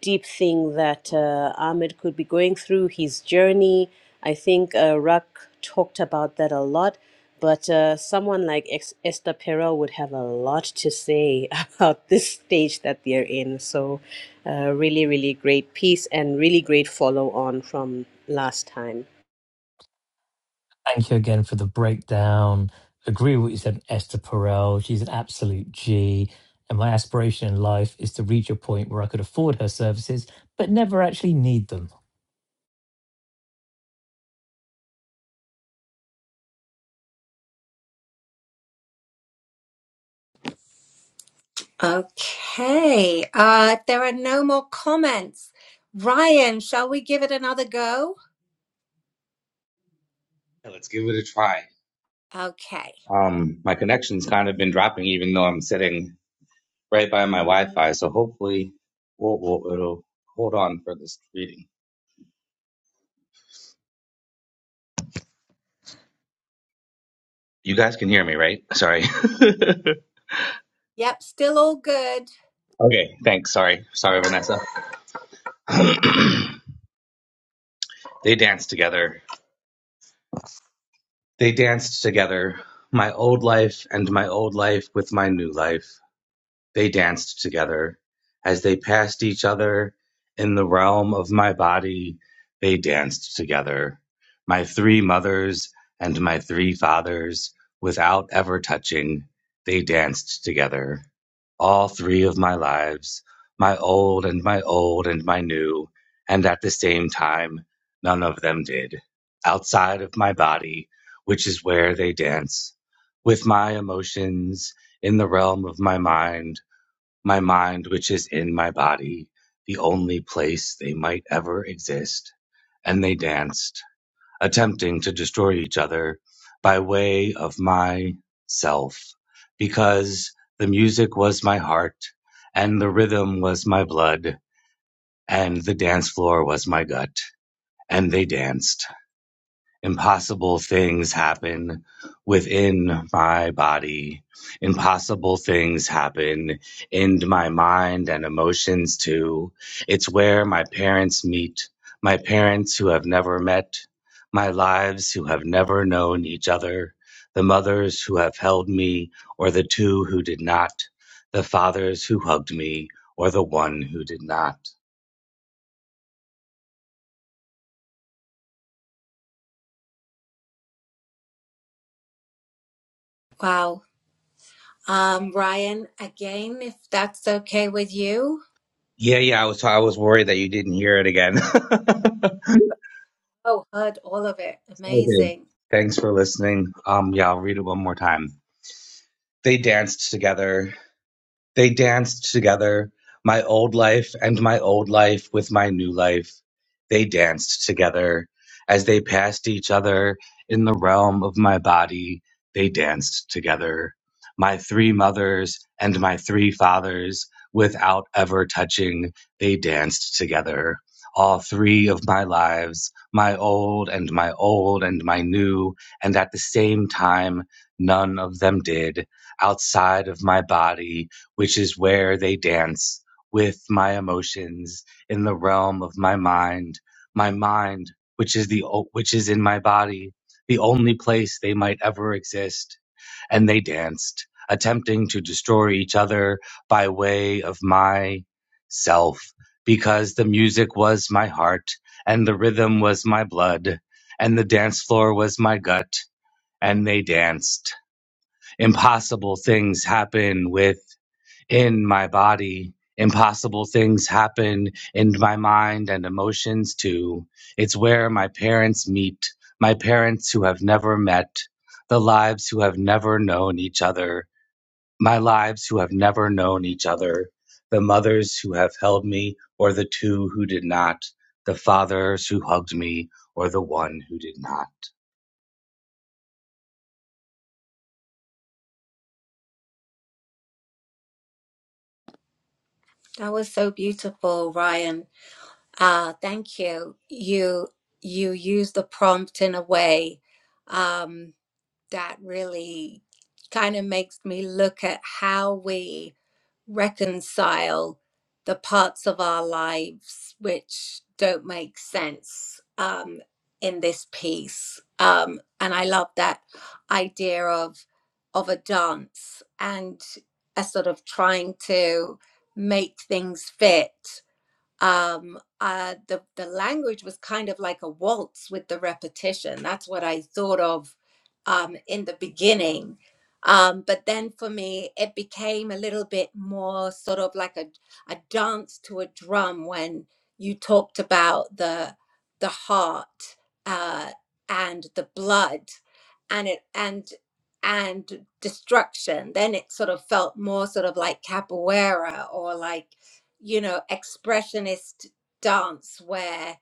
Speaker 4: deep thing that uh, Ahmed could be going through, his journey. I think uh, Rak talked about that a lot, but uh, someone like Ex- Esther Perel would have a lot to say about this stage that they're in. So, uh, really, really great piece and really great follow on from last time.
Speaker 1: Thank you again for the breakdown. Agree with what you said, Esther Perel. She's an absolute G. And my aspiration in life is to reach a point where I could afford her services, but never actually need them.
Speaker 2: okay uh there are no more comments ryan shall we give it another go
Speaker 7: Yeah, Let's give it a try.
Speaker 2: okay
Speaker 7: Um, my connection's kind of been dropping, even though I'm sitting right by my Wi-Fi. So hopefully, we'll, we'll, it'll hold on for this reading. You guys can hear me, right? Sorry.
Speaker 2: yep still all good
Speaker 7: okay. Thanks. Sorry. Sorry, Vanessa. They danced together. They danced together. My old life and my old life with my new life. They danced together. As they passed each other in the realm of my body, they danced together. My three mothers and my three fathers, without ever touching, they danced together. All three of my lives, my old and my old and my new, and at the same time, none of them did. Outside of my body, which is where they dance, with my emotions in the realm of my mind my mind, which is in my body, the only place they might ever exist. And they danced, attempting to destroy each other by way of my self, because the music was my heart, and the rhythm was my blood, and the dance floor was my gut, and they danced. Impossible things happen within my body. Impossible things happen in my mind and emotions too. It's where my parents meet, my parents who have never met, my lives who have never known each other, the mothers who have held me or the two who did not, the fathers who hugged me or the one who did not.
Speaker 2: wow um ryan again if that's okay with you
Speaker 7: Yeah, yeah, I was I was worried that you didn't hear it again.
Speaker 2: oh heard all of it
Speaker 7: Okay.
Speaker 2: amazing
Speaker 7: Thanks for listening. Um, yeah, I'll read it one more time. They danced together they danced together, my old life and my old life with my new life. They danced together as they passed each other in the realm of my body. They danced together, my three mothers and my three fathers, without ever touching. They danced together. All three of my lives, my old and my old and my new, and at the same time, none of them did outside of my body which is where they dance with my emotions in the realm of my mind, my mind, which is the which is in my body, the only place they might ever exist. And they danced, attempting to destroy each other by way of my self, because the music was my heart, and the rhythm was my blood, and the dance floor was my gut, and they danced. Impossible things happen with in my body. Impossible things happen in my mind and emotions too. It's where my parents meet, my parents who have never met, the lives who have never known each other, my lives who have never known each other, the mothers who have held me or the two who did not, the fathers who hugged me or the one who did not.
Speaker 2: That was so beautiful, Ryan. Uh, thank you. You you used the prompt in a way um, that really kind of makes me look at how we reconcile the parts of our lives which don't make sense um, in this piece. Um, and I love that idea of of a dance and a sort of trying to make things fit um uh the the language was kind of like a waltz with the repetition that's what i thought of um in the beginning um but then for me it became a little bit more sort of like a a dance to a drum when you talked about the the heart uh and the blood and it and and destruction then it sort of felt more sort of like capoeira or like you know, expressionist dance where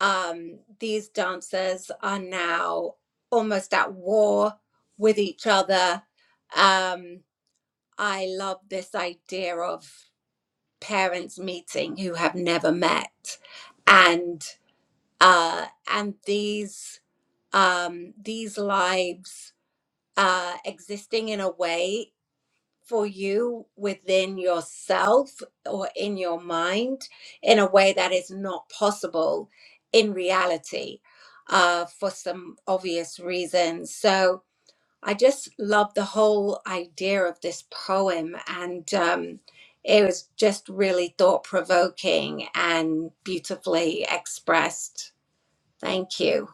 Speaker 2: um, these dancers are now almost at war with each other. Um, I love this idea of parents meeting who have never met, and uh, and these um, these lives uh, existing in a way for you within yourself or in your mind in a way that is not possible in reality uh, for some obvious reasons. So I just love the whole idea of this poem, and um, it was just really thought provoking and beautifully expressed. Thank you.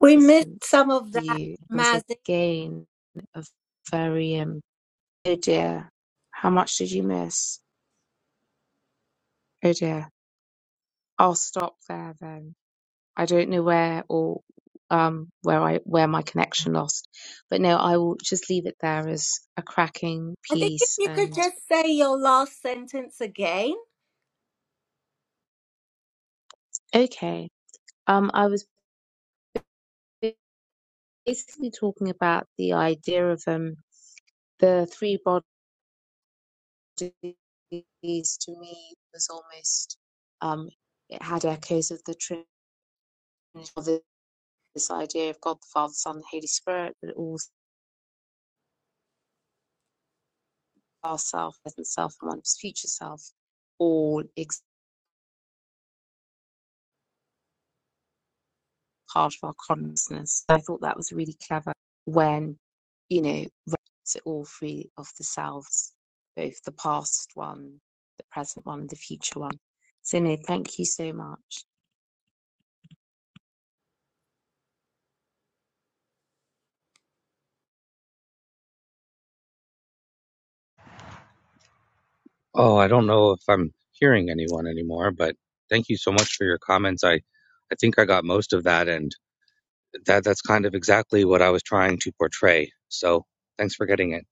Speaker 2: We missed some of that, Mazi. I think if you could just say your last sentence again.
Speaker 7: Oh, I don't know if I'm hearing anyone anymore, but thank you so much for your comments. I I think I got most of that and that that's kind of exactly what I was trying to portray. So thanks for getting it.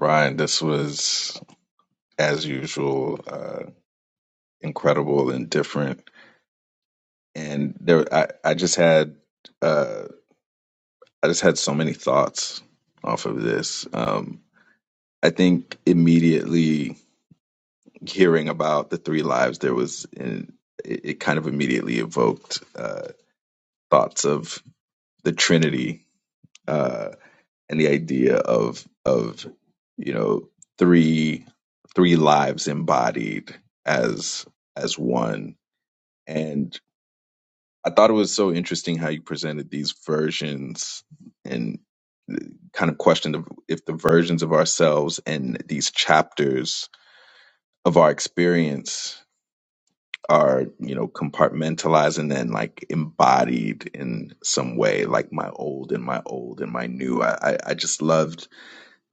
Speaker 5: Ryan, this was as usual, uh, incredible and different. And there, I, I just had, uh, I just had so many thoughts off of this. Um, I think immediately hearing about the three lives, there was, in, it, it kind of immediately evoked uh, thoughts of the Trinity. Uh, and the idea of of you know three three lives embodied as as one and i thought it was so interesting how you presented these versions and kind of questioned if if the versions of ourselves and these chapters of our experience are you know compartmentalized and then like embodied in some way like my old and my old and my new i i I just loved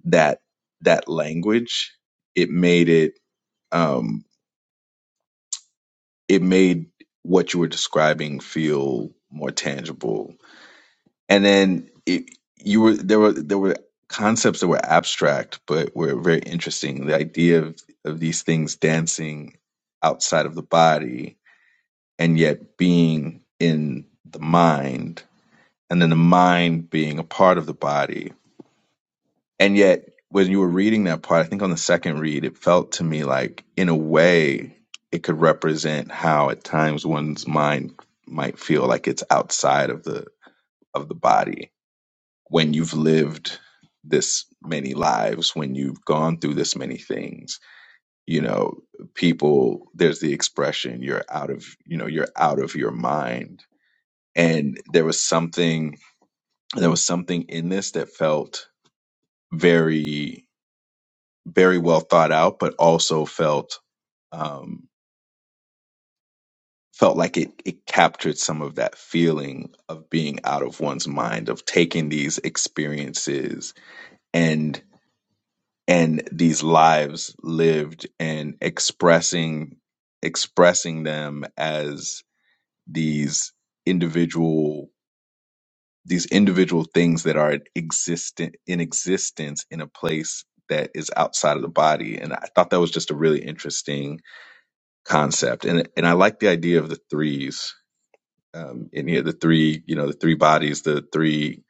Speaker 5: that that language it made it um it made what you were describing feel more tangible and then it, you were there were there were concepts that were abstract but were very interesting the idea of, of these things dancing outside of the body and yet being in the mind and then the mind being a part of the body And yet, when you were reading that part, I think on the second read, it felt to me like, in a way, it could represent how at times one's mind might feel like it's outside of the of the body when you've lived this many lives, when you've gone through this many things. You know, people. There's the expression, "You're out of," you know, "You're out of your mind." And there was something, there was something in this that felt very very well thought out, but also felt um, felt like it it captured some of that feeling of being out of one's mind, of taking these experiences and and these lives lived and expressing expressing them as these individual these individual things that are existent in existence in a place that is outside of the body and i thought that was just a really interesting concept, and and I like the idea of the threes. Um, and here, the three, you know, the three bodies, the three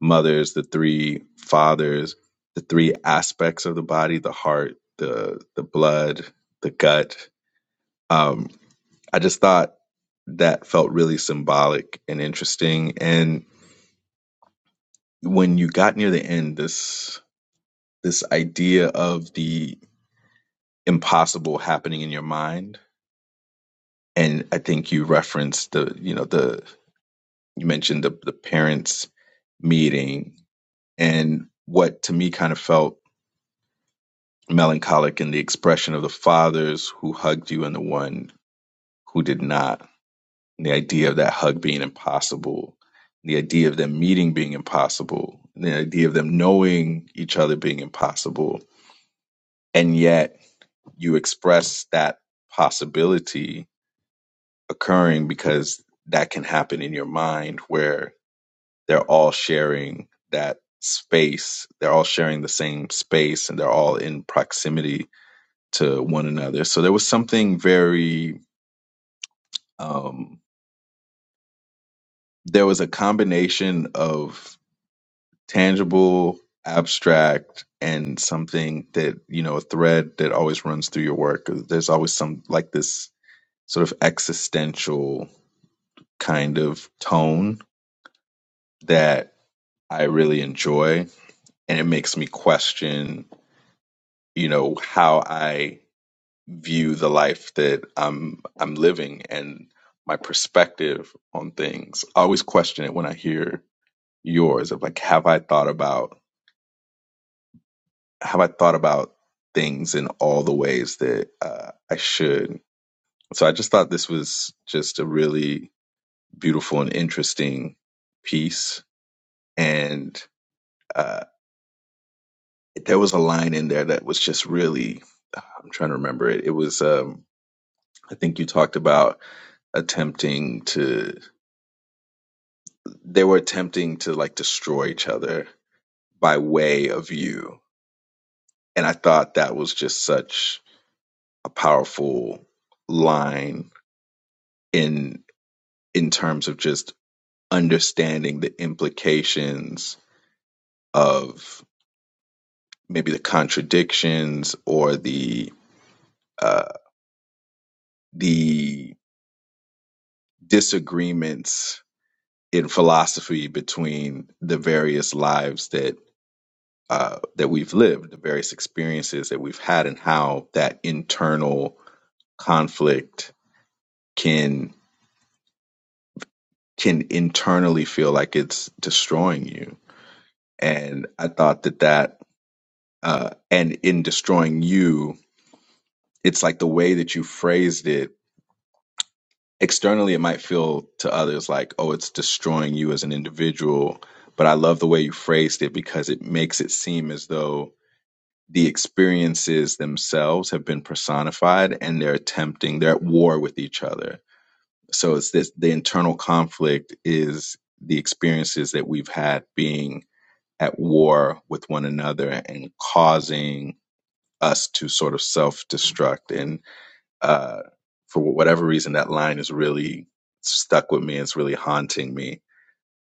Speaker 5: mothers, the three fathers, the three aspects of the body, the heart, the the blood, the gut. Um, I just thought that felt really symbolic and interesting. And when you got near the end, this this idea of the impossible happening in your mind, and I think you referenced the you know the you mentioned the, the parents meeting and what to me kind of felt melancholic in the expression of the fathers who hugged you and the one who did not. And the idea of that hug being impossible, the idea of them meeting being impossible, the idea of them knowing each other being impossible. And yet you express that possibility occurring because that can happen in your mind where they're all sharing that space. They're all sharing the same space and they're all in proximity to one another. So there was something very, um, there was a combination of tangible, abstract, and something that, you know, a thread that always runs through your work. There's always some like this sort of existential kind of tone that I really enjoy. And it makes me question, you know, how I view the life that I'm I'm living and my perspective on things. I always question it when I hear yours of like, have I thought about have I thought about things in all the ways that uh, I should? So I just thought this was just a really beautiful and interesting piece, and uh, there was a line in there that was just really. I'm trying to remember it. It was um, I think you talked about attempting to they were attempting to like destroy each other by way of you. And I thought that was just such a powerful line in in terms of just understanding the implications of maybe the contradictions or the uh, the disagreements in philosophy between the various lives that uh, that we've lived, the various experiences that we've had, and how that internal conflict can can internally feel like it's destroying you and i thought that that uh and in destroying you it's like the way that you phrased it externally it might feel to others like oh it's destroying you as an individual but i love the way you phrased it because it makes it seem as though the experiences themselves have been personified and they're attempting they're at war with each other So it's this the internal conflict is the experiences that we've had being at war with one another and causing us to sort of self destruct. And uh, for whatever reason, that line is really stuck with me. It's really haunting me.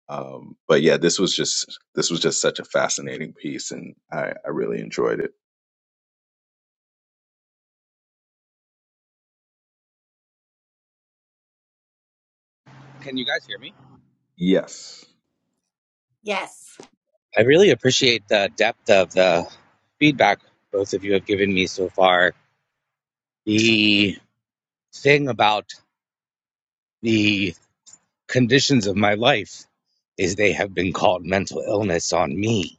Speaker 5: Um, but yeah, this was just this was just such a fascinating piece, and I, I really enjoyed it.
Speaker 7: Can you guys hear me?
Speaker 5: Yes,
Speaker 2: Yes.
Speaker 7: I really appreciate the depth of the feedback both of you have given me so far. The thing about the conditions of my life is they have been called mental illness on me.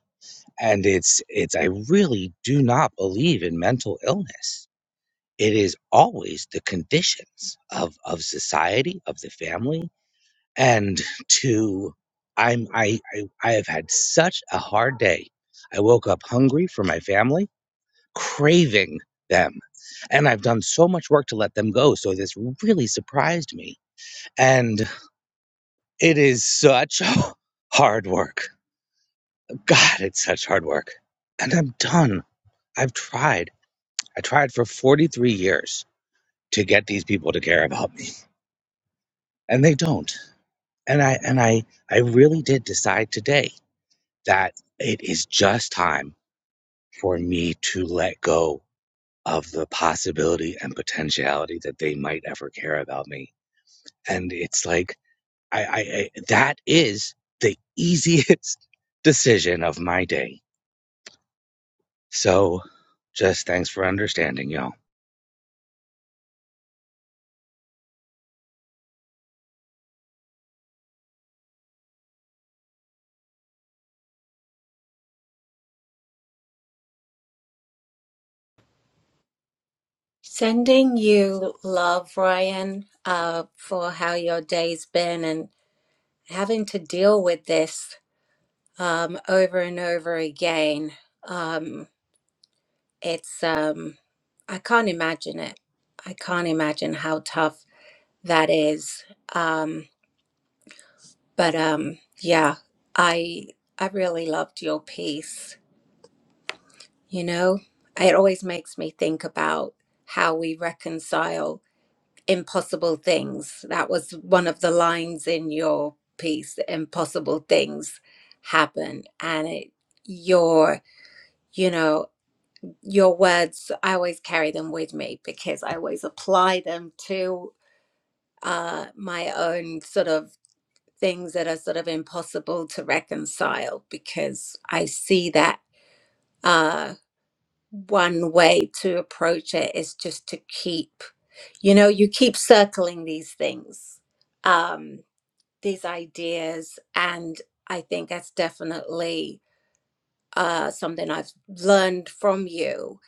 Speaker 7: And it's it's I really do not believe in mental illness. It is always the conditions of, of society, of the family, and to I'm I, I I have had such a hard day. I woke up hungry for my family, craving them. And I've done so much work to let them go, so this really surprised me. And it is such hard work. God, it's such hard work. And I'm done. I've tried. I tried for 43 years to get these people to care about me, and they don't. And I and I I really did decide today that it is just time for me to let go of the possibility and potentiality that they might ever care about me. And it's like, I, I, I that is the easiest decision of my day. So just thanks for understanding, y'all.
Speaker 2: Sending you love, Ryan, uh, for how your day's been and having to deal with this um, over and over again. Um, it's, um, I can't imagine it. I can't imagine how tough that is. Um, but um, yeah, I I really loved your piece. You know, it always makes me think about how we reconcile impossible things. That was one of the lines in your piece. Impossible things happen, and it, your you know your words. I always carry them with me because I always apply them to uh, my own sort of things that are sort of impossible to reconcile because I see that. Uh, one way to approach it is just to keep, you know, you keep circling these things. Um, these ideas and i think that's definitely uh, something i've learned from you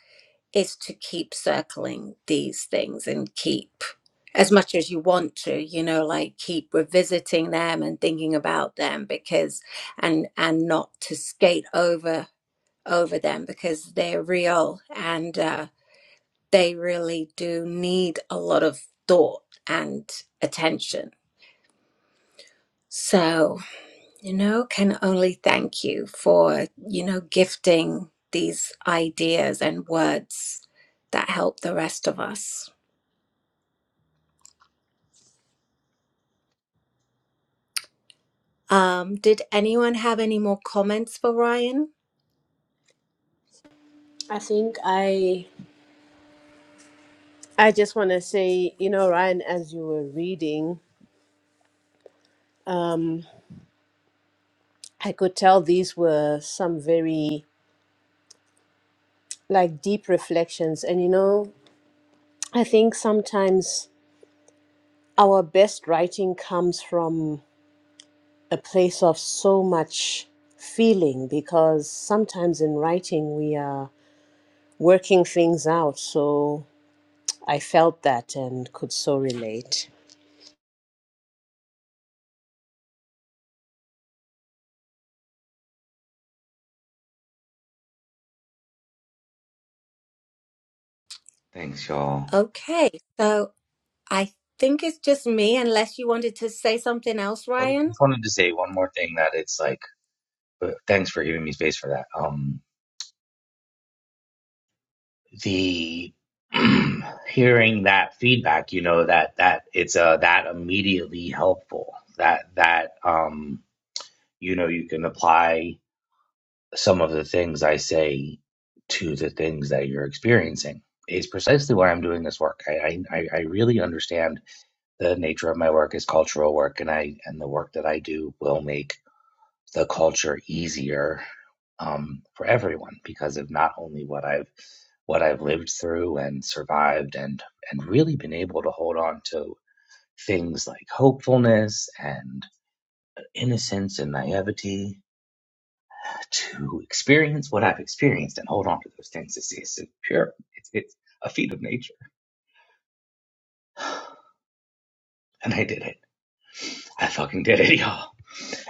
Speaker 2: is to keep circling these things and keep as much as you want to you know like keep revisiting them and thinking about them because and and not to skate over over them because they're real and uh, they really do need a lot of thought and attention so you know, can only thank you for, you know, gifting these ideas and words that help the rest of us. Um, did anyone have any more comments for Ryan?
Speaker 4: I think I I just want to say, you know, Ryan, as you were reading, um, I could tell these were some very like deep reflections. And you know, I think sometimes our best writing comes from a place of so much feeling because sometimes in writing we are working things out. So I felt that and could so relate.
Speaker 7: Thanks, y'all.
Speaker 2: Okay, so I think it's just me, unless you wanted to say something else,
Speaker 7: I
Speaker 2: Ryan.
Speaker 7: just wanted to say one more thing that it's like, but thanks for giving me space for that. Um, the hearing that feedback, you know, that that it's uh that immediately helpful. That that um you know you can apply some of the things I say to the things that you're experiencing. Is precisely why I'm doing this work. I, I I I really understand the nature of my work is cultural work, and I and the work that I do will make the culture easier um, for everyone because of not only what I've what I've lived through and survived and and really been able to hold on to things like hopefulness and innocence and naivety to experience what I've experienced and hold on to those things it's it's pure it's it's a feat of nature and I did it I fucking did it y'all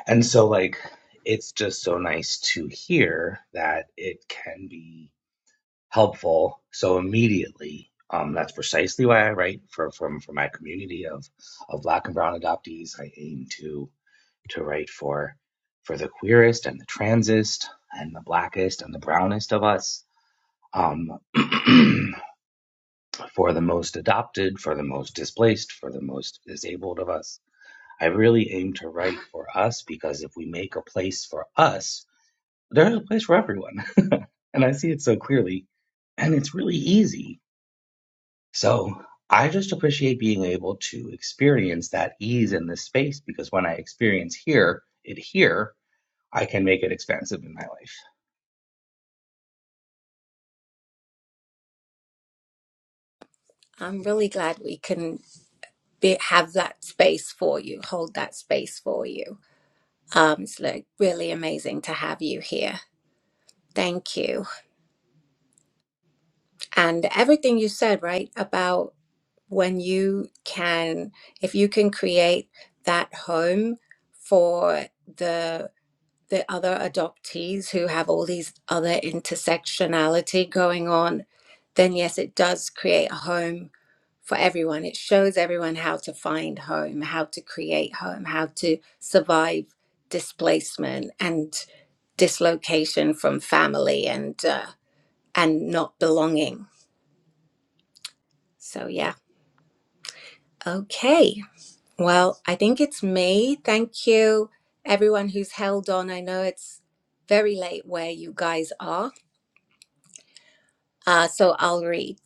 Speaker 7: and so like it's just so nice to hear that it can be helpful. So immediately, um, that's precisely why I write for from for my community of of Black and Brown adoptees. I aim to to write for for the queerest and the transest and the blackest and the brownest of us. Um, for the most adopted, for the most displaced, for the most disabled of us. I really aim to write for us because if we make a place for us, there's a place for everyone. and I see it so clearly. And it's really easy So I just appreciate being able to experience that ease in this space because when I experience here it here, I can make it expansive in my life.
Speaker 2: I'm really glad we can be, have that space for you, hold that space for you. Um, it's like really amazing to have you here. Thank you and everything you said right about when you can if you can create that home for the the other adoptees who have all these other intersectionality going on then yes it does create a home for everyone it shows everyone how to find home how to create home how to survive displacement and dislocation from family and uh, and not belonging so yeah okay Well, I think it's me. Thank you, everyone who's held on. I know it's very late where you guys are. Uh, so I'll read.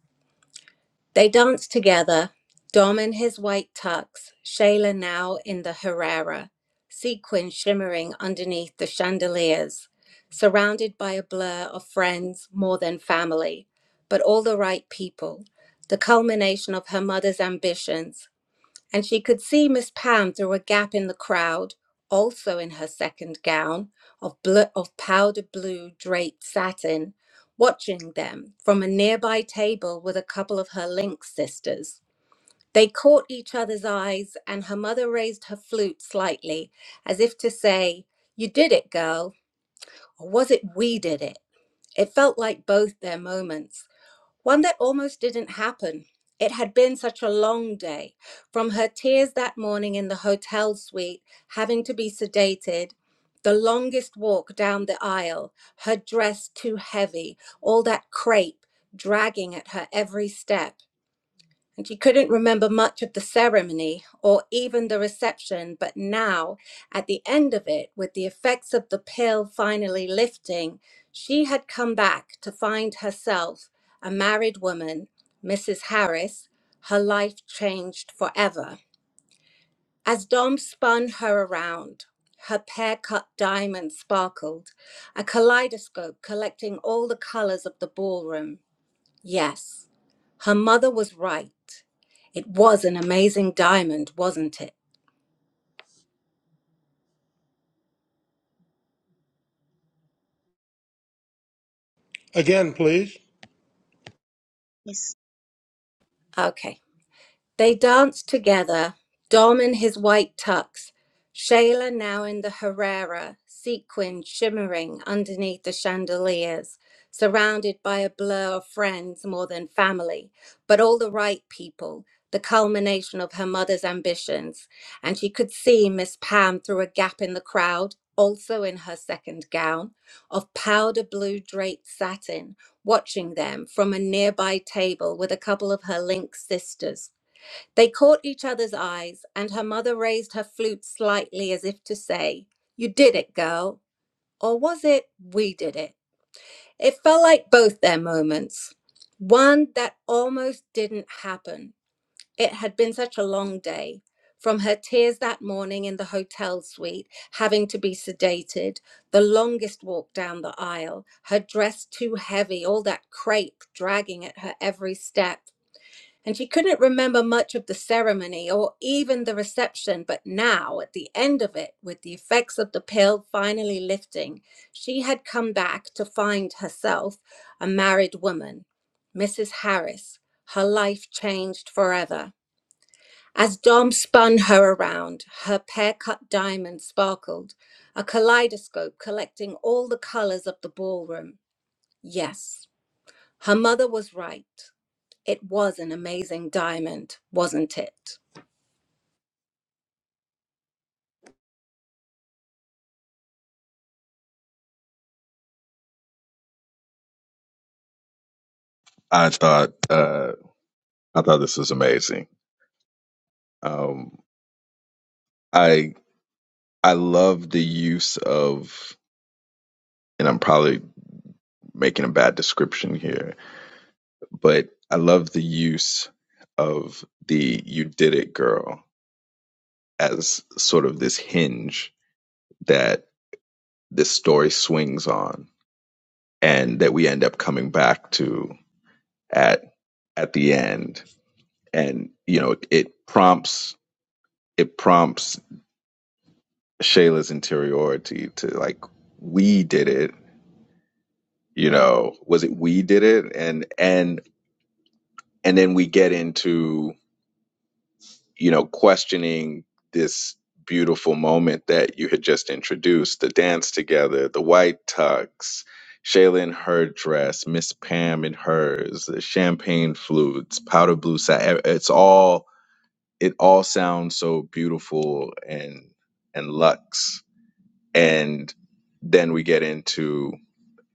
Speaker 2: They danced together, Dom in his white tux, Shayla now in the Herrera, sequin shimmering underneath the chandeliers, surrounded by a blur of friends more than family, but all the right people. The culmination of her mother's ambitions and she could see Miss Pam through a gap in the crowd, also in her second gown of, bl- of powder blue draped satin, watching them from a nearby table with a couple of her Lynx sisters. They caught each other's eyes, and her mother raised her flute slightly, as if to say, You did it, girl, or was it we did it? It felt like both their moments. One that almost didn't happen. It had been such a long day, from her tears that morning in the hotel suite, having to be sedated, the longest walk down the aisle, her dress too heavy, all that crepe dragging at her every step and she couldn't remember much of the ceremony or even the reception, but now, at the end of it, with the effects of the pill finally lifting, she had come back to find herself a married woman, Mrs. Harris, her life changed forever. As Dom spun her around, her pear cut diamond sparkled, a kaleidoscope collecting all the colors of the ballroom. Yes, her mother was right. It was an amazing diamond, wasn't it?
Speaker 6: Again, please.
Speaker 2: Okay. They danced together, Dom in his white tux, Shayla now in the Herrera, sequin shimmering underneath the chandeliers, surrounded by a blur of friends more than family, but all the right people, the culmination of her mother's ambitions. And she could see Miss Pam through a gap in the crowd, also in her second gown of powder blue draped satin, watching them from a nearby table with a couple of her link sisters they caught each other's eyes, and her mother raised her flute slightly as if to say, You did it, girl. Or was it, We did it? It felt like both their moments. One that almost didn't happen. It had been such a long day. From her tears that morning in the hotel suite, having to be sedated, the longest walk down the aisle, her dress too heavy, all that crepe dragging at her every step and she couldn't remember much of the ceremony or even the reception, but now, at the end of it, with the effects of the pill finally lifting, she had come back to find herself a married woman, Mrs. Harris. Her life changed forever. As Dom spun her around, her pear cut diamond sparkled, a kaleidoscope collecting all the colors of the ballroom. Yes, her mother was right. It was an amazing diamond, wasn't it?
Speaker 5: I thought uh, I thought this was amazing. Um, I I love the use of, and I'm probably making a bad description here, but I love the use of the "you did it, girl" as sort of this hinge that this story swings on, and that we end up coming back to at at the end, and you know it prompts it prompts Shayla's interiority to like we did it you know was it we did it and and and then we get into you know questioning this beautiful moment that you had just introduced the dance together the white tux shayla in her dress miss pam in hers the champagne flutes powder blue satin it's all it all sounds so beautiful and and luxe and then we get into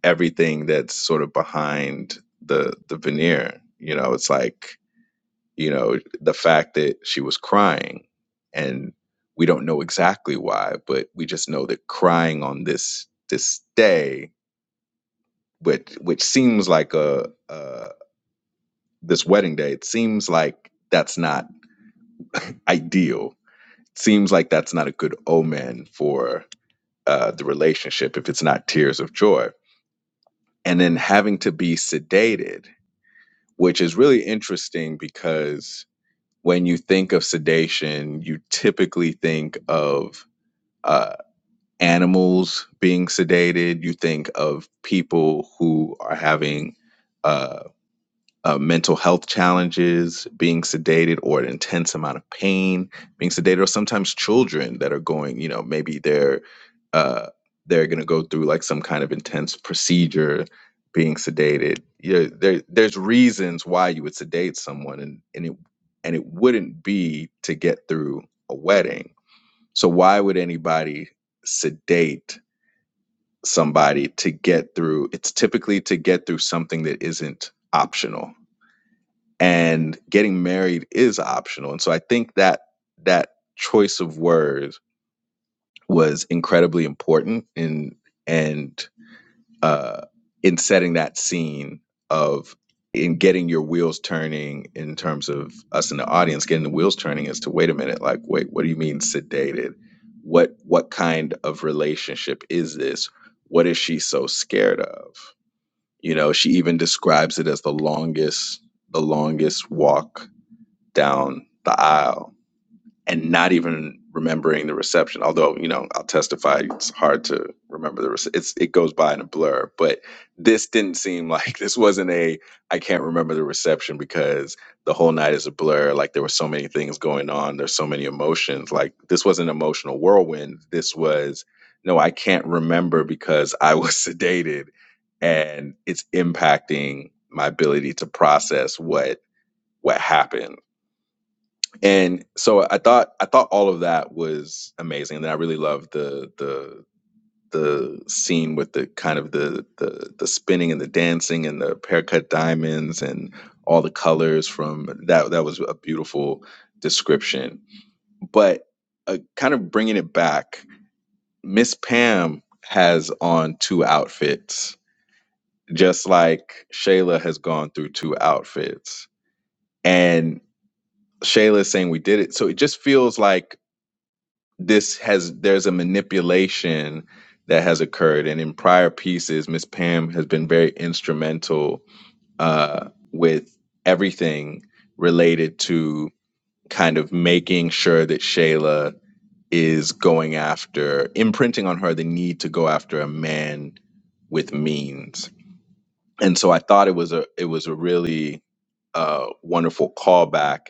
Speaker 5: everything that's sort of behind the the veneer. You know, it's like you know the fact that she was crying, and we don't know exactly why, but we just know that crying on this this day, which which seems like a, a this wedding day, it seems like that's not ideal. It seems like that's not a good omen for uh, the relationship if it's not tears of joy. And then having to be sedated which is really interesting because when you think of sedation, you typically think of uh, animals being sedated. You think of people who are having uh, uh, mental health challenges, being sedated or an intense amount of pain, being sedated, or sometimes children that are going, you know, maybe they're uh, they're going to go through like some kind of intense procedure, being sedated. Yeah, there there's reasons why you would sedate someone, and and it and it wouldn't be to get through a wedding. So why would anybody sedate somebody to get through? It's typically to get through something that isn't optional and getting married is optional and so i think that that choice of words was incredibly important in and uh in setting that scene of in getting your wheels turning in terms of us in the audience getting the wheels turning as to wait a minute like wait what do you mean sedated what what kind of relationship is this what is she so scared of you know she even describes it as the longest the longest walk down the aisle and not even remembering the reception. Although you know, I'll testify it's hard to remember the rece- it's it goes by in a blur. But this didn't seem like this wasn't a I can't remember the reception because the whole night is a blur. Like there were so many things going on. There's so many emotions. Like this was an emotional whirlwind. This was no, I can't remember because I was sedated and it's impacting my ability to process what what happened and so I thought I thought all of that was amazing, and then I really loved the the the scene with the kind of the the the spinning and the dancing and the haircut diamonds and all the colors from that that was a beautiful description. But uh, kind of bringing it back, Miss Pam has on two outfits, just like Shayla has gone through two outfits, and Shayla's saying we did it. So it just feels like this has there's a manipulation that has occurred and in prior pieces miss pam has been very instrumental uh, with everything related to kind of making sure that shayla is going after imprinting on her the need to go after a man with means and so i thought it was a it was a really uh, wonderful callback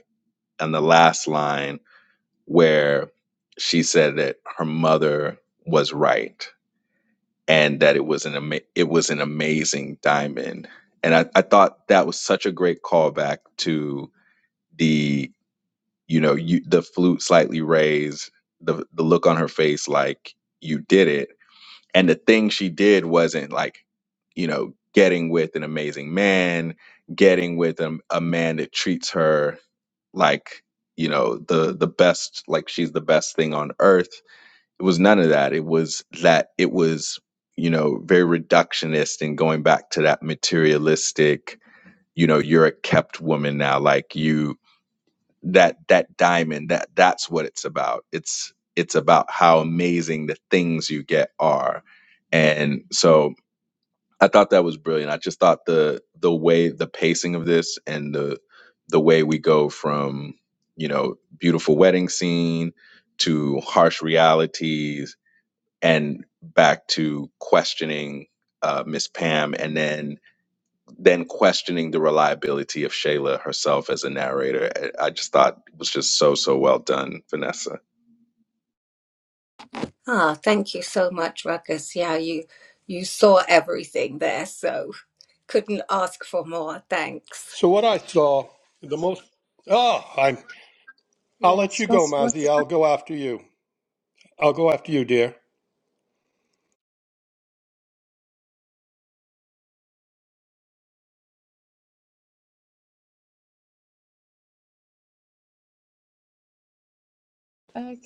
Speaker 5: on the last line where she said that her mother was right and that it was an ama- it was an amazing diamond. And I, I thought that was such a great callback to the you know you, the flute slightly raised, the the look on her face like you did it, and the thing she did wasn't like you know getting with an amazing man, getting with a, a man that treats her like you know the the best like she's the best thing on earth it was none of that. It was that it was, you know, very reductionist and going back to that materialistic, you know, you're a kept woman now. Like you that that diamond, that that's what it's about. It's it's about how amazing the things you get are. And so I thought that was brilliant. I just thought the the way the pacing of this and the the way we go from, you know, beautiful wedding scene to harsh realities and back to questioning uh, Miss Pam, and then then questioning the reliability of Shayla herself as a narrator. I I just thought it was just so so well done, Vanessa.
Speaker 2: Ah, thank you so much, Ruckus. Yeah, you you saw everything there, so couldn't ask for more. Thanks.
Speaker 6: So what I saw the most. Oh, I'm. I'll let you go, Mazzy. I'll go after you. I'll go after you, dear.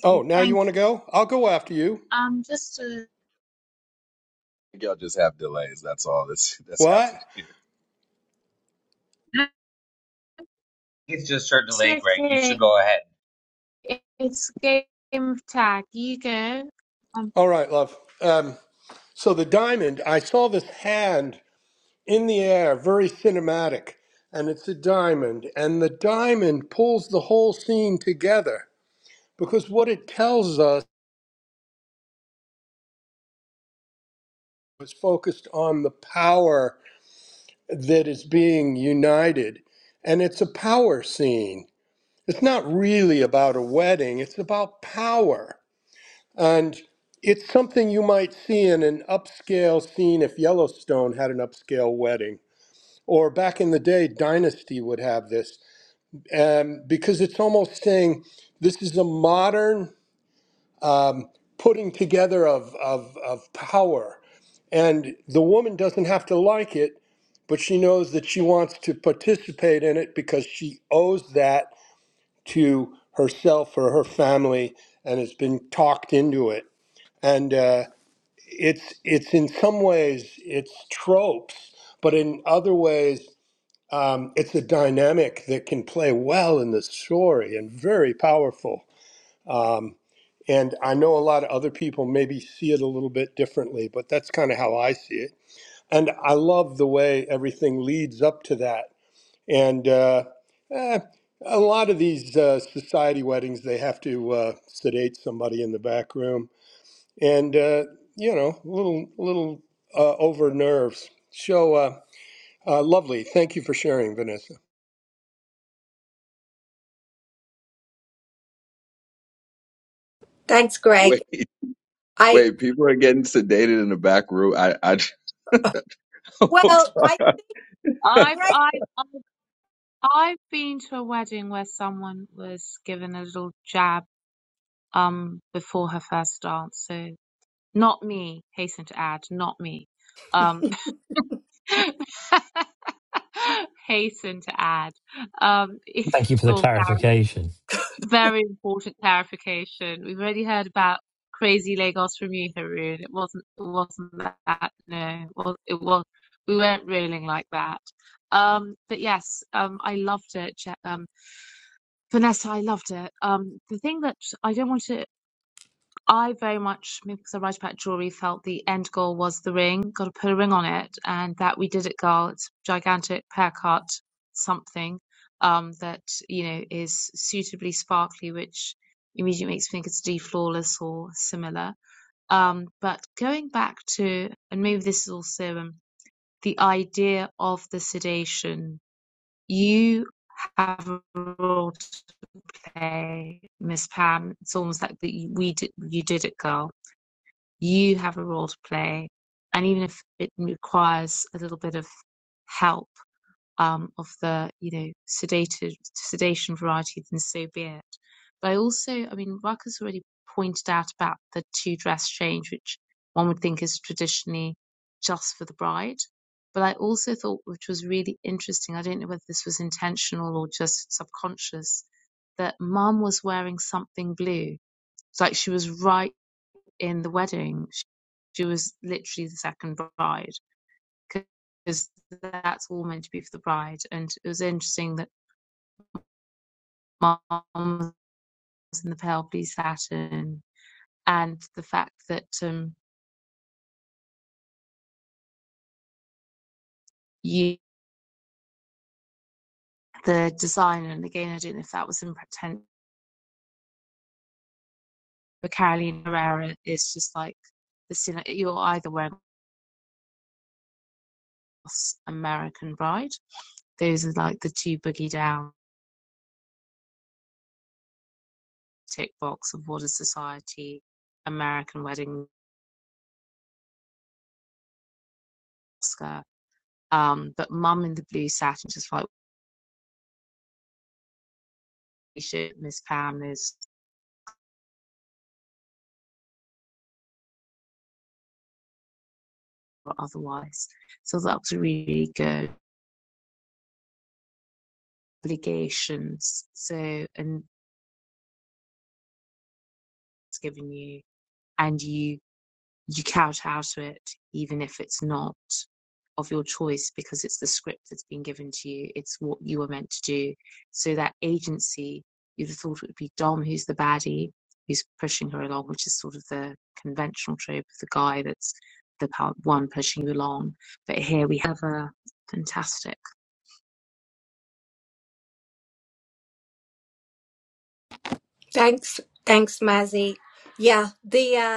Speaker 6: Oh, now you want to go? I'll go after you.
Speaker 5: Y'all just have delays. That's all that's that's
Speaker 6: What?
Speaker 5: happening here.
Speaker 6: All right, love. Um. So the diamond. I saw this hand in the air, very cinematic, and it's a diamond, and the diamond pulls the whole scene together because what it tells us is focused on the power that is being united. And it's a power scene. It's not really about a wedding, it's about power. And it's something you might see in an upscale scene if Yellowstone had an upscale wedding. Or back in the day, Dynasty would have this um, because it's almost saying this is a modern um, putting together of, of, of power and the woman doesn't have to like it, but she knows that she wants to participate in it because she owes that to herself or her family and has been talked into it. And uh, it's it's in some ways it's tropes, but in other ways um, it's a dynamic that can play well in the story and very powerful. Um, and I know a lot of other people maybe see it a little bit differently, but that's kind of how I see it and I love the way everything leads up to that. And uh, eh, a lot of these uh, society weddings, they have to uh, sedate somebody in the back room, and uh, you know, little little uh, over nerves. So uh, uh, lovely. Thank you for sharing, Vanessa.
Speaker 2: Thanks,
Speaker 5: Wait,
Speaker 2: Greg. I
Speaker 5: wait, people are getting sedated in the back room. I, I,
Speaker 2: well, I Greg.
Speaker 1: Thank you for the clarification.
Speaker 2: Thanks, thanks, Mazzy. Yeah, the uh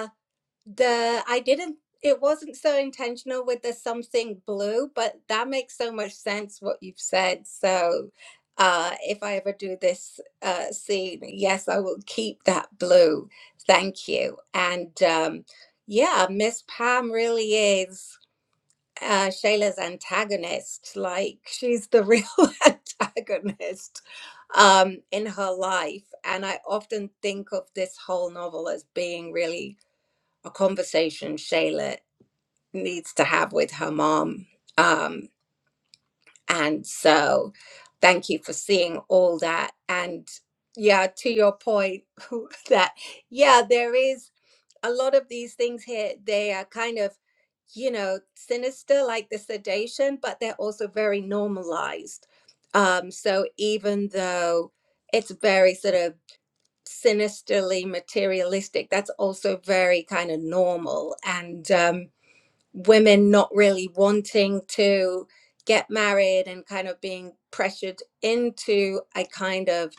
Speaker 2: The I didn't it wasn't so intentional with the something blue, but that makes so much sense what you've said. So uh if I ever do this uh scene, yes, I will keep that blue. Thank you. And um yeah, Miss Pam really is uh Shayla's antagonist. Like she's the real antagonist um in her life. And I often think of this whole novel as being really a conversation Shayla needs to have with her mom. Um, and so thank you for seeing all that. And yeah, to your point, that yeah, there is a lot of these things here, they are kind of, you know, sinister, like the sedation, but they're also very normalized. Um, so even though it's very sort of sinisterly materialistic, that's also very kind of normal. And, um, women not really wanting to get married and kind of being pressured into a kind of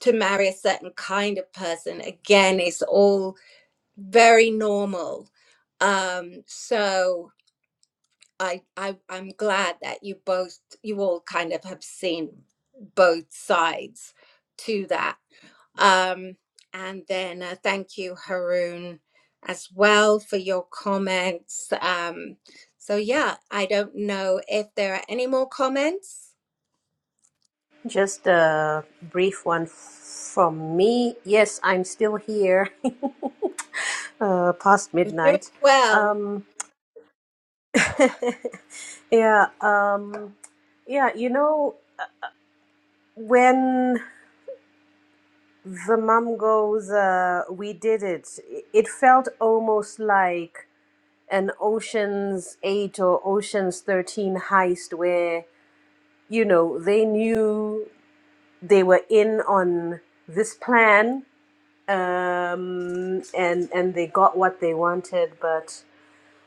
Speaker 2: to marry a certain kind of person again it's all very normal um so I, I i'm glad that you both you all kind of have seen both sides to that um, and then uh, thank you, Haroon, as well for your comments. Um, so, yeah, I don't know if there are any more comments.
Speaker 4: Just a brief one from me. Yes, I'm still here uh, past
Speaker 2: You're doing
Speaker 4: midnight.
Speaker 2: well.
Speaker 4: Um, yeah, um, yeah, you know, when the mum goes uh, we did it it felt almost like an oceans 8 or oceans 13 heist where you know they knew they were in on this plan um, and and they got what they wanted but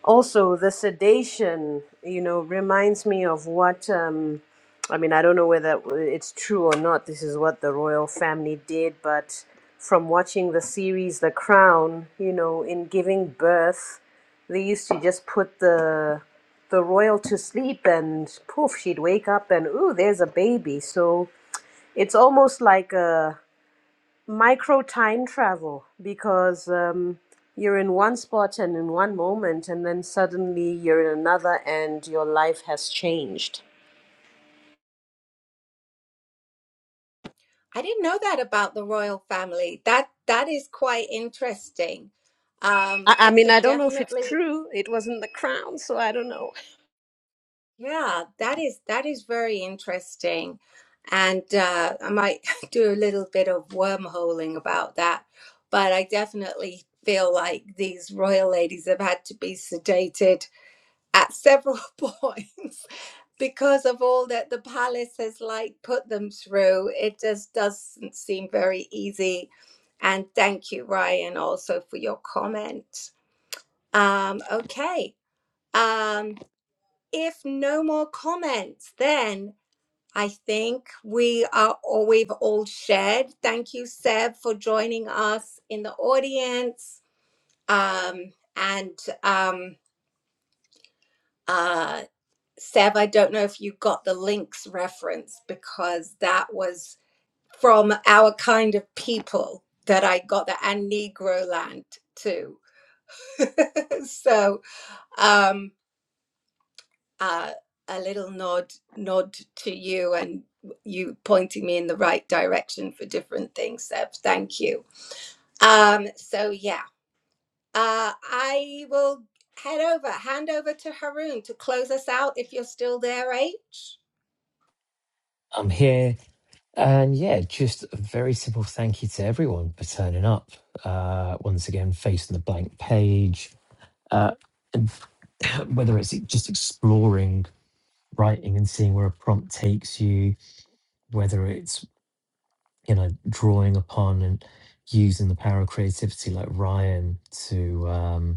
Speaker 4: also the sedation you know reminds me of what um i mean i don't know whether it's true or not this is what the royal family did but from watching the series the crown you know in giving birth they used to just put the the royal to sleep and poof she'd wake up and ooh there's a baby so it's almost like a micro time travel because um, you're in one spot and in one moment, and then suddenly you're in another, and your life has changed.
Speaker 2: I didn't know that about the royal family. That that is quite interesting. Um,
Speaker 4: I, I
Speaker 2: I
Speaker 4: mean, I
Speaker 2: could
Speaker 4: don't know if it's
Speaker 2: definitely
Speaker 4: true. It was in the crown, so I don't know.
Speaker 2: Yeah, that is that is very interesting, and uh, I might do a little bit of wormholing about that. But I definitely feel like these royal ladies have had to be sedated at several points because of all that the palace has like put them through. It just doesn't seem very easy. And thank you, Ryan, also for your comment. Um, okay. Um, if no more comments, then. I think we are all we've all shared. Thank you, Seb, for joining us in the audience. Um, and um, uh, Seb, I don't know if you got the links reference because that was from our kind of people that I got that and Negro land too. so. Um, uh, a little nod nod to you and you pointing me in the right direction for different things Seb. thank you um so yeah uh i will head over hand over to haroon to close us out if you're still there h
Speaker 1: I'm here And yeah, just a very simple thank you to everyone for turning up. Uh, once again, facing the blank page, uh, and whether it's just exploring writing and seeing where a prompt takes you, whether it's you know drawing upon and using the power of creativity, like Ryan, to um,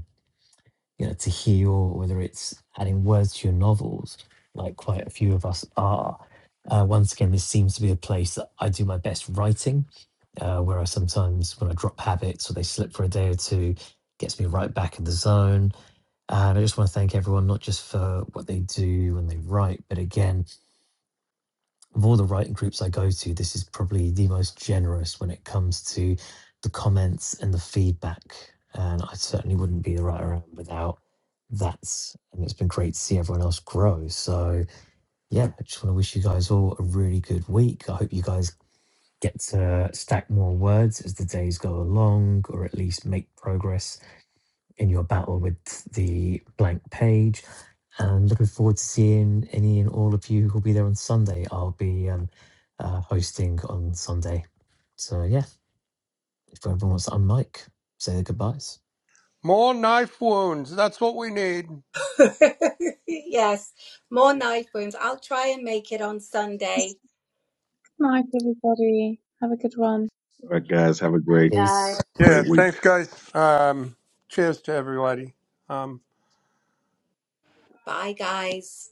Speaker 1: you know, to heal, or whether it's adding words to your novels, like quite a few of us are. Uh, once again, this seems to be a place that I do my best writing, uh, where I sometimes, when I drop habits or they slip for a day or two, gets me right back in the zone. And I just want to thank everyone, not just for what they do when they write, but again, of all the writing groups I go to, this is probably the most generous when it comes to the comments and the feedback. And I certainly wouldn't be the right around without that. And it's been great to see everyone else grow. So, yeah, I just want to wish you guys all a really good week. I hope you guys get to stack more words as the days go along, or at least make progress in your battle with the blank page. And looking forward to seeing any and all of you who'll be there on Sunday. I'll be um, uh, hosting on Sunday. So yeah, if everyone wants to unmic, say their goodbyes.
Speaker 6: More knife wounds. That's what we need.
Speaker 2: yes more knife wounds i'll try and make it on
Speaker 8: Good
Speaker 2: sunday
Speaker 8: night, everybody. Have a good one.
Speaker 5: All right, guys, have a great,
Speaker 1: Peace.
Speaker 6: Yeah.
Speaker 5: great week.
Speaker 6: Thanks, guys. Um, cheers to everybody. Um,
Speaker 2: bye guys